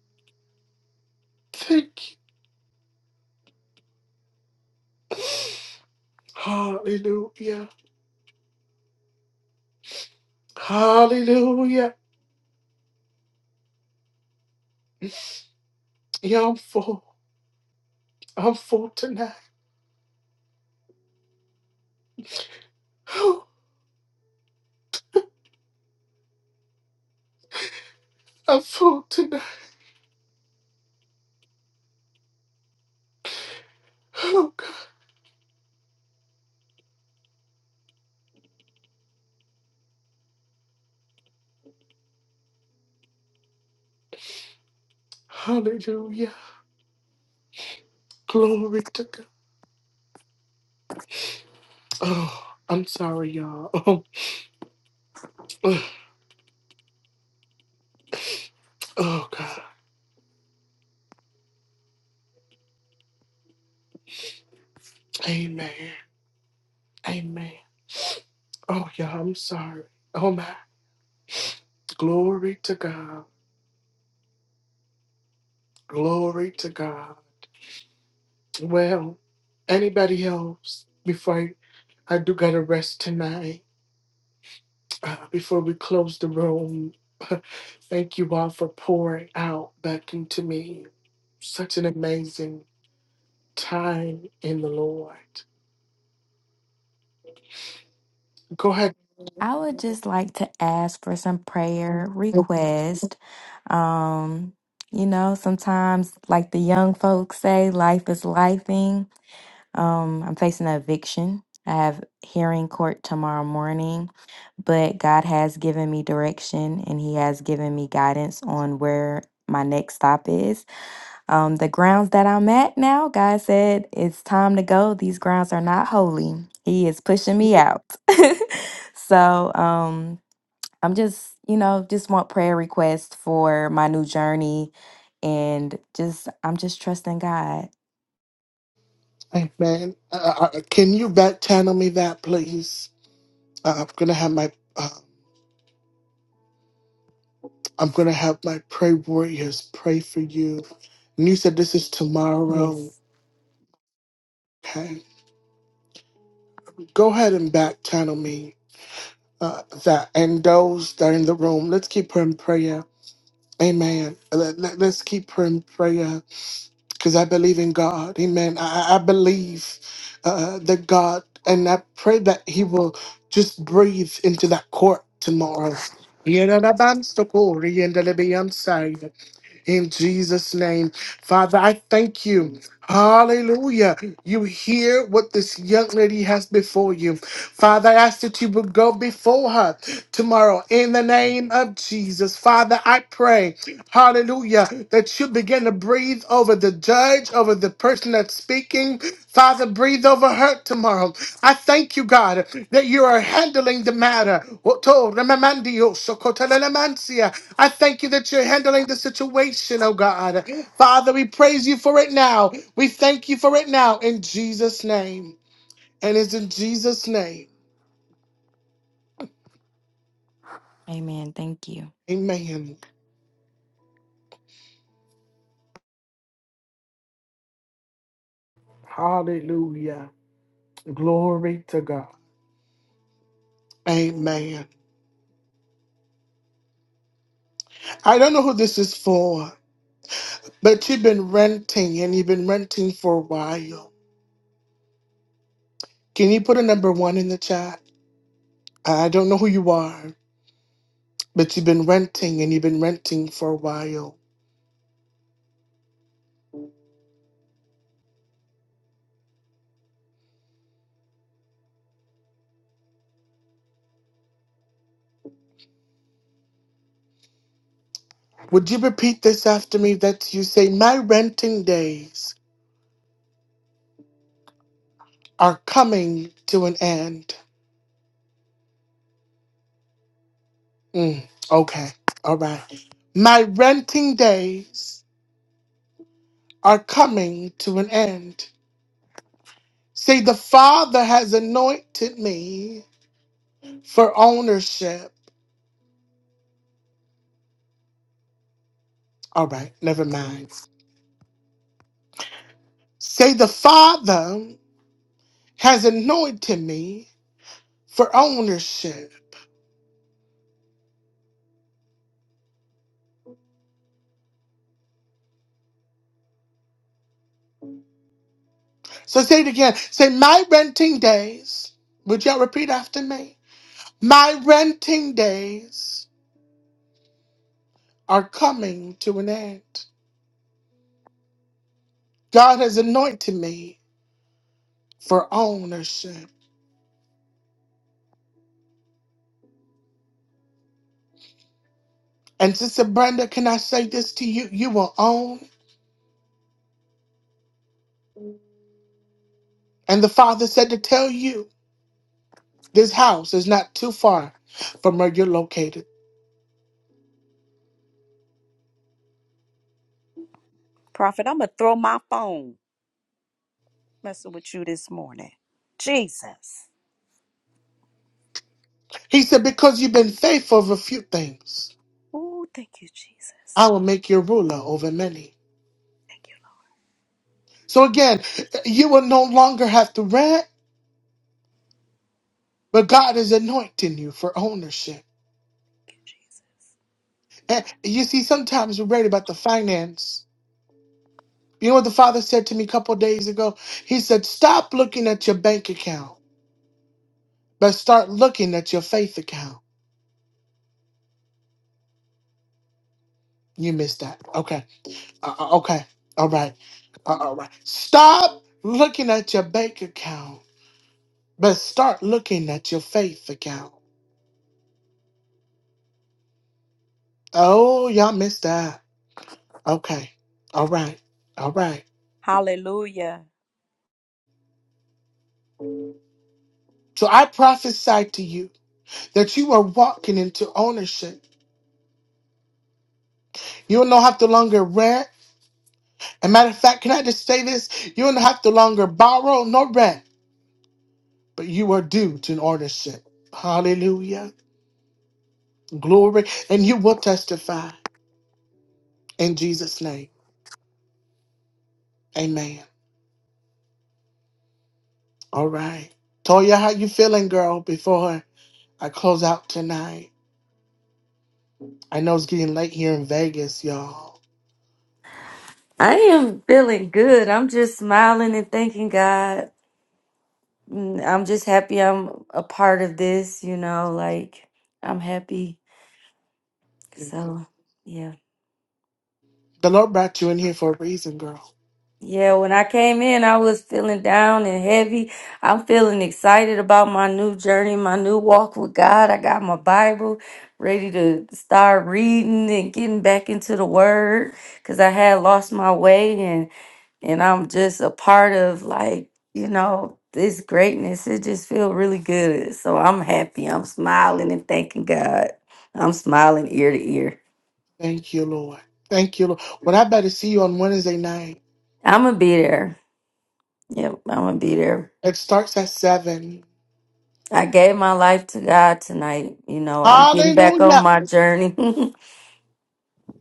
Speaker 1: Thank you. Hallelujah. Hallelujah. Yeah, I'm full. I'm full tonight. I'm full tonight. Oh God. Hallelujah. Glory to God. Oh, I'm sorry, y'all. Oh, oh, oh, God. Amen. Amen. Oh, y'all, I'm sorry. Oh, my. Glory to God. Glory to God. Well, anybody else before I I do gotta rest tonight uh, before we close the room. Thank you all for pouring out back into me. Such an amazing time in the Lord. Go ahead.
Speaker 4: I would just like to ask for some prayer request. Um, you know, sometimes, like the young folks say, life is lifing. Um, I'm facing an eviction. I have hearing court tomorrow morning, but God has given me direction and He has given me guidance on where my next stop is. Um, the grounds that I'm at now, God said, it's time to go. These grounds are not holy. He is pushing me out. so um, I'm just, you know, just want prayer requests for my new journey. And just, I'm just trusting God.
Speaker 1: Hey man, uh, uh, can you back channel me that, please? Uh, I'm gonna have my uh, I'm gonna have my pray warriors pray for you. And you said this is tomorrow.
Speaker 4: Yes.
Speaker 1: Okay, go ahead and back channel me uh, that, and those that are in the room. Let's keep her in prayer. Amen. Uh, Let, let, us keep her in prayer. because I believe in God. Amen. I, I believe uh, that God, and I pray that He will just breathe into that court tomorrow in Jesus' name. Father, I thank you. Hallelujah. You hear what this young lady has before you. Father, I ask that you would go before her tomorrow in the name of Jesus. Father, I pray, hallelujah, that you begin to breathe over the judge, over the person that's speaking. Father, breathe over her tomorrow. I thank you, God, that you are handling the matter. Oto remamandi oso kotelelemansia. I thank you that you're handling the situation, oh God. Father, we praise you for it now. We thank you for it now in Jesus' name. And it's in Jesus' name.
Speaker 4: Amen. Thank you.
Speaker 1: Amen. Hallelujah. Glory to God. Amen. I don't know who this is for, but you've been renting and you've been renting for a while. Can you put a number one in the chat? I don't know who you are, but you've been renting and you've been renting for a while. Would you repeat this after me? That you say, My renting days are coming to an end. Mm, okay, all right. My renting days are coming to an end. Say, The Father has anointed me for ownership. All right, never mind. Say, The Father has anointed me for ownership. So say it again. Say, My renting days. Would y'all repeat after me? My renting days are coming to an end. God has anointed me for ownership. And Sister Brenda, can I say this to you? You will own. And the Father said to tell you this house is not too far from where you're located.
Speaker 9: Prophet, I'm going to throw my phone messing with you this morning. Jesus.
Speaker 1: He said, Because you've been faithful over a few things,
Speaker 9: Oh, thank you,
Speaker 1: I
Speaker 9: Jesus.
Speaker 1: will make you ruler over many.
Speaker 9: Thank you,
Speaker 1: So again, you will no longer have to rent, but God is anointing you for ownership.
Speaker 9: thank you, Jesus.
Speaker 1: And you see, sometimes we're worried about the finance You know what the father said to me a couple days ago? He said, Stop looking at your bank account, but start looking at your faith account. You missed that. Okay. Uh, uh, okay. All right. Uh, all right. Stop looking at your bank account, but start looking at your faith account. Oh, y'all missed that. Okay. All right. All right.
Speaker 9: Hallelujah.
Speaker 1: So I prophesy to you that you are walking into ownership. You will not have to longer rent. a matter of fact, can I just say this? You don't have to longer borrow nor rent, but you are due to an ownership. Hallelujah. Glory. And you will testify in Jesus' name. Amen. All right. Toya, how you feeling, girl, before I close out tonight? I know it's getting late here in Vegas, y'all.
Speaker 7: I am feeling good. I'm just smiling and thanking God. Mm, I'm just happy I'm a part of this, you know, like I'm happy. So yeah.
Speaker 1: The Lord brought you in here for a reason, girl.
Speaker 7: Yeah, when I came in, I was feeling down and heavy. I'm feeling excited about my new journey, my new walk with God. I got my Bible ready to start reading and getting back into the Word because I had lost my way and and I'm just a part of like you know this greatness. It just feels really good. So I'm happy. I'm smiling and thanking God. I'm smiling ear to ear.
Speaker 1: Thank you, Lord. Thank you, Lord. Well, I better see you on Wednesday night.
Speaker 7: I'm gonna be there. Yep, I'm gonna be there.
Speaker 1: It starts at 7.
Speaker 7: I gave my life to God tonight. You know, I'm getting back on
Speaker 1: Hallelujah.
Speaker 7: my journey.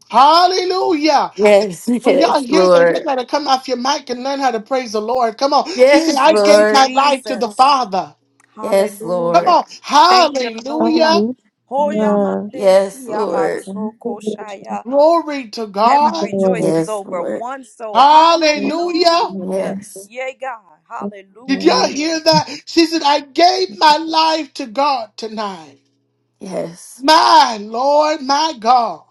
Speaker 1: Hallelujah.
Speaker 7: yes,
Speaker 1: When y'all
Speaker 7: yes,
Speaker 1: hear that, y'all
Speaker 7: Lord.
Speaker 1: gotta come off your mic and learn how to praise the Lord. Come on. She said,
Speaker 7: Yes,
Speaker 1: I
Speaker 9: Thank you,
Speaker 1: gave my
Speaker 7: Lord.
Speaker 1: life to the
Speaker 9: Jesus.
Speaker 1: Father.
Speaker 7: Yes,
Speaker 1: Come
Speaker 9: Hallelujah.
Speaker 7: Lord.
Speaker 1: on.
Speaker 9: Thank you, Lord.
Speaker 1: Hallelujah.
Speaker 8: Hallelujah.
Speaker 9: Hoyamande
Speaker 7: Yes, Lord.
Speaker 8: Thank you, Lord.
Speaker 9: siyabatsokoshaya.
Speaker 1: Glory to
Speaker 8: Thank
Speaker 9: Heaven
Speaker 1: God.
Speaker 9: rejoices
Speaker 7: Yes,
Speaker 9: over
Speaker 7: Lord.
Speaker 9: one soul.
Speaker 1: Hallelujah.
Speaker 8: you,
Speaker 9: Hallelujah.
Speaker 8: Lord.
Speaker 7: Yes,
Speaker 9: Yea, God.
Speaker 8: Thank you,
Speaker 1: Did
Speaker 9: Hallelujah.
Speaker 8: Lord.
Speaker 1: y'all hear that? She said, I gave my life to God tonight.
Speaker 7: yes,
Speaker 1: My Lord, my God.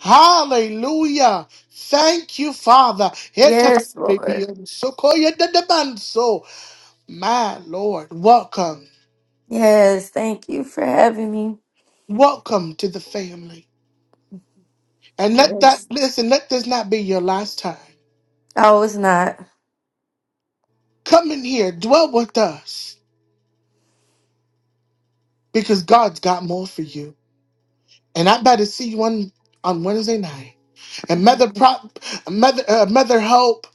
Speaker 1: Hallelujah. Thank you, Father. Here tonight,
Speaker 7: yes,
Speaker 1: baby.
Speaker 7: Lord.
Speaker 1: Sokoya de de manso. My Lord, welcome.
Speaker 7: Yes, thank you for having me.
Speaker 1: Welcome to the family. And let that,
Speaker 7: Yes.
Speaker 1: listen, let this not be your last time.
Speaker 7: Oh, it's not.
Speaker 1: Come in here, dwell with us, because God's got more for you. And I better see you on, on Wednesday night. And Mother, Prop, Mother, uh, Mother Hope,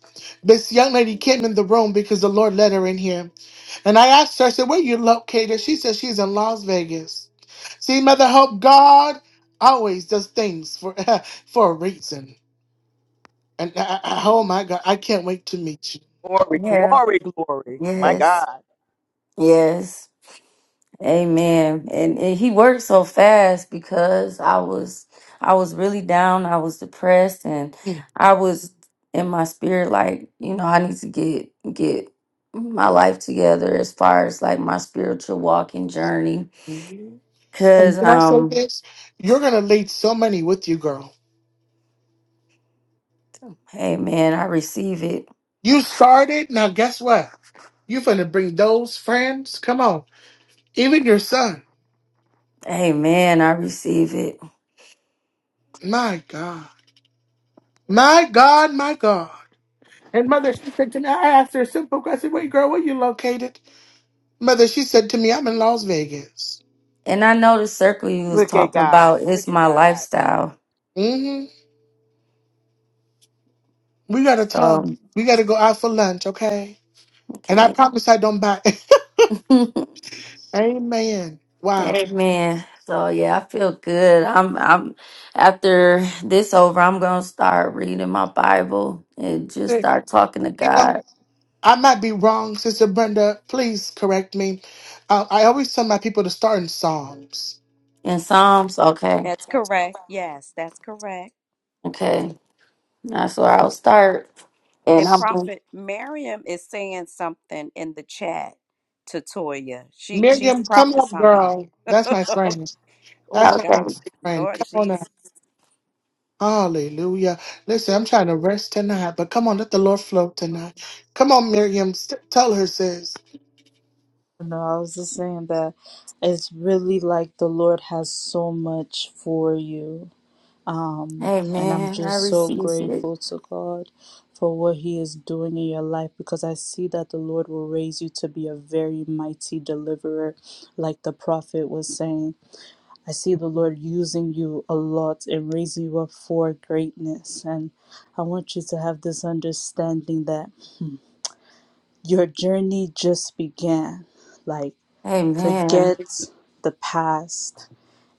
Speaker 1: this young lady came in the room because the Lord led her in here. And I asked her, I said, where you located? She said she's in Las Vegas. See, Mother Hope, God always does things for, for a reason. And I, I, oh my God, I can't wait to meet
Speaker 11: Glory,
Speaker 7: Yeah.
Speaker 11: glory, glory. My
Speaker 7: Yes.
Speaker 11: God.
Speaker 7: Yes. Amen. And, and he worked so fast because I was I was really down, I was depressed and
Speaker 1: you.
Speaker 7: I was in my spirit like, you know, I need to get get my life together as far as like my spiritual walking journey
Speaker 1: Mm-hmm. And
Speaker 7: cuz
Speaker 1: can I say
Speaker 7: um
Speaker 1: this? You're gonna lead so many with you, girl.
Speaker 7: Amen. I receive it.
Speaker 1: You started. Now guess what? You're gonna bring those friends. Come on, even your son.
Speaker 7: Amen. I receive it.
Speaker 1: My God, my God, my God. And mother, she said to me, I asked her a simple question. Wait, girl, where you located? Mother, she said to me, I'm in Las Vegas.
Speaker 7: And I know the circle you was
Speaker 11: Look at
Speaker 7: talking
Speaker 11: God.
Speaker 7: about is
Speaker 11: Look at
Speaker 7: my
Speaker 11: God.
Speaker 7: lifestyle.
Speaker 1: Mm-hmm. We gotta talk.
Speaker 7: So
Speaker 1: We gotta go out for lunch, okay? And I
Speaker 7: okay.
Speaker 1: promise I don't buy. Amen. Wow.
Speaker 7: Amen. So yeah, I feel good. I'm I'm after this over, I'm gonna start reading my Bible and just
Speaker 1: You
Speaker 7: start talking to
Speaker 1: know.
Speaker 7: God
Speaker 1: I might be wrong, Sister Brenda. Please correct me. Uh, I always tell my people to start in Psalms.
Speaker 7: in Psalms. Okay.
Speaker 9: That's correct. Yes, that's correct.
Speaker 7: Okay. That's where I'll start. And
Speaker 9: And
Speaker 7: I'm gonna-
Speaker 9: Prophet Miriam is saying something in the chat to Toya. She she's
Speaker 1: Miriam, come up,
Speaker 9: prophesying.
Speaker 1: girl. That's my friend.
Speaker 9: oh
Speaker 1: That's my
Speaker 7: okay.
Speaker 9: God.
Speaker 1: sister friend. Come on
Speaker 9: Lord
Speaker 1: up. Hallelujah. Listen, I'm trying to rest tonight, but come on, let the Lord float tonight. Come on, Miriam. St- tell her, sis.
Speaker 12: No, I was just saying that it's really like the Lord has so much for you. And I'm
Speaker 7: Amen. I
Speaker 12: just so
Speaker 7: receive it.
Speaker 12: grateful to God for what He is doing in your life because I see that the Lord will raise you to be a very mighty deliverer, like the prophet was saying. I see the Lord using you a lot and raising you up for greatness. And I want you to have this understanding that your journey just began. Like,
Speaker 7: Amen.
Speaker 12: forget the past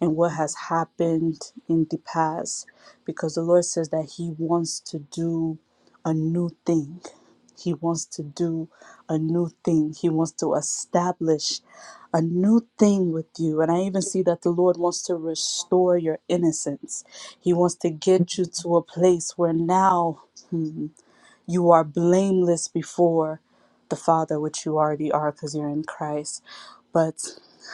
Speaker 12: and what has happened in the past because the Lord says that He wants to do a new thing. He wants to do a new thing. He wants to establish a new thing with you. And I even see that the Lord wants to restore your innocence. He wants to get you to a place where now you are blameless before the Father, which you already are because you're in Christ. But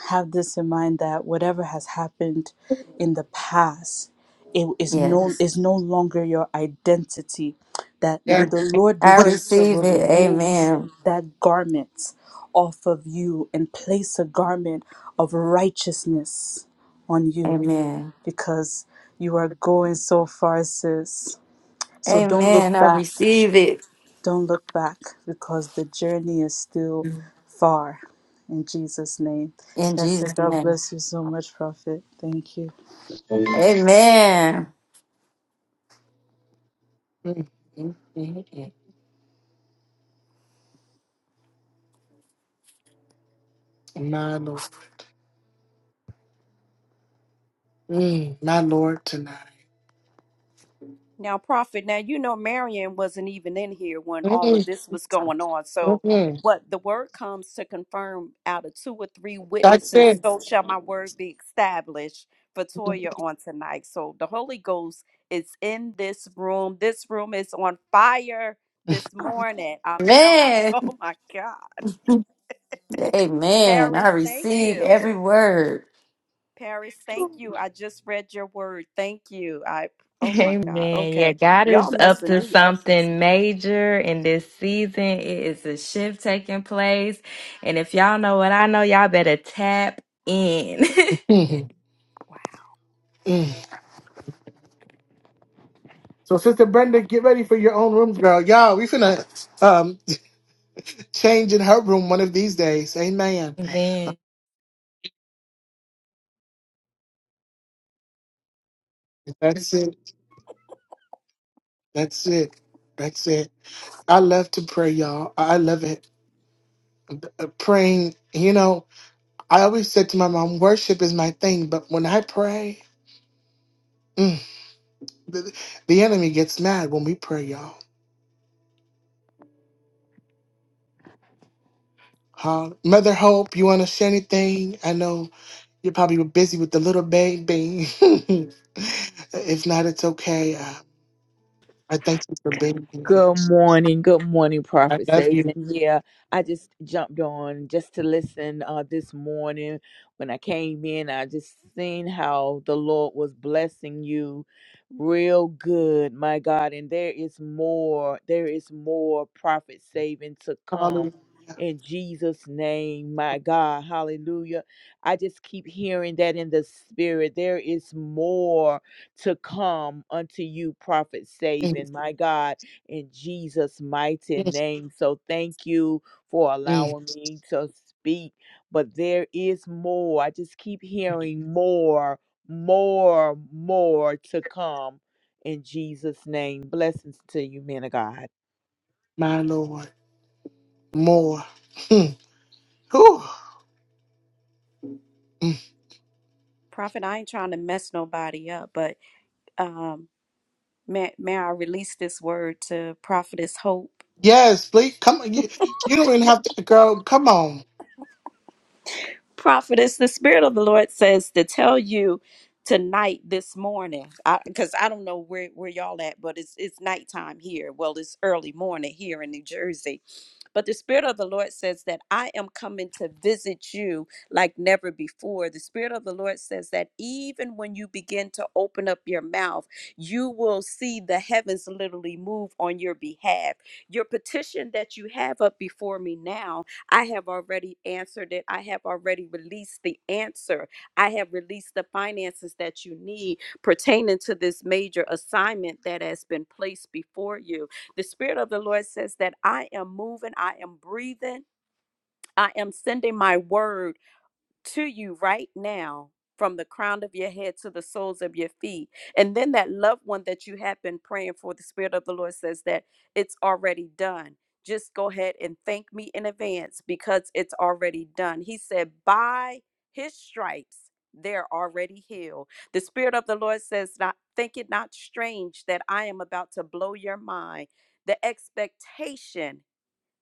Speaker 12: have this in mind that whatever has happened in the past, it is no
Speaker 7: Yes.
Speaker 12: is no longer your identity. That may
Speaker 1: Yeah.
Speaker 12: the Lord
Speaker 7: I
Speaker 12: begin to
Speaker 7: receive it.
Speaker 12: remove
Speaker 7: Amen.
Speaker 12: that garment off of you and place a garment of righteousness on you
Speaker 7: Amen.
Speaker 12: because you are going so far, sis. So don't
Speaker 7: Amen.
Speaker 12: look
Speaker 7: I
Speaker 12: back.
Speaker 7: receive it
Speaker 12: Don't look back because the journey is still far. In Jesus' name.
Speaker 7: in
Speaker 12: That's it.
Speaker 7: Jesus'
Speaker 12: God
Speaker 7: name.
Speaker 12: bless you so much, Prophet. Thank you.
Speaker 7: Amen.
Speaker 1: Mm, mm, mm, mm. My Lord. Mm, my Lord tonight.
Speaker 9: Now, Prophet, now you know Marion wasn't even in here when all of
Speaker 1: Mm,
Speaker 9: this was going on.
Speaker 1: mm,
Speaker 9: So,
Speaker 1: mm.
Speaker 9: what the word comes to confirm out of two or three
Speaker 1: That's
Speaker 9: witnesses, so shall my word be established for Toya on tonight. So, the Holy Ghost is in this room. This room is on fire this morning. I'm telling you,
Speaker 7: Amen.
Speaker 9: oh my God.
Speaker 7: Amen.
Speaker 9: Paris,
Speaker 7: I
Speaker 9: thank
Speaker 7: receive
Speaker 9: you.
Speaker 7: every word.
Speaker 9: Paris, thank you. I just read your word. Thank you. I, oh my God.
Speaker 4: Amen. Yeah,
Speaker 9: Okay.
Speaker 4: God
Speaker 9: Y'all
Speaker 4: is up
Speaker 9: messing
Speaker 4: to
Speaker 9: me up this
Speaker 4: something major in this season. It is a shift taking place. And if
Speaker 9: morning.
Speaker 4: y'all know what I know, y'all better tap in.
Speaker 1: it.
Speaker 9: Wow.
Speaker 1: So, Sister Brenda, get ready for your own rooms, girl. Y'all, we finna um, change in her room one of these days. Amen. Uh,
Speaker 4: Amen.
Speaker 1: That's it. That's it. That's it. I love to pray, y'all. I I love it. Uh, Praying, you know, I always said to my mom, worship is my thing, but when I pray, mm, the, the enemy gets mad when we pray, y'all. Huh? Mother Hope, you want to share anything? I know you're probably busy with the little baby. if not, it's okay. Uh, I thank you for being here.
Speaker 11: Good morning. Good morning,
Speaker 1: I
Speaker 11: Prophet
Speaker 1: love you.
Speaker 11: Saban. Yeah, I just jumped on just to listen uh, this morning. When I came in, I just seen how the Lord was blessing you real good, my God. And there is more. There is more Prophet Saban to come.
Speaker 1: Hallelujah.
Speaker 11: In Jesus' name, my God, hallelujah. I just keep hearing that in the spirit. There is more to come unto you, Prophet
Speaker 1: And
Speaker 11: Saban, my God in Jesus' mighty
Speaker 1: yes,
Speaker 11: name. So thank you for
Speaker 1: mm,
Speaker 11: allowing me to speak. But there is more. I just keep hearing more, more, more to come in Jesus' name. Blessings to you, men of God.
Speaker 1: my Lord, more. Hmm. Whew. Mm.
Speaker 9: Prophet, I ain't trying to mess nobody up, but um, may, may I release this word to Prophetess Hope?
Speaker 1: Yes, please come on. You, you don't even have to, girl. Come on,
Speaker 9: prophetess the spirit of the lord says to tell you tonight this morning because I, 'cause I don't know where, where y'all at but it's it's nighttime here well it's early morning here in new jersey but the spirit of the lord says that i am coming to visit you like never before the spirit of the lord says that even when you begin to open up your mouth you will see the heavens literally move on your behalf your petition that you have up before me now I have already answered it. I have already released the answer. I have released the finances that you need pertaining to this major assignment that has been placed before you. The Spirit of the Lord says that I am moving, I am breathing, I am sending my word to you right now from the crown of your head to the soles of your feet. And then that loved one that you have been praying for, the Spirit of the Lord says that it's already done. Just go ahead and thank me in advance because it's already done. He said, by his stripes, they're already healed. The Spirit of the Lord says, not, think it not strange that I am about to blow your mind. The expectation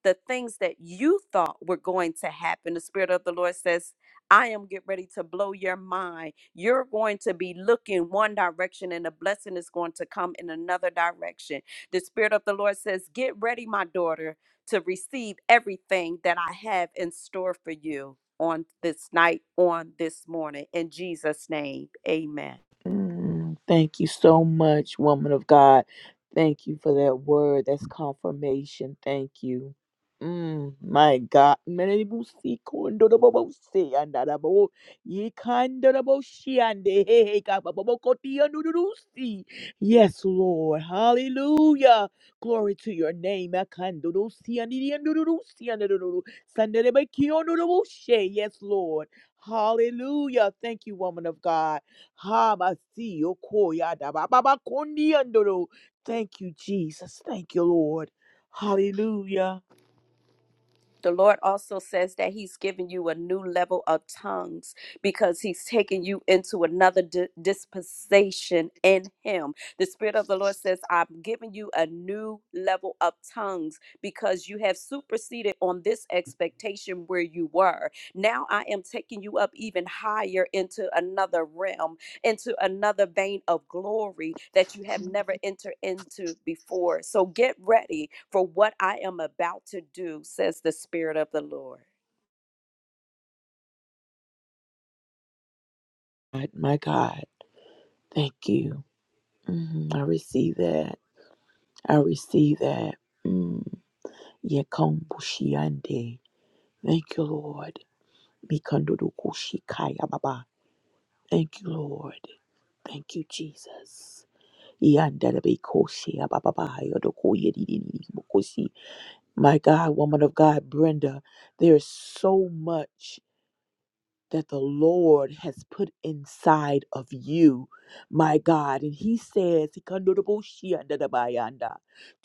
Speaker 9: the things that you thought were going to happen. The Spirit of the Lord says, I am get ready to blow your mind. You're going to be looking one direction and the blessing is going to come in another direction. The Spirit of the Lord says, Get ready, my daughter, to receive everything that I have in store for you on this night, on this morning. In Jesus' name, amen.
Speaker 11: Mm, Thank you so much, woman of God. Thank you for that word. That's confirmation. Thank you. Mm, my God. Menebusi kondorobobosi andarabo. Yikandoroboshi andeheheka babobokoti andururusi. Yes, Lord. Hallelujah. Glory to your name. Akandorosi andiri andururusi andururu. Sanderebeki ondoroboshe. Yes, Lord. Hallelujah. Thank you, woman of God. Habasiyo koyada bababa kondiandoro. Thank you, Jesus. Thank you, Lord. Hallelujah.
Speaker 9: The Lord also says that He's given you a new level of tongues because He's taken you into another di- dispensation in Him. The Spirit of the Lord says, I'm giving you a new level of tongues because you have superseded on this expectation where you were. Now I am taking you up even higher into another realm into another vein of glory that you have never entered into before. So get ready for what I am about to do, says the Spirit of the Lord.
Speaker 11: God, My God, thank you. Mhm, I receive that. I receive that. Mm. Yekombushiande. Thank you, Lord. Mikandurukushikaya baba. Thank you, Lord. Thank you, Jesus. Yandere bikoshi ababa yodokoye My God, woman of God, Brenda, there is so much that the Lord has put inside of you, my God. And He says, "Ikandodoboshiandadabayanda,"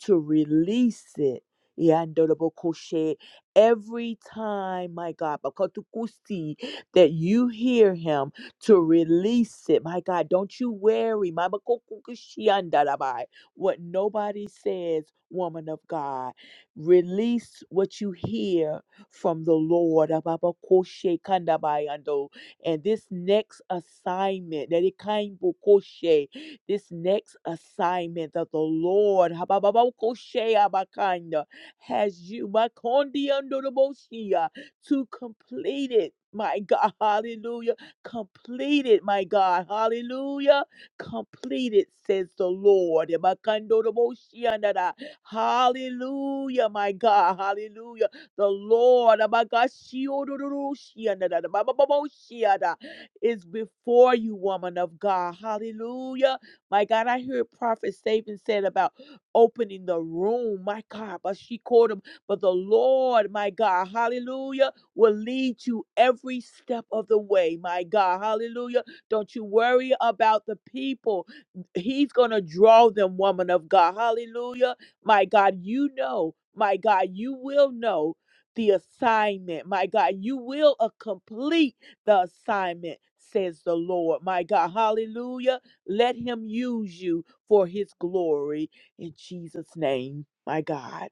Speaker 11: to release it. Yandodobokoshe. Every time, my God, bakotukusi, that you hear him to release it, my God, don't you worry, my bakokukushiandadabai, what nobody says, woman of God. Release what you hear from the Lord. Ababakoshe kandabayando. And this next assignment, that it kind bokoshe, this next assignment that the Lord habababakoshe abakanda, has you makondiandodoboshia, to complete it. My God, hallelujah. Complete it, my God, hallelujah. Complete it, says the Lord. Ebakandodoboshiandada. Hallelujah, my God, hallelujah the Lord Abakashiodododoshia, is before you, woman of God. Hallelujah. My God, I heard Prophet Saban said about opening the room. My God, but she called him. But the Lord, my God, hallelujah, will lead you every step of the way. My God, hallelujah. Don't you worry about the people. He's going to draw them, woman of God. Hallelujah. My God, you know. My God, you will know the assignment. My God, you will uh, complete the assignment, says the Lord. My God, hallelujah. Let him use you for his glory in Jesus' name. My God.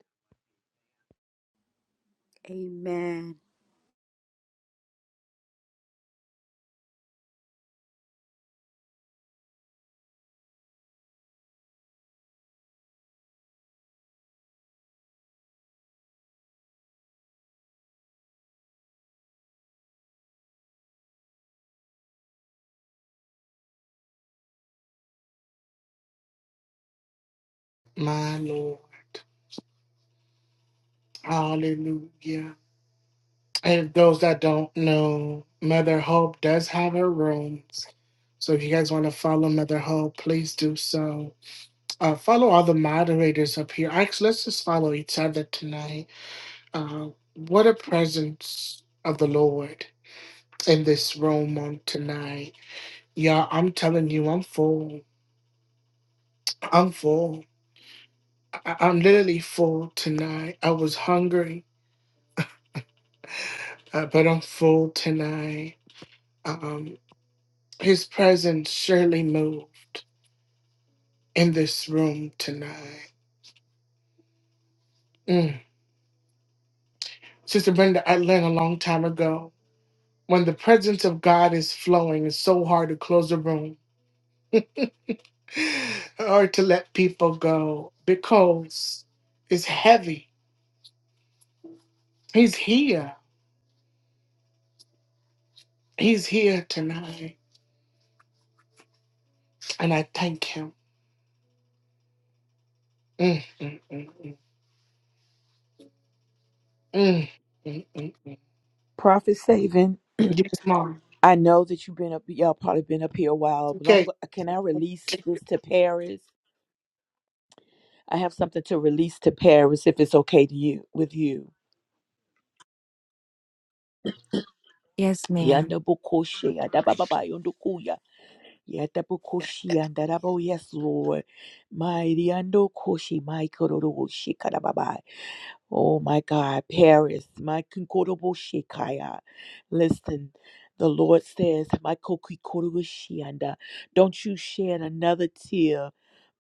Speaker 9: Amen.
Speaker 1: my Lord. Hallelujah. And those that don't know, Mother Hope does have her rooms. So if you guys want to follow Mother Hope, please do so. Uh, follow all the moderators up here. Actually, let's just follow each other tonight. Uh, what a presence of the Lord in this room on tonight. Y'all, I'm telling you, I'm full. I'm full. I- I'm literally full tonight. I was hungry, uh, but I'm full tonight. Um, his presence surely moved in this room tonight. Mm. Sister Brenda, I learned a long time ago when the presence of God is flowing, it's so hard to close a room or to let people go because it's heavy. He's here. He's here tonight. And I thank him. Mm, mm, mm, mm, mm, mm, mm, mm.
Speaker 11: Prophet Saving,
Speaker 1: Yes, Mom.
Speaker 11: I know that you've been up, y'all probably been up here a while, but I'm,
Speaker 1: Okay.
Speaker 11: can I release this to Paris? I have something to release to Paris if it's okay to you, with you.
Speaker 4: Yes, ma'am.
Speaker 11: Yanda bokoshe, yada bababayo, Yatapukoshi and Darabo, yes, Lord. Mighty Ando Koshi, my Kororo, Shikarababa. Oh my God, Paris, my kinkorobo shikaya. Listen, the Lord says, my kokikorobo shianda, don't you shed another tear.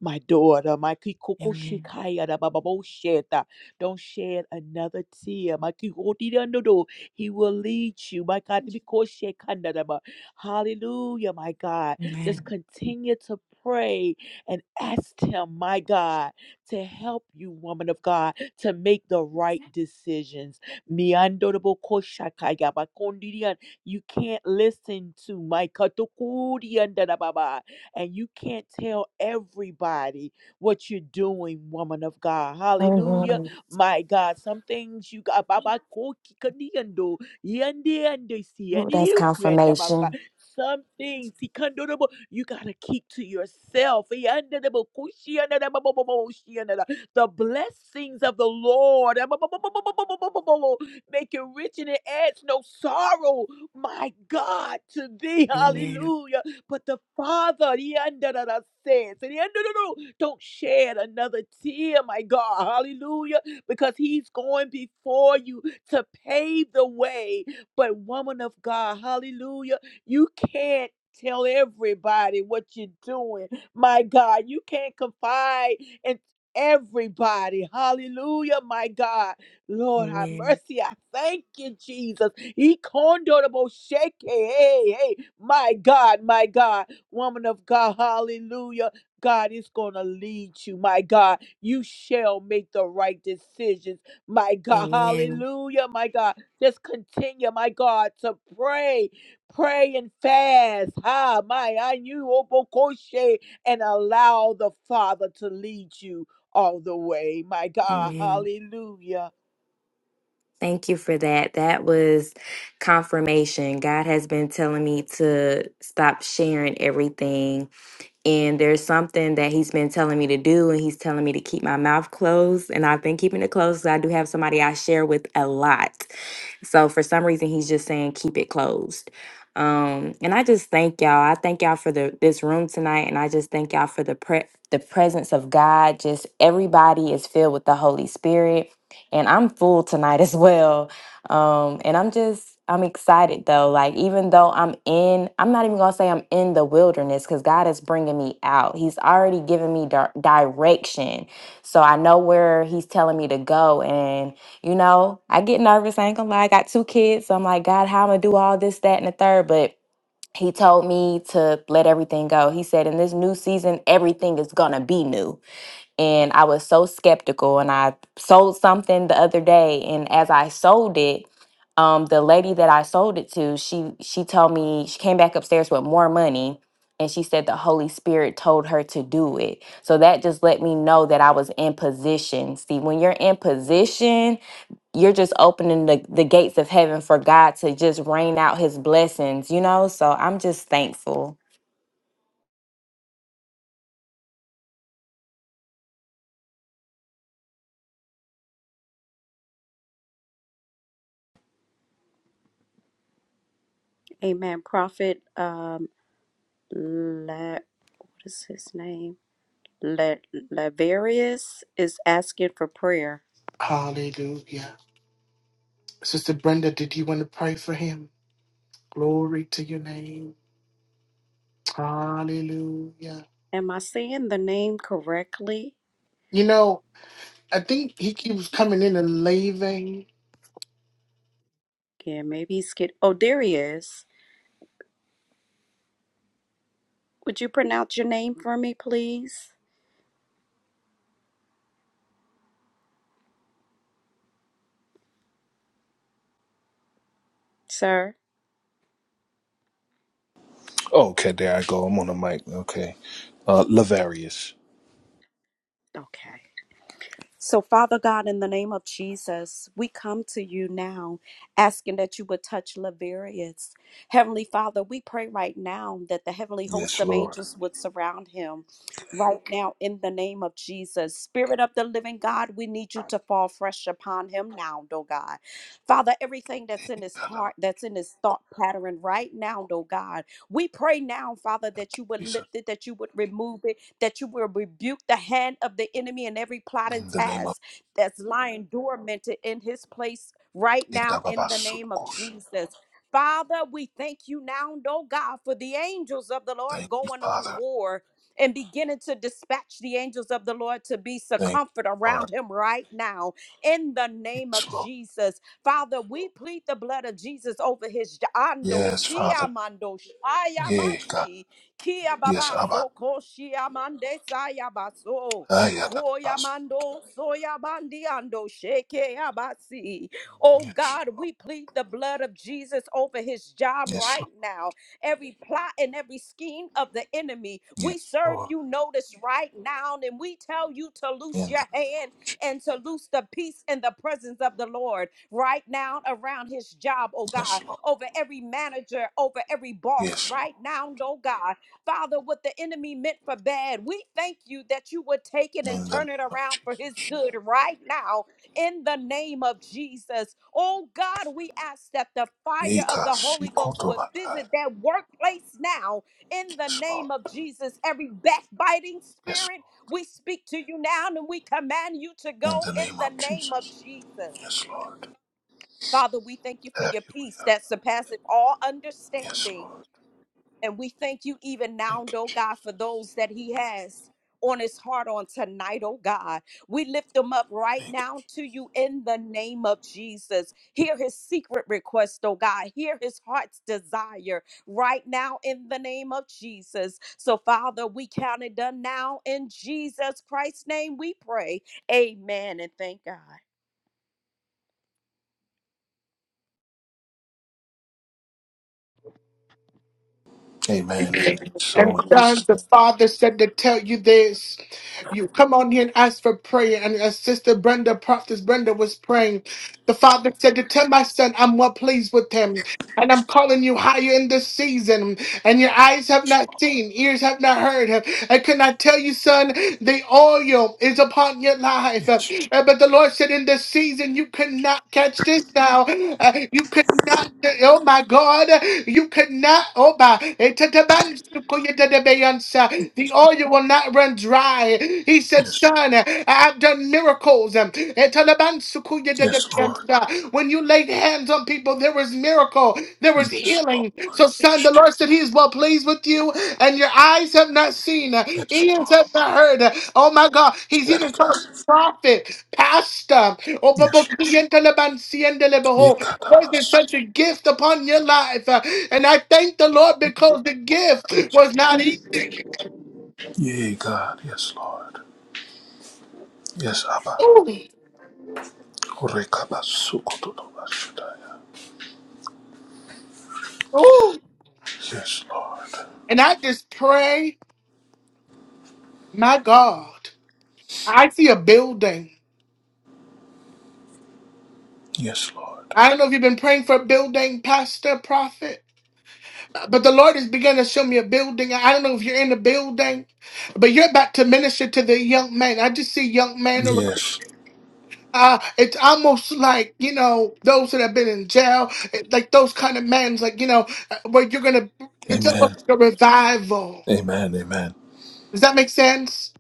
Speaker 11: My daughter, my kikoko
Speaker 4: Amen.
Speaker 11: shikaya da bababo sheta. Don't shed another tear. My kikoti da no do. He will lead you. My God, to be ko shekanda da ba. Hallelujah, my God. Just
Speaker 4: Amen.
Speaker 11: continue to pray and ask Him, my God to help you, woman of God, to make the right decisions. Miandorobokosakayabakondirian. You can't listen to my katokuriandarababa, and you can't tell everybody what you're doing, woman of God. Hallelujah.
Speaker 4: Amen.
Speaker 11: My God, some things you got. Baba Koki Kandiando, Yandi and
Speaker 4: Ooh, that's confirmation.
Speaker 11: some things he condonable. You gotta keep to yourself. Yandadabo, kushiandadababo, shiandada. The blessings of the Lord abababababababababo, make it rich and it adds no sorrow. My God, to thee,
Speaker 4: Amen.
Speaker 11: Hallelujah. But the Father, yandadada, says, and yandadado, don't shed another tear, my God, Hallelujah, because He's going before you to pave the way. But woman of God, Hallelujah. You can't tell everybody what you're doing. My God, you can't confide in everybody. Hallelujah, my God. Lord, have
Speaker 4: Amen.
Speaker 11: mercy. I thank you, Jesus. He condorable shake. Hey, hey, my God, my God. Woman of God, hallelujah. God is going to lead you, my God. You shall make the right decisions, my God.
Speaker 4: Amen.
Speaker 11: Hallelujah, my God. Just continue, my God, to pray. Pray and fast. Ha, my, I knew Obokoshe, and allow the Father to lead you all the way. My God,
Speaker 4: Amen.
Speaker 11: hallelujah.
Speaker 4: Thank you for that. That was confirmation. God has been telling me to stop sharing everything and there's something that he's been telling me to do and he's telling me to keep my mouth closed and i've been keeping it closed 'cause i do have somebody i share with a lot so for some reason he's just saying keep it closed um and i just thank y'all i thank y'all for the this room tonight and i just thank y'all for the pre- the presence of god just everybody is filled with the holy spirit and i'm full tonight as well um, and I'm just, I'm excited though. Like, even though I'm in, I'm not even gonna say I'm in the wilderness because God is bringing me out. He's already given me dir- direction. So I know where He's telling me to go. And, you know, I get nervous. I ain't gonna lie. I got two kids. So I'm like, God, how am I gonna do all this, that, and the third? But He told me to let everything go. He said, in this new season, everything is gonna be new and I was so skeptical. And I sold something the other day, and as I sold it, um, the lady that I sold it to, she she told me she came back upstairs with more money, and she said the Holy Spirit told her to do it. So that just let me know that I was in position. See, when you're in position, you're just opening the, the gates of heaven for God to just rain out His blessings. You know, so I'm just thankful.
Speaker 9: Amen. Prophet um La what is his name? La Laverius is asking for prayer.
Speaker 1: Hallelujah. Sister Brenda, did you want to pray for him? Glory to your name. Hallelujah.
Speaker 9: Am I saying the name correctly?
Speaker 1: You know, I think he keeps coming in and leaving.
Speaker 9: Yeah, maybe he's get oh there he is. Would you pronounce your name for me, please, sir? Okay. So, Father God, in the name of Jesus, we come to you now asking that you would touch Laverius. Heavenly Father, we pray right now that the heavenly host of angels would surround him right now in the name of Jesus. Spirit of the living God, we need you to fall fresh upon him now, oh God. Father, everything that's in his heart, that's in his thought pattern right now, oh God, we pray now, Father, that you would lift it, that you would remove it, that you will rebuke the hand of the enemy and every plot and task that's lying dormant in his place right now in the name of Jesus. Father, we thank you now, oh God, for the angels of the Lord going on war and beginning to dispatch the angels of the Lord to be circumfered around him right now in the name of Jesus. Father, we plead the blood of Jesus over his ando siamando shayabasi Kia baba so ko shia mande saya baso. Koya mando soya bandi ando sheke abasi. Oh God, we plead the blood of Jesus over his job right now. Every plot and every scheme of the enemy, we serve you notice right now, and we tell you to loose your hand and to loose the peace and the presence of the Lord right now around his job, oh God, over every manager, over every boss right now, oh God. Father, what the enemy meant for bad, we thank you that you would take it and turn it around for his good right now in the name of Jesus. Oh God, we ask that the fire of the Holy Ghost would visit that workplace now in the name of Jesus. Every backbiting spirit, we speak to you now and we command you to go in the name of Jesus. Father, we thank you for your peace that surpasses all understanding. And we thank you even now, oh God, for those that he has on his heart on tonight, oh God. We lift them up right now to you in the name of Jesus. Hear his secret request, oh God. Hear his heart's desire right now in the name of Jesus. So, Father, we count it done now. In Jesus Christ's name, we pray. Amen and thank God.
Speaker 1: And God the Father said to tell you this. You come on here and ask for prayer. And as Sister Brenda, Prophetess Brenda was praying, the Father said to tell my son, I'm well pleased with him. And I'm calling you higher in this season. And your eyes have not seen, ears have not heard. And can I tell you, son, the oil is upon your life. Uh, But the Lord said, in this season, you cannot catch this now. Uh, You cannot, oh my God, you cannot, oh my, the oil will not run dry. He said, son, I've done miracles. When you laid hands on people, there was miracle, there was healing. So, son, the Lord said He is well pleased with you, and your eyes have not seen, uh, ears have not heard. Oh my God, He's even called prophet, pastor. Oh, but- but- Lord, there's such a gift upon your life, Uh, and I thank the Lord because the gift was not easy. Ooh, ooh. And I just pray, my God, I see a building. I don't know if you've been praying for a building, pastor, prophet, uh, but the Lord has begun to show me a building. I don't know if you're in the building, but you're about to minister to the young man. I just see young men. around. Uh, it's almost like, you know, those that have been in jail, it- like those kind of men, like, you know, uh, where you're going to, it's almost like a revival. Does that make sense?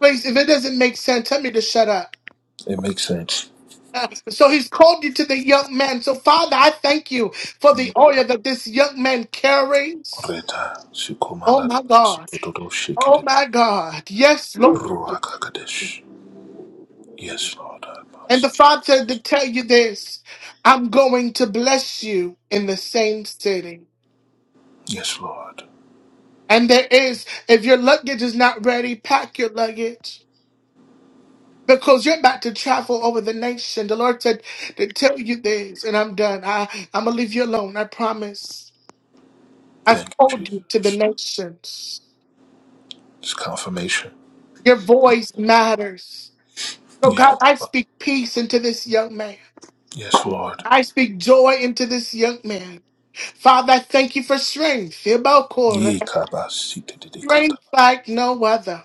Speaker 1: Please, if it doesn't make sense, tell me to shut up. Uh, so he's called you to the young man. So, Father, I thank you for the oil that this young man carries. Oh my God. Oh my God. Yes, Lord. And the Father said to tell you this I'm going to bless you in the same city. And there is, if your luggage is not ready, pack your luggage because you're about to travel over the nation. The Lord said to tell you this, and I'm done. I, I'm going to leave you alone. I promise. I've called you to the nations. Your voice matters. So, God, I speak peace into this young man. I speak joy into this young man. Father, I thank you for strength. Ibokora. Strength like no other.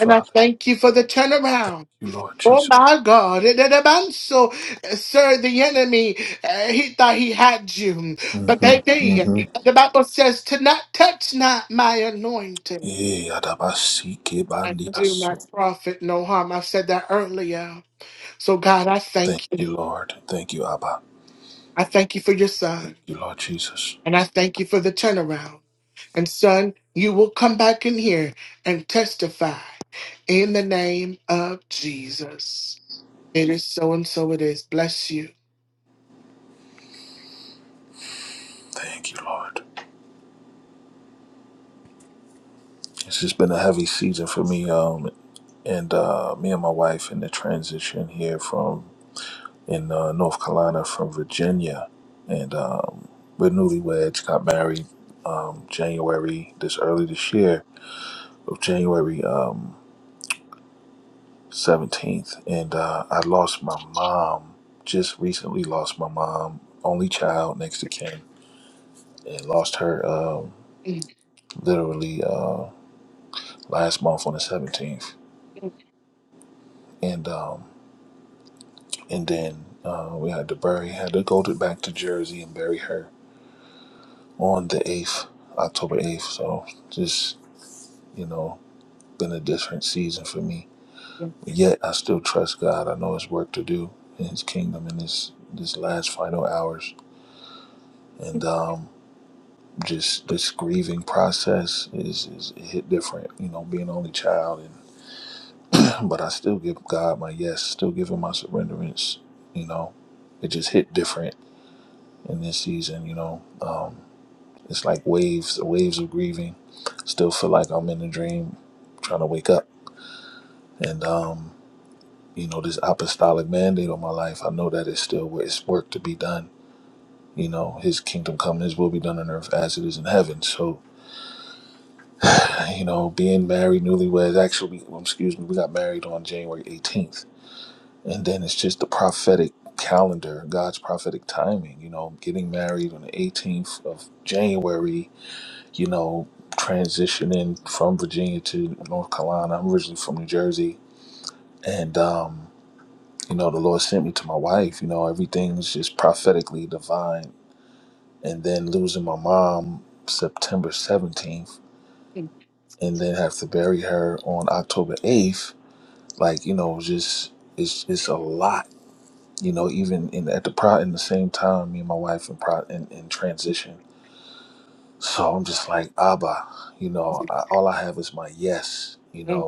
Speaker 1: And I thank you for the turnaround. Oh my God. It did about So, uh, sir, the enemy, uh, he thought he had you, but they did. The Bible says to not touch not my anointing. I do not profit no harm. I said that earlier. So, God, I thank you. I thank you for your son. And I thank you for the turnaround. And son, you will come back in here and testify in the name of Jesus. It is so and so it is. Bless you. Mm, mm, mm.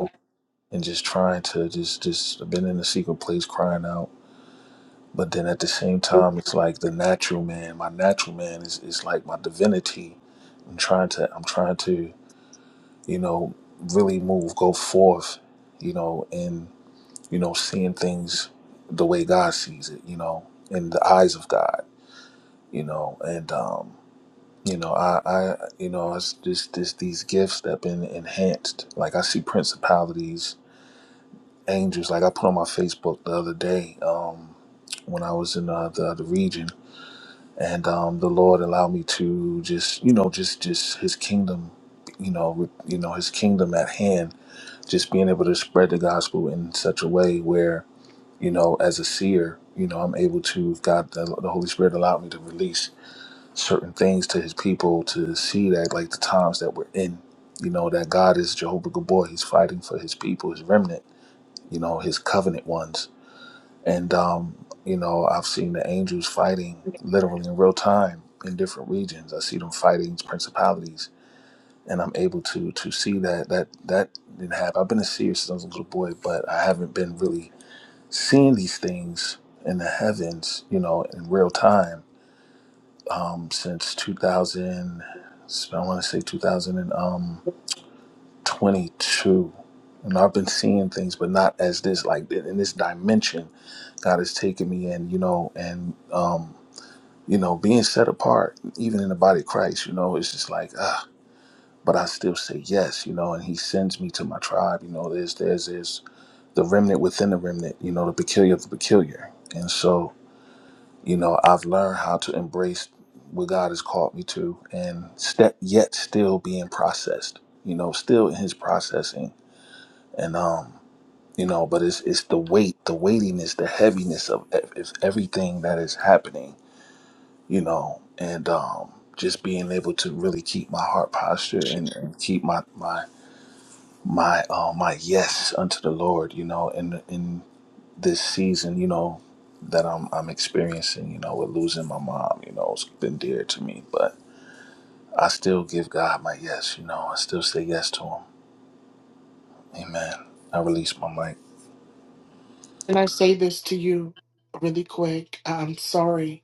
Speaker 1: Can I say this to you really quick? I'm sorry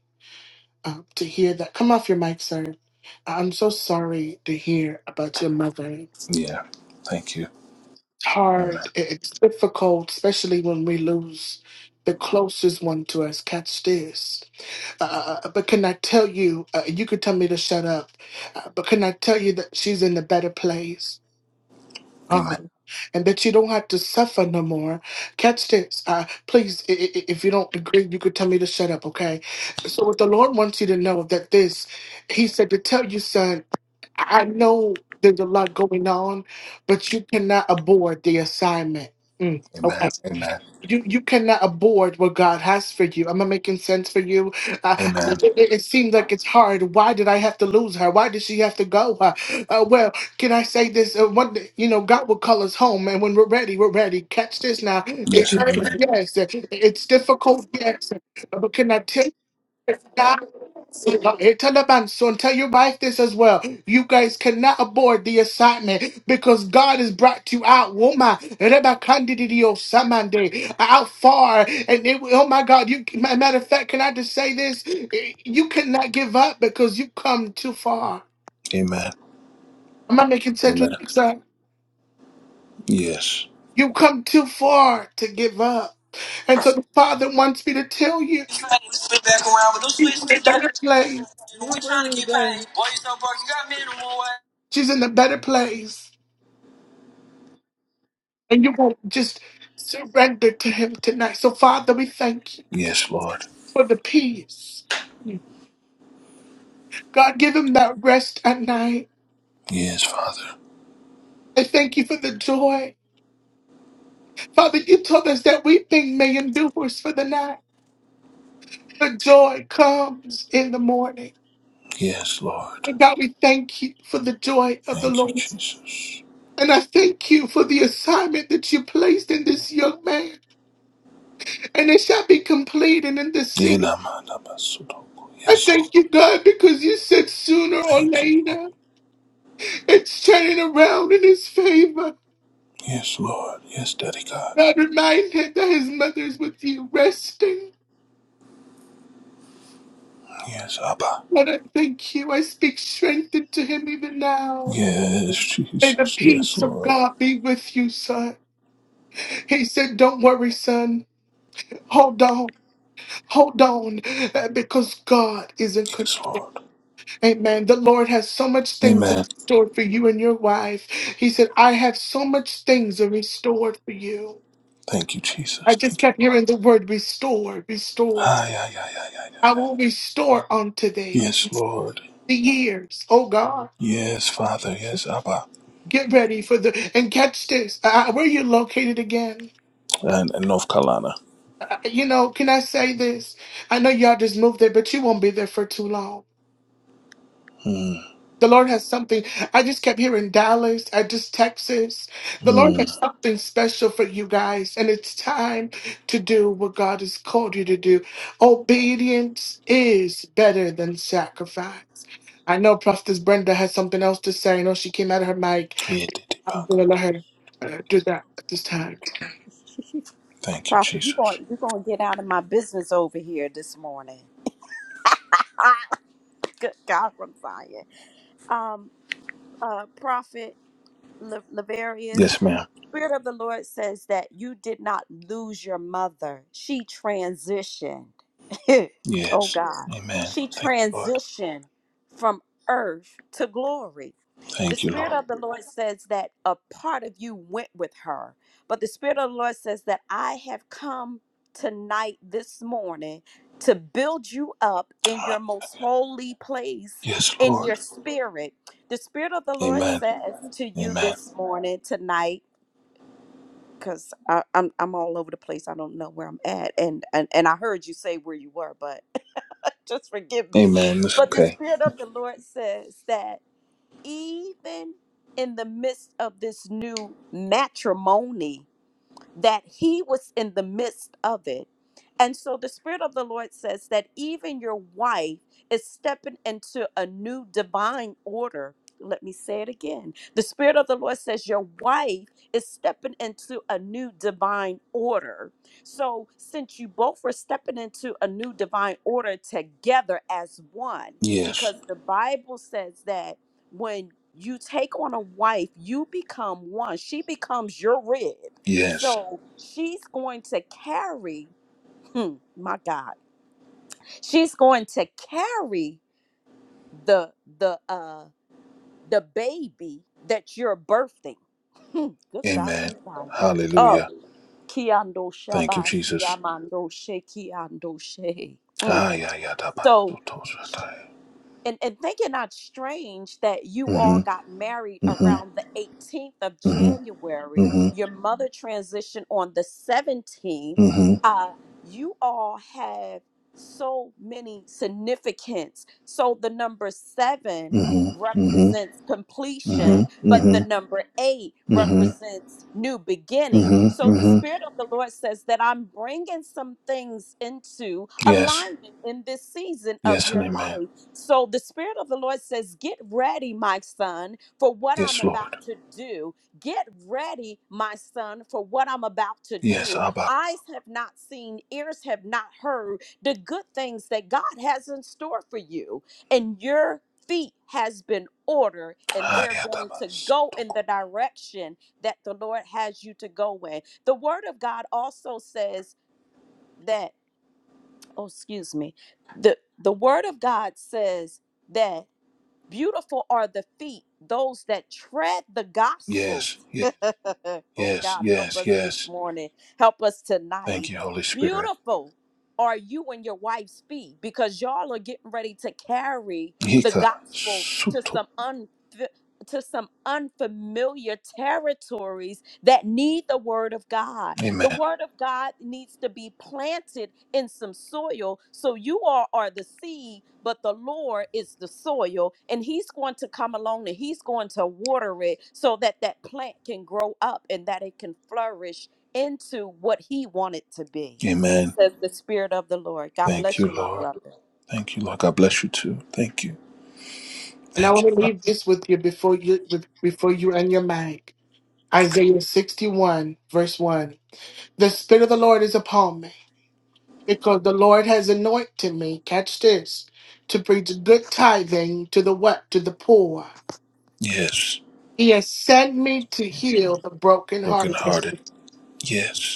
Speaker 1: uh, to hear that. Come off your mic, sir. I'm so sorry to hear about your mother. It's hard, it- it's difficult, especially when we lose the closest one to us. Catch this. Uh, uh, uh, but can I tell you, uh, you could tell me to shut up, uh, but can I tell you that she's in a better place? uh and that you don't have to suffer no more. Catch this. Uh, please, i- i- i- if you don't agree, you could tell me to shut up, okay? So, what the Lord wants you to know that this, He said to tell you, son, I know there's a lot going on, but you cannot abort the assignment. Mm, Okay you you cannot abort what God has for you. Am I making sense for you? Uh, it, it it seems like it's hard. Why did I have to lose her? Why did she have to go? Uh, uh, well, can I say this? Uh, one, day, you know, God will call us home, and when we're ready, we're ready. Catch this now. It hurts, yes. It's difficult, yes. But can I tell you? Hey, tell the man, son, tell your wife this as well. You guys cannot abort the assignment because God has brought you out, woman. Reba kandidio samande, Out far. And it, oh my God, you ma- matter of fact, can I just say this? You cannot give up because you come too far. Am I making sense with you, sir? You come too far to give up. And so the Father wants me to tell you,
Speaker 13: Switch back around, but don't
Speaker 1: she's in
Speaker 13: switch
Speaker 1: a
Speaker 13: today.
Speaker 1: better place.
Speaker 13: And we trying to get paid. Boy, you so broke, you got minimum wage.
Speaker 1: She's in a better place. And you want to just surrender to Him tonight. So, Father, we thank you for the peace. God, give Him that rest at night. I thank you for the joy. Father, you told us that weeping may endure for the night, but joy comes in the morning. And God, we thank you for the joy of the Lord. And I thank you for the assignment that you placed in this young man, and it shall be completed in this season. I thank you, God, because you said sooner or later. It's turning around in his favor. God, remind him that his mother is with you, resting. Lord, I thank you. I speak strength into him even now. May the peace of God be with you, son. He said, Don't worry, son. Hold on. Hold on. uh, Because God is in control. Amen. The Lord has so much things in store for you and your wife. He said, I have so much things are restored for you. I just kept hearing the word restore, restore. I will restore unto thee the years, oh God. Get ready for the, and catch this. Uh, where you located again? Uh, you know, can I say this? I know y'all just moved there, but you won't be there for too long. The Lord has something. I just kept hearing Dallas. I just Texas. The Lord has something special for you guys, and it's time to do what God has called you to do. Obedience is better than sacrifice. I know Prophetess Brenda has something else to say. I know she came out of her mic. I'm going to let her uh, do that at this time.
Speaker 9: Prophet, you're going, you're going to get out of my business over here this morning. Ah, good God from Zion. um, uh, prophet Le- Levarius, Spirit of the Lord says that you did not lose your mother. She transitioned. oh God. She transitioned from earth to glory. The Spirit of the Lord says that a part of you went with her, but the Spirit of the Lord says that I have come tonight, this morning, to build you up in your most holy place, in your spirit. The Spirit of the Lord says to you this morning, tonight, because I'm I'm all over the place. I don't know where I'm at, and and and I heard you say where you were, but just forgive me. But the Spirit of the Lord says that even in the midst of this new matrimony that he was in the midst of it. And so the Spirit of the Lord says that even your wife is stepping into a new divine order. Let me say it again. The Spirit of the Lord says your wife is stepping into a new divine order. So, since you both were stepping into a new divine order together as one, because the Bible says that when you take on a wife, you become one. She becomes your rib. So she's going to carry, hmm, my God, she's going to carry the the uh the baby that you're birthing. Hmm, Good God from Zion. Oh, Kiando Shabas Yamando She Kiando She. Mm. So sh- and, and think it not strange that you all got married around the 18th of January. Your mother transitioned on the 17th. Uh, you all have so many significance. So the number seven represents completion, but the number eight represents new beginning. So the Spirit of the Lord says that I'm bringing some things into alignment in this season of your life so the Spirit of the Lord says, Get ready, my son, for what I'm about to do. Get ready, my son, for what I'm about to do. Eyes have not seen, ears have not heard the good things that God has in store for you. And your feet has been ordered, and they're going to go in the direction that the Lord has you to go in. The Word of God also says that, oh, excuse me, the, the Word of God says, that Beautiful are the feet, those that tread the gospel. oh God, help us this morning. Help us tonight. Beautiful are you and your wife's feet because y'all are getting ready to carry the gospel to some un to some unfamiliar territories that need the word of God. The word of God needs to be planted in some soil. So you all are the seed, but the Lord is the soil, and He's going to come along and He's going to water it so that that plant can grow up and that it can flourish into what He wanted to be, says the Spirit of the Lord. God bless you, my brother.
Speaker 1: And I want to leave this with you before you with- before you end your mic. Isaiah 61 verse 1. The spirit of the Lord is upon me because the Lord has anointed me. Catch this. To preach good tithing to the what? To the poor. He has sent me to heal the brokenhearted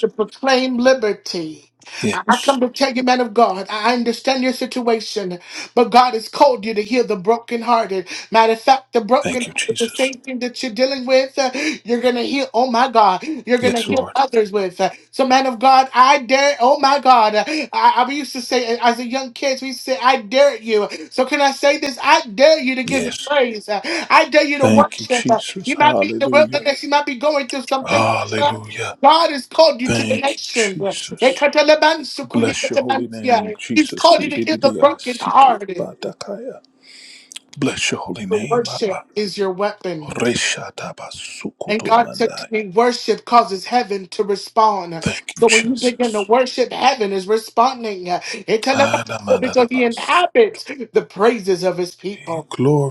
Speaker 1: to proclaim liberty. I I come to tell you, man of God, I I understand your situation, but God has called you to heal the brokenhearted. Matter of fact, the broken is the same thing that you're dealing with. uh, You're going to heal, oh my God, you're going to heal others with. Uh, So, man of God, I dare, oh my God, uh, I, I used to say uh, as a young kid, we used to say, I dare you. So, can I say this? I dare you to give it praise. Uh, I dare you to worship. Uh, You might be in the wilderness, you might be going through something. God has called you to the nations. Ekatalabansukuyetetebansia. He's called you to heal the brokenhearted. Worship is your weapon. And God said to me, worship causes heaven to respond. So when you begin to worship, heaven is responding. It tell about- so Because he inhabits the praises of his people.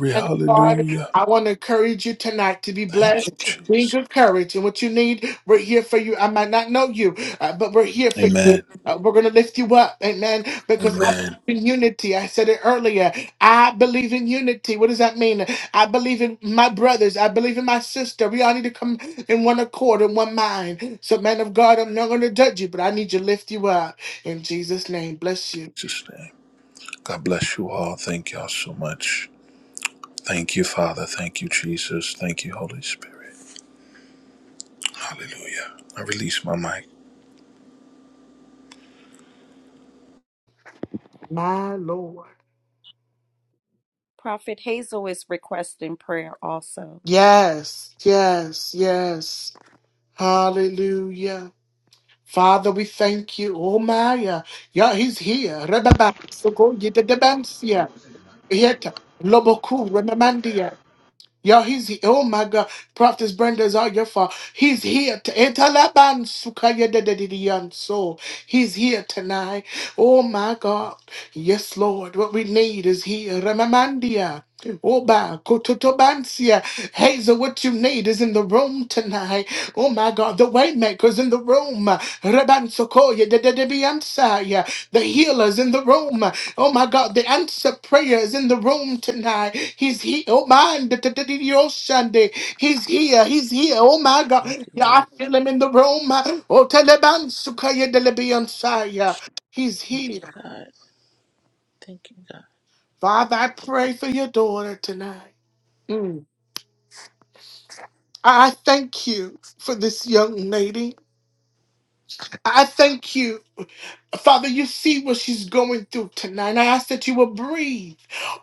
Speaker 1: And God, I want to encourage you tonight to be blessed, being encouraged, and what you need, we're here for you. I might not know you, uh, but we're here for you. Uh, we're going to lift you up, amen, because I believe in unity. I said it earlier. I believe in unity. What does that mean? I believe in my brothers. I believe in my sister. We all need to come in one accord, in one mind. So, man of God, I'm not going to judge you, but I need to lift you up. In Jesus' name, bless you. My Lord.
Speaker 9: Prophet Hazel is requesting prayer also.
Speaker 1: Yes, yes, yes. Hallelujah. Father, we thank you. Oh, Maya. Yeah, he's here. Rebaba. So go get the debancia. Yeta. Loboku. Remamandia. Yeah, he's here. Oh, my God. Prophetess Brenda is all your fault. He's here. to- Etalaban sukaya de de de de yan So he's here tonight. Oh, my God. Yes, Lord. What we need is here. Remamandia. Oba, Kototobansia. Hazel, what you need is in the room tonight. Oh my God, the waymaker's in the room. Rebansokoya, dededebiansaya. The healer's in the room. Oh my God, the answer prayer is in the room tonight. He's here. Oh my, de de de de dedededio Sunday. He's here. He's here. Oh my
Speaker 14: Thank
Speaker 1: God.
Speaker 14: you,
Speaker 1: Yeah, I
Speaker 14: Lord.
Speaker 1: feel him in the room. Oh, Telebansokoya, de telebansukaya, dedebiansaya. He's
Speaker 14: Thank you,
Speaker 1: here.
Speaker 14: God. Thank you,
Speaker 1: Father, I pray for your daughter tonight. I I thank you for this young lady. I thank you Father, you see what she's going through tonight. I ask that you will breathe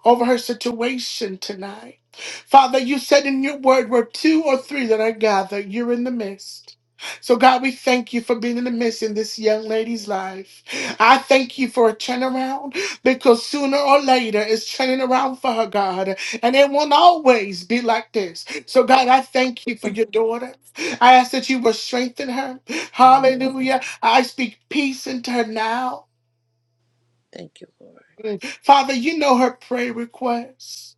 Speaker 1: over her situation tonight. Father, you said in your word, where two or three that are gathered, you're in the midst. So, God, we thank you for being in the midst in this young lady's life. I thank you for a turnaround because sooner or later it's turning around for her, God, and it won't always be like this. So, God, I thank you for
Speaker 14: God.
Speaker 1: your daughter. I ask that you will strengthen her.
Speaker 14: Mm,
Speaker 1: Hallelujah. I speak peace into her now.
Speaker 14: Thank you, Lord.
Speaker 1: Mm. Father, you know her prayer requests.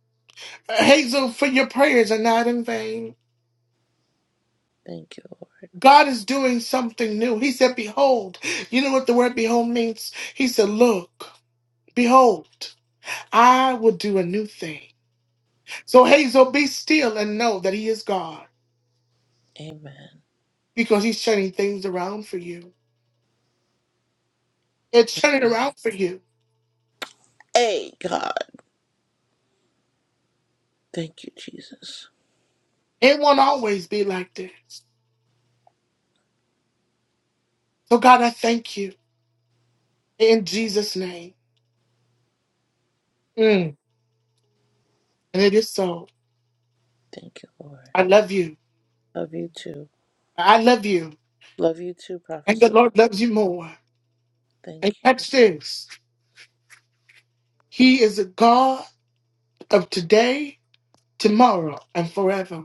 Speaker 1: Uh, Hazel, for your prayers are not in vain.
Speaker 14: Thank you.
Speaker 1: God is doing something new. He said, Behold. You know what the word behold means? He said, Look, behold, I will do a new thing. So, Hazel, be still and know that He is God
Speaker 14: Amen.
Speaker 1: because He's turning things around for you. It's turning around for you.
Speaker 14: Hey, God. Thank you, Jesus.
Speaker 1: It won't always be like this. So, God, I thank you in Jesus' name. Mm. And it is so.
Speaker 14: Thank you, Lord.
Speaker 1: I love you.
Speaker 14: Love you too.
Speaker 1: I love you.
Speaker 14: Love you too, Prophet
Speaker 1: And the
Speaker 14: Stefan.
Speaker 1: Lord loves you more. And
Speaker 14: Thank you.
Speaker 1: catch this He is a God of today, tomorrow, and forever.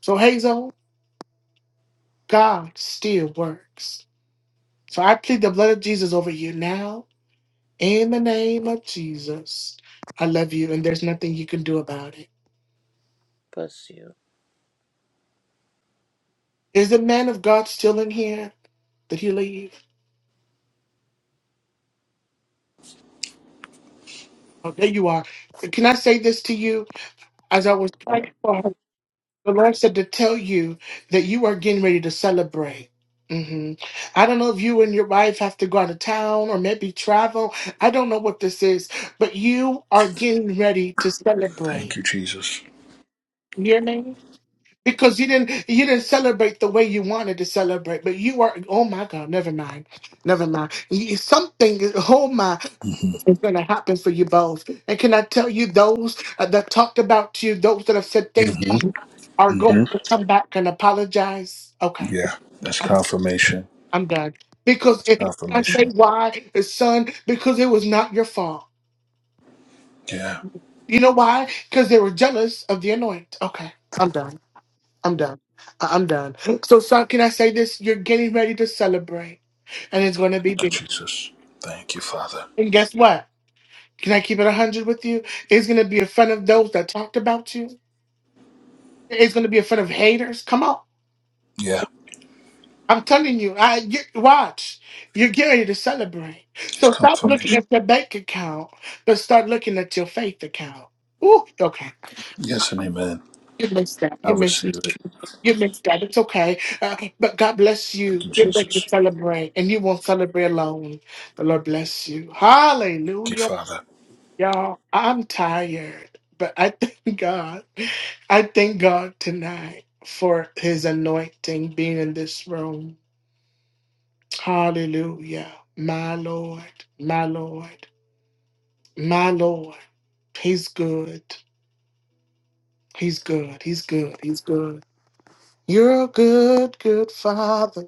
Speaker 1: So, Hazel, God still works. So, I plead the blood of Jesus over you now in the name of Jesus. I love you, and there's nothing you can do about it.
Speaker 14: Bless you.
Speaker 1: Is the man of God still in here? Did he leave? Oh, there you are. Can I say this to you as I was praying for her? The Lord said to tell you that you are getting ready to celebrate. hmm I don't know if you and your wife have to go out of town or maybe travel. I don't know what this is, but you are getting ready to celebrate. You hear me? Because you didn't you didn't celebrate the way you wanted to celebrate, but you are oh my God, never mind. Never mind. Y- Something oh my it's going to happen for you both. And can I tell you, those uh, that talked about you, those that have said things um, are going to come back and apologize. Okay, I'm, I'm done. Because if I say why, son, because it was not your fault. You know why? Because they were jealous of the anoint. Okay, I'm done. I'm done. I- I'm done. So, son, can I say this? You're getting ready to celebrate, and it's going to be big. And guess what? Can I keep it 100 with you? It's going to be in front of those that talked about you It's going to be in front of haters. Come on. I'm telling you, I you, watch. You're getting to celebrate. So stop looking at your bank account, but start looking at your faith account. Ooh, okay. You missed that. You missed. You missed that. It's okay. Uh, but God bless you. Get ready to celebrate, and you won't celebrate alone. The Lord bless you. Hallelujah. Y'all, I'm tired, but I thank God. I thank God tonight for his anointing being in this room. Hallelujah. My Lord, my Lord, my Lord. He's good. He's good. He's good. He's good. You're a good, good father.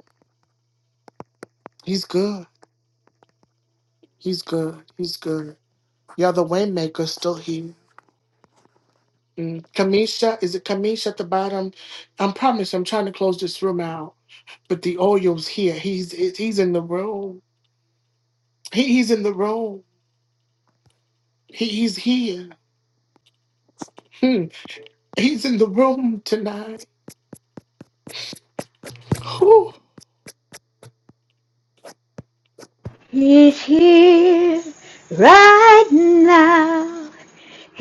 Speaker 1: He's good. He's good. He's good. You're the waymaker still here. Mm, Kamisha, is it Kamisha at the bottom? I promise I'm trying to close this room out, but the oil's here. He's he's in the room. He, he's in the room. He, he's here. Hmm. He's in the room tonight. Whew.
Speaker 15: He's here right now.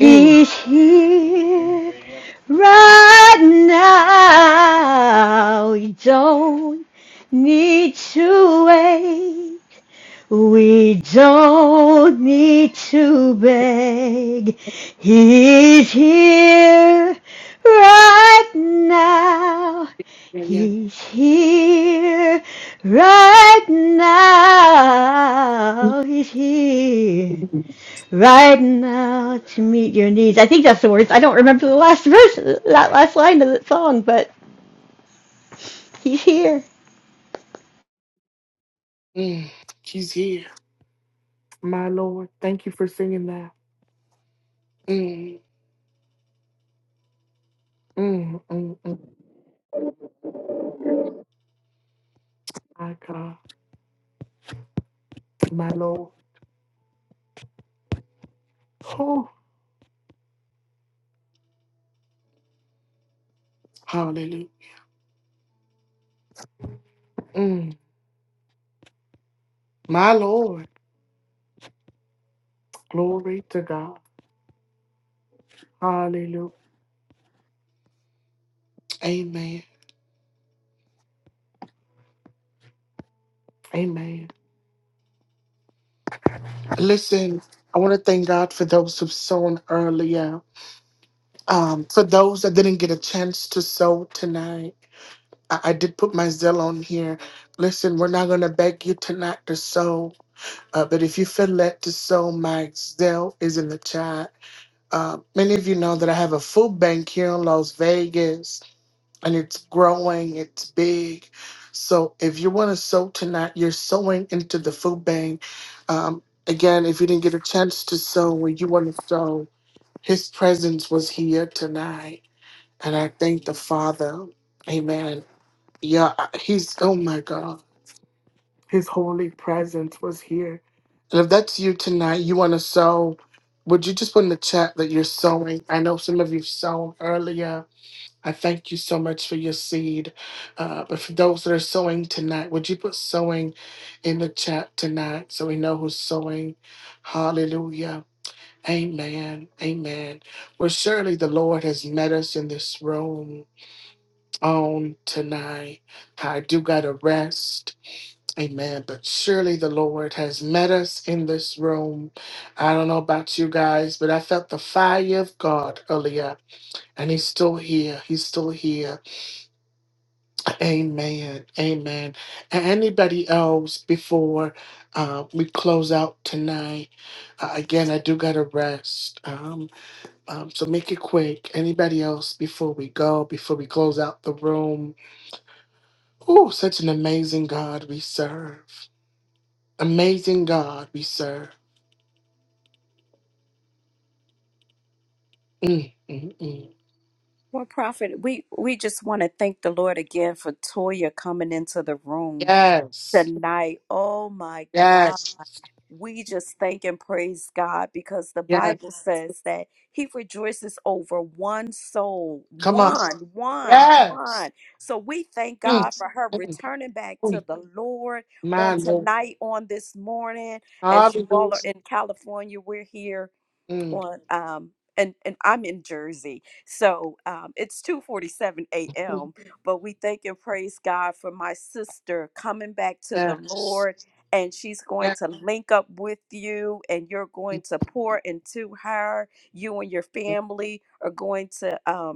Speaker 1: Mm.
Speaker 15: here right now. You don't need to wait. We don't need to beg. He's here right now.
Speaker 1: Yeah, yeah.
Speaker 15: He's here right now. He's here
Speaker 1: Mm.
Speaker 15: right now to meet your needs. I think that's the words. I don't remember the last verse, that last line of the song, but he's here.
Speaker 1: mm, He's here. My Lord, thank you for singing that. Mm. Mm, mm, mm. My God, my Lord. Whew. Hallelujah. Mm. My Lord, glory to God. Hallelujah. Amen. Amen. Listen, I want to thank God for those who've sown earlier. Um, for those that didn't get a chance to sow tonight, I, I did put my Zell on here. Listen, we're not going to beg you tonight to sow, uh, but if you feel led to sow, my Zell is in the chat. Uh, many of you know that I have a food bank here in Las Vegas. and it's growing, it's big. So if you want to sow tonight, you're sowing into the food bank. Um, again, if you didn't get a chance to sow where you want to sow, his presence was here tonight. And I thank the Father. Amen. Yeah, I- he's, oh my God, his holy presence was here. And if that's you tonight, you want to sow, would you just put in the chat that you're sowing? I know some of you sown earlier I thank you so much for your seed. Uh, but for those that are sowing tonight, would you put sowing in the chat tonight so we know who's sowing? Hallelujah. Amen. Amen. Well, surely the Lord has met us in this room on tonight. I do got to rest. Amen. But surely the Lord has met us in this room. I don't know about you guys, but I felt the fire of God earlier, and He's still here. He's still here. Amen. Amen. And anybody else before uh, we close out tonight? Uh, again, I do gotta rest. Um, um, so make it quick. Anybody else before we go? Before we close out the room? Oh, such an amazing God we serve. Amazing God we serve. Mm, mm, mm.
Speaker 9: Well, Prophet, we, we just want to thank the Lord again for Toya coming into the room.
Speaker 1: Yes.
Speaker 9: tonight. Oh my God.
Speaker 1: Yes.
Speaker 9: We just thank and praise God because the
Speaker 1: Yes.
Speaker 9: Bible says that He rejoices over one soul,
Speaker 1: Come on.
Speaker 9: one, one,
Speaker 1: Yes.
Speaker 9: one. So we thank God
Speaker 1: Mm,
Speaker 9: for her
Speaker 1: mm,
Speaker 9: returning back to
Speaker 1: mm.
Speaker 9: the Lord
Speaker 1: My
Speaker 9: on
Speaker 1: Lord.
Speaker 9: tonight, on this morning. As you
Speaker 1: Hallelujah.
Speaker 9: all are in California, we're here
Speaker 1: Mm.
Speaker 9: on um and and I'm in Jersey. So um it's 2:47
Speaker 1: mm.
Speaker 9: a.m., but we thank and praise God for my sister coming back to the
Speaker 1: Yes.
Speaker 9: Lord and she's going
Speaker 1: Yes.
Speaker 9: to link up with you and you're going to pour into her. You and your family are going to um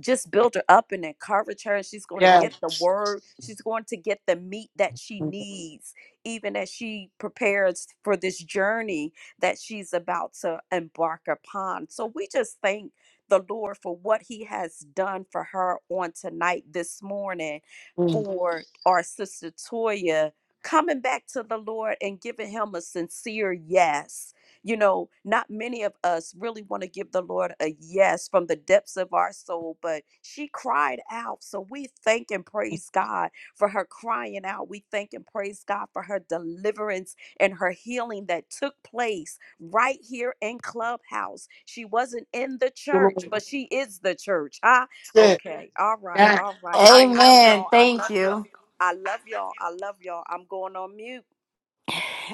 Speaker 9: just build her up and encourage her and she's going to
Speaker 1: Yes.
Speaker 9: get the word she's going to get the meat that she
Speaker 1: Mm.
Speaker 9: needs even as she prepares for this journey that she's about to embark upon so we just thank the lord for what he has done for her on tonight this morning
Speaker 1: You
Speaker 9: for our sister toya coming back to the lord and giving him a sincere yes you know, not many of us really want to give the Lord a yes from the depths of our soul, but she cried out. So we thank and praise God for her crying out. We thank and praise God for her deliverance and her healing that took place right here in Clubhouse. She wasn't in the church,
Speaker 1: Lord.
Speaker 9: but she is the church. Huh?
Speaker 1: Sit.
Speaker 9: Okay. All right.
Speaker 1: Yes.
Speaker 9: All right. I love
Speaker 7: Amen.
Speaker 9: y'all. I
Speaker 7: Thank
Speaker 9: love
Speaker 7: you.
Speaker 9: y'all. I love y'all. I love y'all. I'm going on mute.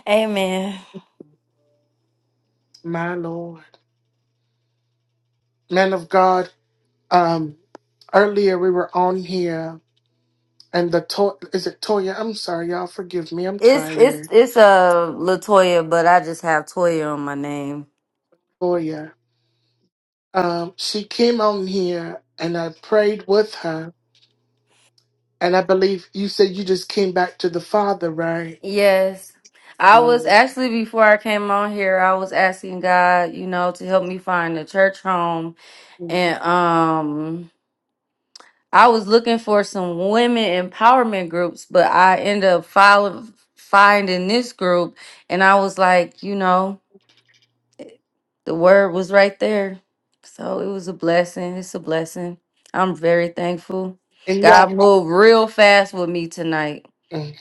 Speaker 7: Amen.
Speaker 1: My Lord. Man of God, um, earlier we were on here and the to- is it Toya? I'm sorry, y'all forgive me. I'm
Speaker 7: It's it's
Speaker 1: tired.
Speaker 7: it's a uh, Latoya, but I just have Toya on my name.
Speaker 1: Toya. Um, she came on here and I prayed with her. And I believe you said you just came back to the Father, right?
Speaker 7: Yes. I was
Speaker 1: Mm.
Speaker 7: actually before I came on here, I was asking God, you know, to help me find a church home and um I was looking for some women empowerment groups, but I ended up following finding this group and I was like, you know, the word was right there. So it was a blessing. It's a blessing. I'm very thankful.
Speaker 1: And
Speaker 7: God
Speaker 1: y'all,
Speaker 7: moved real fast with me tonight.
Speaker 1: mm.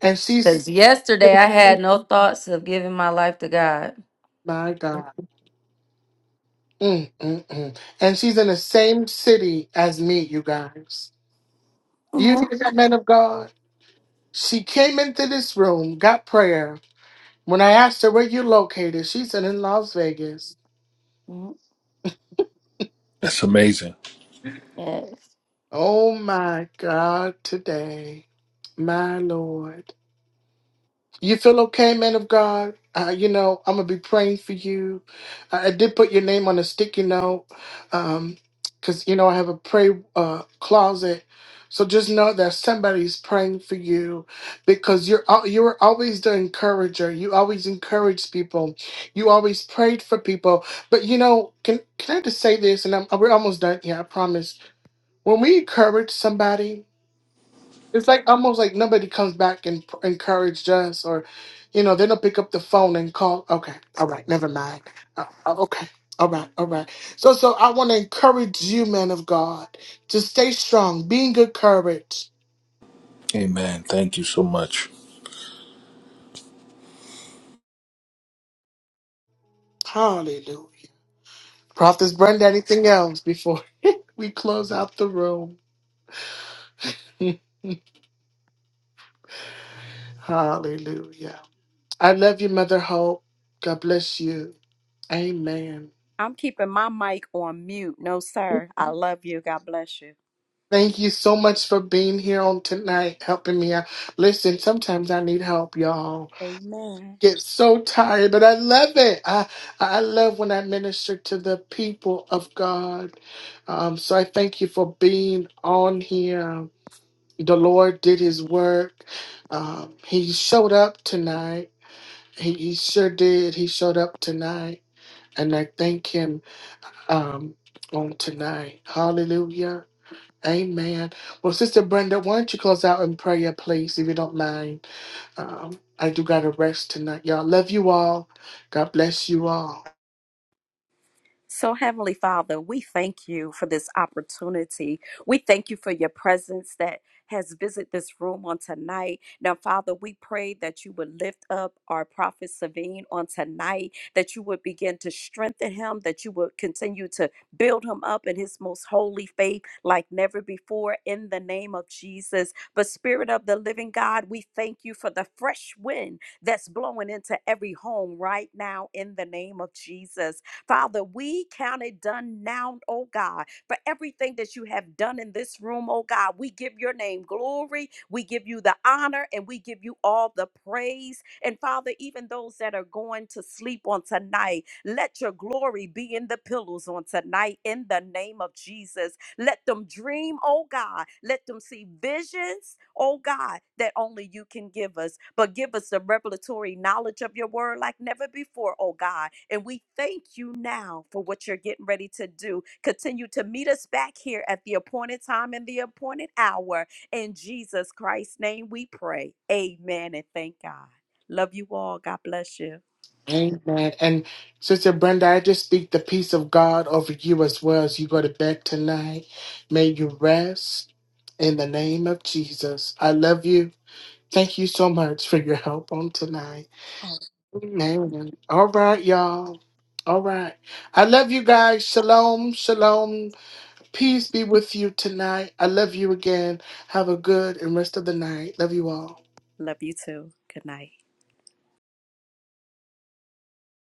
Speaker 1: and she's
Speaker 7: Because yesterday I had no thoughts of giving my life to God.
Speaker 1: my God. Mm, mm, mm. And she's in the same city as me, you guys. You
Speaker 7: Yeah.
Speaker 1: hear that, man of God? She came into this room, got prayer. When I asked her where you located, she said in Las Vegas.
Speaker 7: Mm, Yes.
Speaker 1: Oh my God, today, my Lord. You feel okay, man of God? Uh, you know, I'm gonna be praying for you. I, I did put your name on a sticky note, um, cause you know I have a pray uh closet. So just know that somebody's praying for you, because you're al- you're always the encourager. You always encourage people. You always prayed for people. But you know, can can I just say this? And I'm, we're almost done. Yeah, I promise. When we encourage somebody. It's like almost like nobody comes back and p- encouraged us, or you know, they don't pick up the phone and call. Okay, all right, never mind. Uh, uh, okay, all right, all right. So, so I want to encourage you, man of God, to stay strong, be in good courage. Hallelujah. Prophets Brenda, anything else before we close out the room? Hallelujah. I love you, Mother Hope. God bless you. Amen.
Speaker 9: I'm keeping my mic on mute. No, sir. I love you. God bless you.
Speaker 1: Thank you so much for being here on tonight, helping me out. Listen, sometimes I need help, y'all.
Speaker 9: Amen.
Speaker 1: Get so tired, but I love it. I I love when I minister to the people of God. Um, so I thank you for being on here. The Lord did His work. Um, he showed up tonight. He, he sure did. He showed up tonight, and I thank Him um, on tonight. Hallelujah. Amen. Well, Sister Brenda, why don't you close out in prayer, please, if you don't mind? Um, I do got to rest tonight, y'all. Love you all. God bless you all.
Speaker 9: So, Heavenly Father, we thank you for this opportunity. We thank you for your presence that has visited this room on tonight. Now, Father, we pray that you would lift up our prophet Savine on tonight, that you would begin to strengthen him, that you would continue to build him up in his most holy faith like never before in the name of Jesus. But, Spirit of the living God, we thank you for the fresh wind that's blowing into every home right now in the name of Jesus. Father, we count it done now, oh God, for everything that you have done in this room, oh God. We give your name glory, we give you the honor, and we give you all the praise. And Father, even those that are going to sleep on tonight, let your glory be in the pillows on tonight in the name of Jesus. Let them dream, oh God. Let them see visions, oh God, that only you can give us. But give us the revelatory knowledge of your word like never before, oh God. And we thank you now for what you're getting ready to do. Continue to meet us back here at the appointed time and the appointed hour. In Jesus Christ's name we pray. Amen and thank God. Love you all. God bless you.
Speaker 1: Amen. And Sister Brenda, I just speak the peace of God over you as well as you go to bed tonight. May you rest in the name of Jesus. I love you. Thank you so much for your help on tonight. Amen. All right, y'all. All right. I love you guys. Shalom. Shalom. Peace be with you tonight. I love you again. Have a good and rest of the night. Love you all.
Speaker 9: Love you too. Good night.